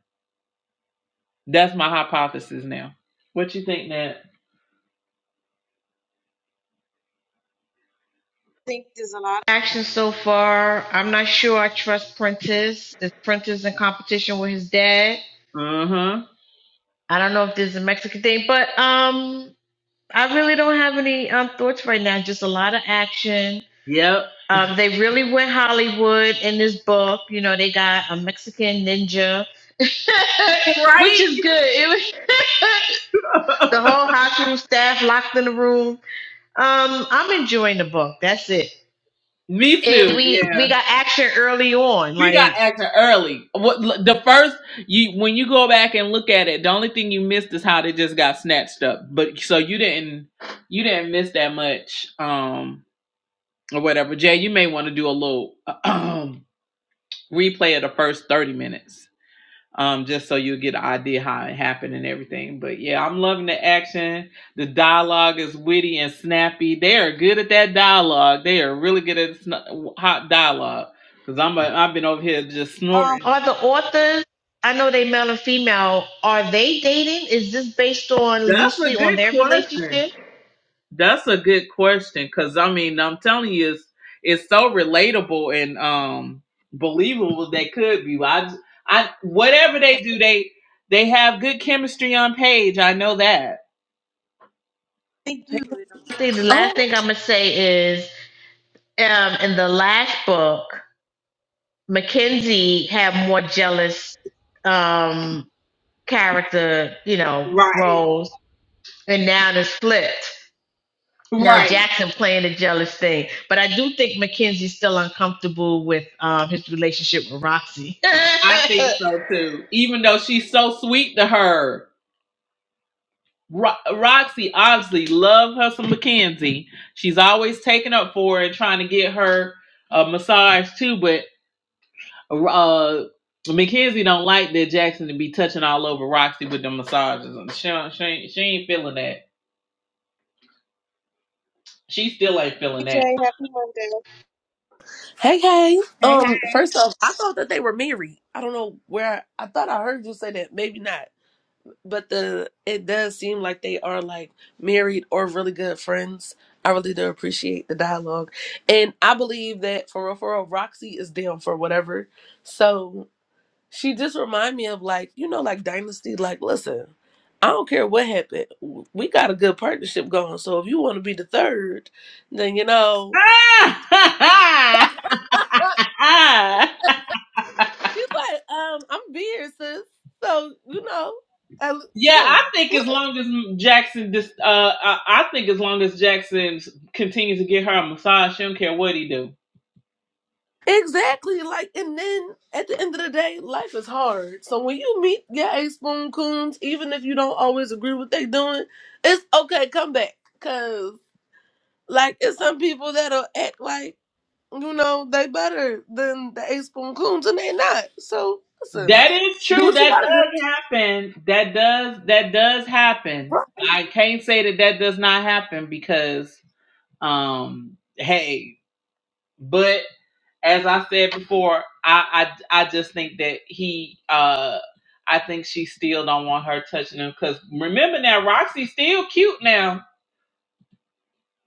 [SPEAKER 1] That's my hypothesis now. What you think, Nat?
[SPEAKER 2] think there's a lot of action so far. I'm not sure I trust Prentice. The Prentice in competition with his dad.
[SPEAKER 1] Uh-huh.
[SPEAKER 2] I don't know if there's a Mexican thing, but um, I really don't have any um thoughts right now. Just a lot of action.
[SPEAKER 1] Yep.
[SPEAKER 2] Um, they really went Hollywood in this book. You know, they got a Mexican ninja, (laughs) which is good. It was (laughs) the whole hospital staff locked in the room. Um, I'm enjoying the book. That's it.
[SPEAKER 1] Me too.
[SPEAKER 2] And we we
[SPEAKER 1] Yeah.
[SPEAKER 2] got action early on.
[SPEAKER 1] We got
[SPEAKER 2] Like
[SPEAKER 1] acting early. What the first you when you go back and look at it, the only thing you missed is how they just got snatched up. But so you didn't you didn't miss that much um or whatever. Jay, you may want to do a little (clears throat) replay of the first 30 minutes. um, just so you get an idea how it happened and everything. But yeah, I'm loving the action. The dialogue is witty and snappy. They are good at that dialogue. They are really good at sn- hot dialogue. Cause I'm a, I've been over here just
[SPEAKER 2] Um,
[SPEAKER 1] snorting.
[SPEAKER 2] Are the authors, I know they male and female, are they dating? Is this based on
[SPEAKER 1] That's a
[SPEAKER 2] loosely on
[SPEAKER 1] good
[SPEAKER 2] their
[SPEAKER 1] question.
[SPEAKER 2] relationship?
[SPEAKER 1] That's a good question. Cause I mean, I'm telling you, it's it's so relatable and um believable they could be. I just- I whatever they do, they they have good chemistry on page. I know that.
[SPEAKER 2] they do. You know. I think the last
[SPEAKER 3] Oh,
[SPEAKER 2] thing I'm gonna say is, um, in the last book. Mackenzie had more jealous um character, you know,
[SPEAKER 1] Right.
[SPEAKER 2] roles, and now it's flipped. Now
[SPEAKER 1] Right.
[SPEAKER 2] Jackson playing the jealous thing, but I do think Mackenzie's still uncomfortable with um, his relationship with Roxy. (laughs)
[SPEAKER 1] I think so too. Even though she's so sweet to her, Ro- Roxy obviously love her some Mackenzie. She's always taking up for her and trying to get her a massage too. But uh, Mackenzie don't like that Jackson to be touching all over Roxy with the massages. And She don't- she ain't, she ain't feeling that. She still ain't feeling
[SPEAKER 2] Hey Jay, happy Monday.
[SPEAKER 3] hey, hey. Um, first off, I thought that they were married. I don't know where I thought I heard you say that. Maybe not, but the it does seem like they are like married or really good friends. I really do appreciate the dialogue, and I believe that for real, for real, Roxy is down for whatever. So she just remind me of like you know like Dynasty. Like, listen, I don't care what happened. We got a good partnership going. So if you want to be the third, then you know.
[SPEAKER 1] that. (laughs)
[SPEAKER 3] She's like, um, I'm beer, sis. So, you know, I,
[SPEAKER 1] Yeah,
[SPEAKER 3] huh.
[SPEAKER 1] I think as long as Jackson, dis- uh, I, I think as long as Jackson s- continues to get her a massage, she don't care what he do.
[SPEAKER 3] exactly. Like, and then at the end of the day, life is hard. So when you meet your ace spoon coons, even if you don't always agree with they doing, it's okay. Come back, cause like it's some people that'll act like you know they better than the ace spoon coons, and they not. So listen,
[SPEAKER 1] That is
[SPEAKER 3] do
[SPEAKER 1] true.
[SPEAKER 3] what you
[SPEAKER 1] That
[SPEAKER 3] gotta do,
[SPEAKER 1] does happen. That does that does happen.
[SPEAKER 3] bro.
[SPEAKER 1] I can't say that that does not happen because, um, hey, but as I said before, I I, I just think that he uh I think she still don't want her touching him because remember now Roxy's still cute now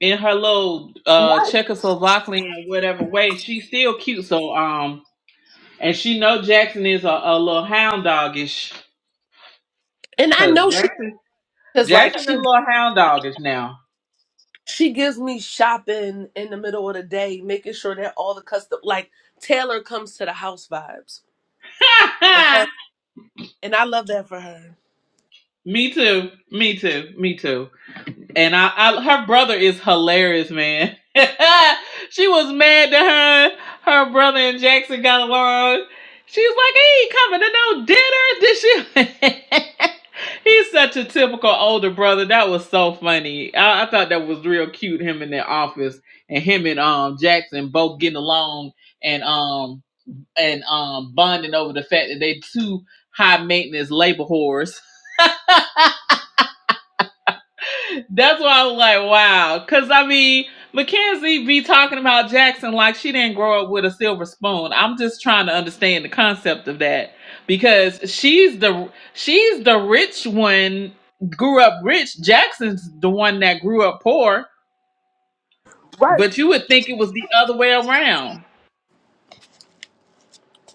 [SPEAKER 1] in her little uh
[SPEAKER 3] Right.
[SPEAKER 1] Czechoslovakian whatever way she's still cute so um and she know Jackson is a, a little hound dogish
[SPEAKER 3] And I
[SPEAKER 1] because
[SPEAKER 3] know she
[SPEAKER 1] Jackson
[SPEAKER 3] is like
[SPEAKER 1] Jackson a
[SPEAKER 3] she
[SPEAKER 1] little hound dogish now.
[SPEAKER 3] She gives me shopping in the middle of the day, making sure that all the custom like Taylor comes to the house vibes. Okay.
[SPEAKER 1] (laughs)
[SPEAKER 3] And I love that for her.
[SPEAKER 1] me too, me too, me too. And I, I her brother is hilarious, man. (laughs) she was mad that her her brother and Jackson got along. She's like, he ain't coming to no dinner. Did she? (laughs) He's such a typical older brother. That was so funny. I, I thought that was real cute. Him in the office and him and um Jackson both getting along and um and um bonding over the fact that they two high maintenance labor whores. That's why I was like, wow. Because, I mean, Mackenzie be talking about Jackson like she didn't grow up with a silver spoon. I'm just trying to understand the concept of that because she's the she's the rich one grew up rich. Jackson's the one that grew up poor,
[SPEAKER 3] Right.
[SPEAKER 1] but you would think it was the other way around.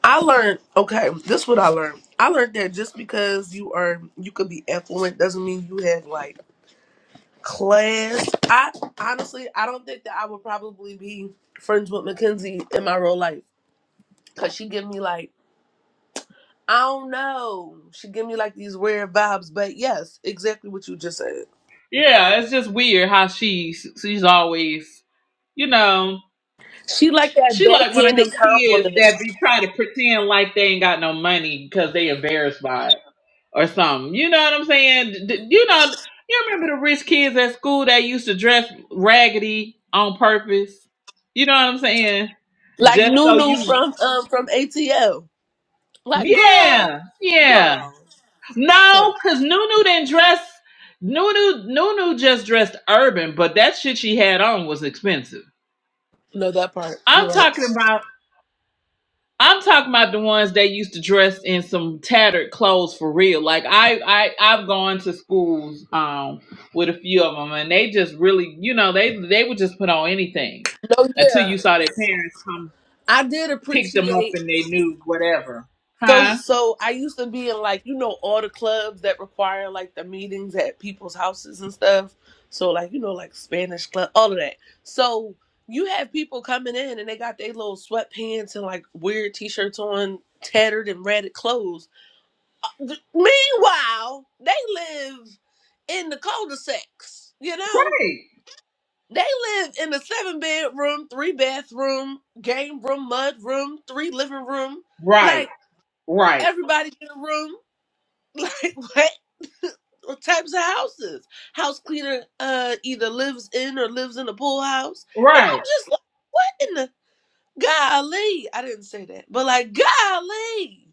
[SPEAKER 3] I learned okay, this is what I learned. I learned that just because you are you could be affluent doesn't mean you have like class. I honestly I don't think that I would probably be friends with Mackenzie in my real life. Cause she give me like I don't know. She give me like these weird vibes, but yes, exactly what you just said.
[SPEAKER 1] Yeah, it's just weird how she's she's always, you know,
[SPEAKER 3] She like that
[SPEAKER 1] she like one of
[SPEAKER 3] backhanded
[SPEAKER 1] them kids that
[SPEAKER 3] compliment,
[SPEAKER 1] be trying to pretend like they ain't got no money because they embarrassed by it. or something. You know what I'm saying? D- you know, you remember the rich kids at school that used to dress raggedy on purpose? You know what I'm saying?
[SPEAKER 3] like
[SPEAKER 1] Just so
[SPEAKER 3] Nunu
[SPEAKER 1] you,
[SPEAKER 3] from um from ATL. Like girl,
[SPEAKER 1] yeah, yeah.
[SPEAKER 3] girl. Huh.
[SPEAKER 1] No, because Nunu didn't dress. Nunu, Nunu just dressed urban, but that shit she had on was expensive.
[SPEAKER 3] No, that part. You're
[SPEAKER 1] I'm
[SPEAKER 3] right.
[SPEAKER 1] talking about. I'm talking about the ones that used to dress in some tattered clothes for real. Like I, I, I've gone to schools um with a few of them, and they just really, you know, they they would just put on anything
[SPEAKER 3] No,
[SPEAKER 1] until
[SPEAKER 3] yeah,
[SPEAKER 1] you saw their parents come
[SPEAKER 3] I did
[SPEAKER 1] pick them up
[SPEAKER 3] appreciate.
[SPEAKER 1] and they knew whatever,
[SPEAKER 3] So,
[SPEAKER 1] huh?
[SPEAKER 3] so I used to be in like you know all the clubs that require like the meetings at people's houses and stuff. So like you know like Spanish club, all of that. So you have people coming in and they got their little sweatpants and like weird t-shirts on, tattered and ratted clothes Th- Meanwhile, they live in the cul-de-sacs, you know? They live in a seven bedroom, three bathroom, game room, mud room, three living room.
[SPEAKER 1] Right,
[SPEAKER 3] Like
[SPEAKER 1] right,
[SPEAKER 3] everybody in a room. (laughs) Like what? what types of houses. House cleaner uh either lives in or lives in a pool house. And I'm
[SPEAKER 1] right.
[SPEAKER 3] just like, what in the golly? I didn't say that, but like golly,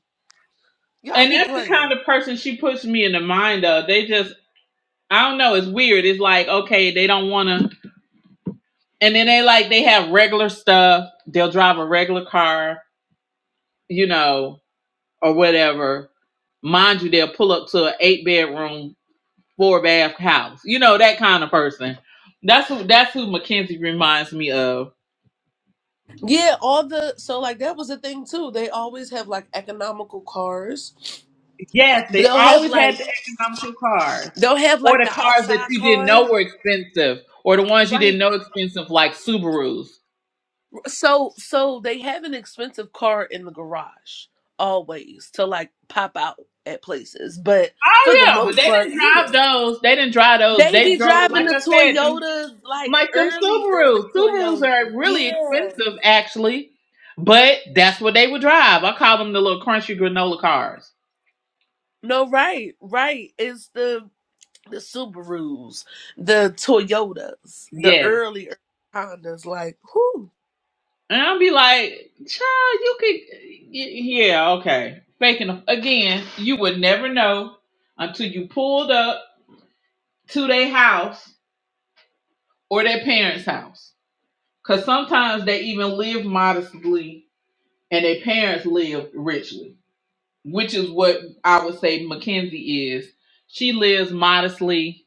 [SPEAKER 3] y'all
[SPEAKER 1] And
[SPEAKER 3] be
[SPEAKER 1] that's the
[SPEAKER 3] playing.
[SPEAKER 1] kind of person she puts me in the mind of. They just, I don't know, it's weird. It's like, okay, they don't want to. And then they like, they have regular stuff. They'll drive a regular car you know, or whatever. Mind you, they'll pull up to an eight bedroom, four bath house. You know, that kind of person. That's who that's who Mackenzie reminds me of.
[SPEAKER 3] Yeah, all the so like that was a thing too. They always have like economical cars.
[SPEAKER 1] Yes,
[SPEAKER 3] But
[SPEAKER 1] they
[SPEAKER 3] They'll have
[SPEAKER 1] always
[SPEAKER 3] like
[SPEAKER 1] had the economical cars.
[SPEAKER 3] they'll have
[SPEAKER 1] Or
[SPEAKER 3] like
[SPEAKER 1] the
[SPEAKER 3] the
[SPEAKER 1] cars that
[SPEAKER 3] outside
[SPEAKER 1] you didn't
[SPEAKER 3] car.
[SPEAKER 1] know were expensive. Or the ones you didn't
[SPEAKER 3] Right.
[SPEAKER 1] know expensive like Subarus.
[SPEAKER 3] So so they have an expensive car in the garage always to like pop out at places. But
[SPEAKER 1] Oh
[SPEAKER 3] for the
[SPEAKER 1] yeah, but
[SPEAKER 3] most
[SPEAKER 1] they
[SPEAKER 3] part,
[SPEAKER 1] didn't
[SPEAKER 3] yeah.
[SPEAKER 1] drive those. They didn't drive those.
[SPEAKER 3] They
[SPEAKER 1] They
[SPEAKER 3] be
[SPEAKER 1] drove
[SPEAKER 3] driving
[SPEAKER 1] like
[SPEAKER 3] the
[SPEAKER 1] I said, them
[SPEAKER 3] Toyotas like
[SPEAKER 1] Like them
[SPEAKER 3] early, early
[SPEAKER 1] Subarus. Subarus
[SPEAKER 3] Toyotas.
[SPEAKER 1] are really
[SPEAKER 3] Yeah.
[SPEAKER 1] expensive, actually, but that's what they would drive. I call them the little crunchy granola cars.
[SPEAKER 3] No, right, right. It's the the Subarus, the Toyotas, the
[SPEAKER 1] Yeah,
[SPEAKER 3] early Hondas. Like, whoo,
[SPEAKER 1] and I'll be like, child, you could, y- yeah, okay. Faking again, you would never know until you pulled up to their house or their parents' house, because sometimes they even live modestly and their parents live richly, which is what I would say Mackenzie is. She lives modestly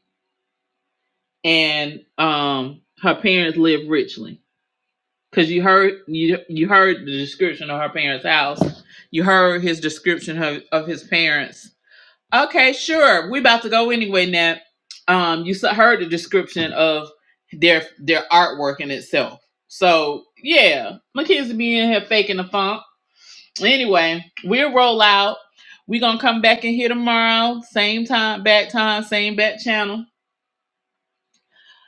[SPEAKER 1] and um her parents live richly because you heard you you heard the description of her parents house you heard his description of, of his parents okay sure we about to go anyway Nat. um you s- heard the description of their their artwork in itself so yeah my kids be in here faking the funk anyway we'll roll out we gonna come back in here tomorrow same time back time same back channel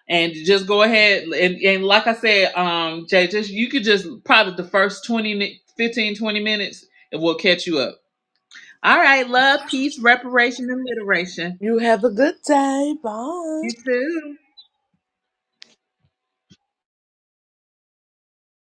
[SPEAKER 1] and just go ahead and, and like i said um jay just you could just probably the first fifteen, twenty mi- 15 20 minutes it will catch you up all right love peace reparation and literation
[SPEAKER 3] you have a good day. Bye.
[SPEAKER 1] you too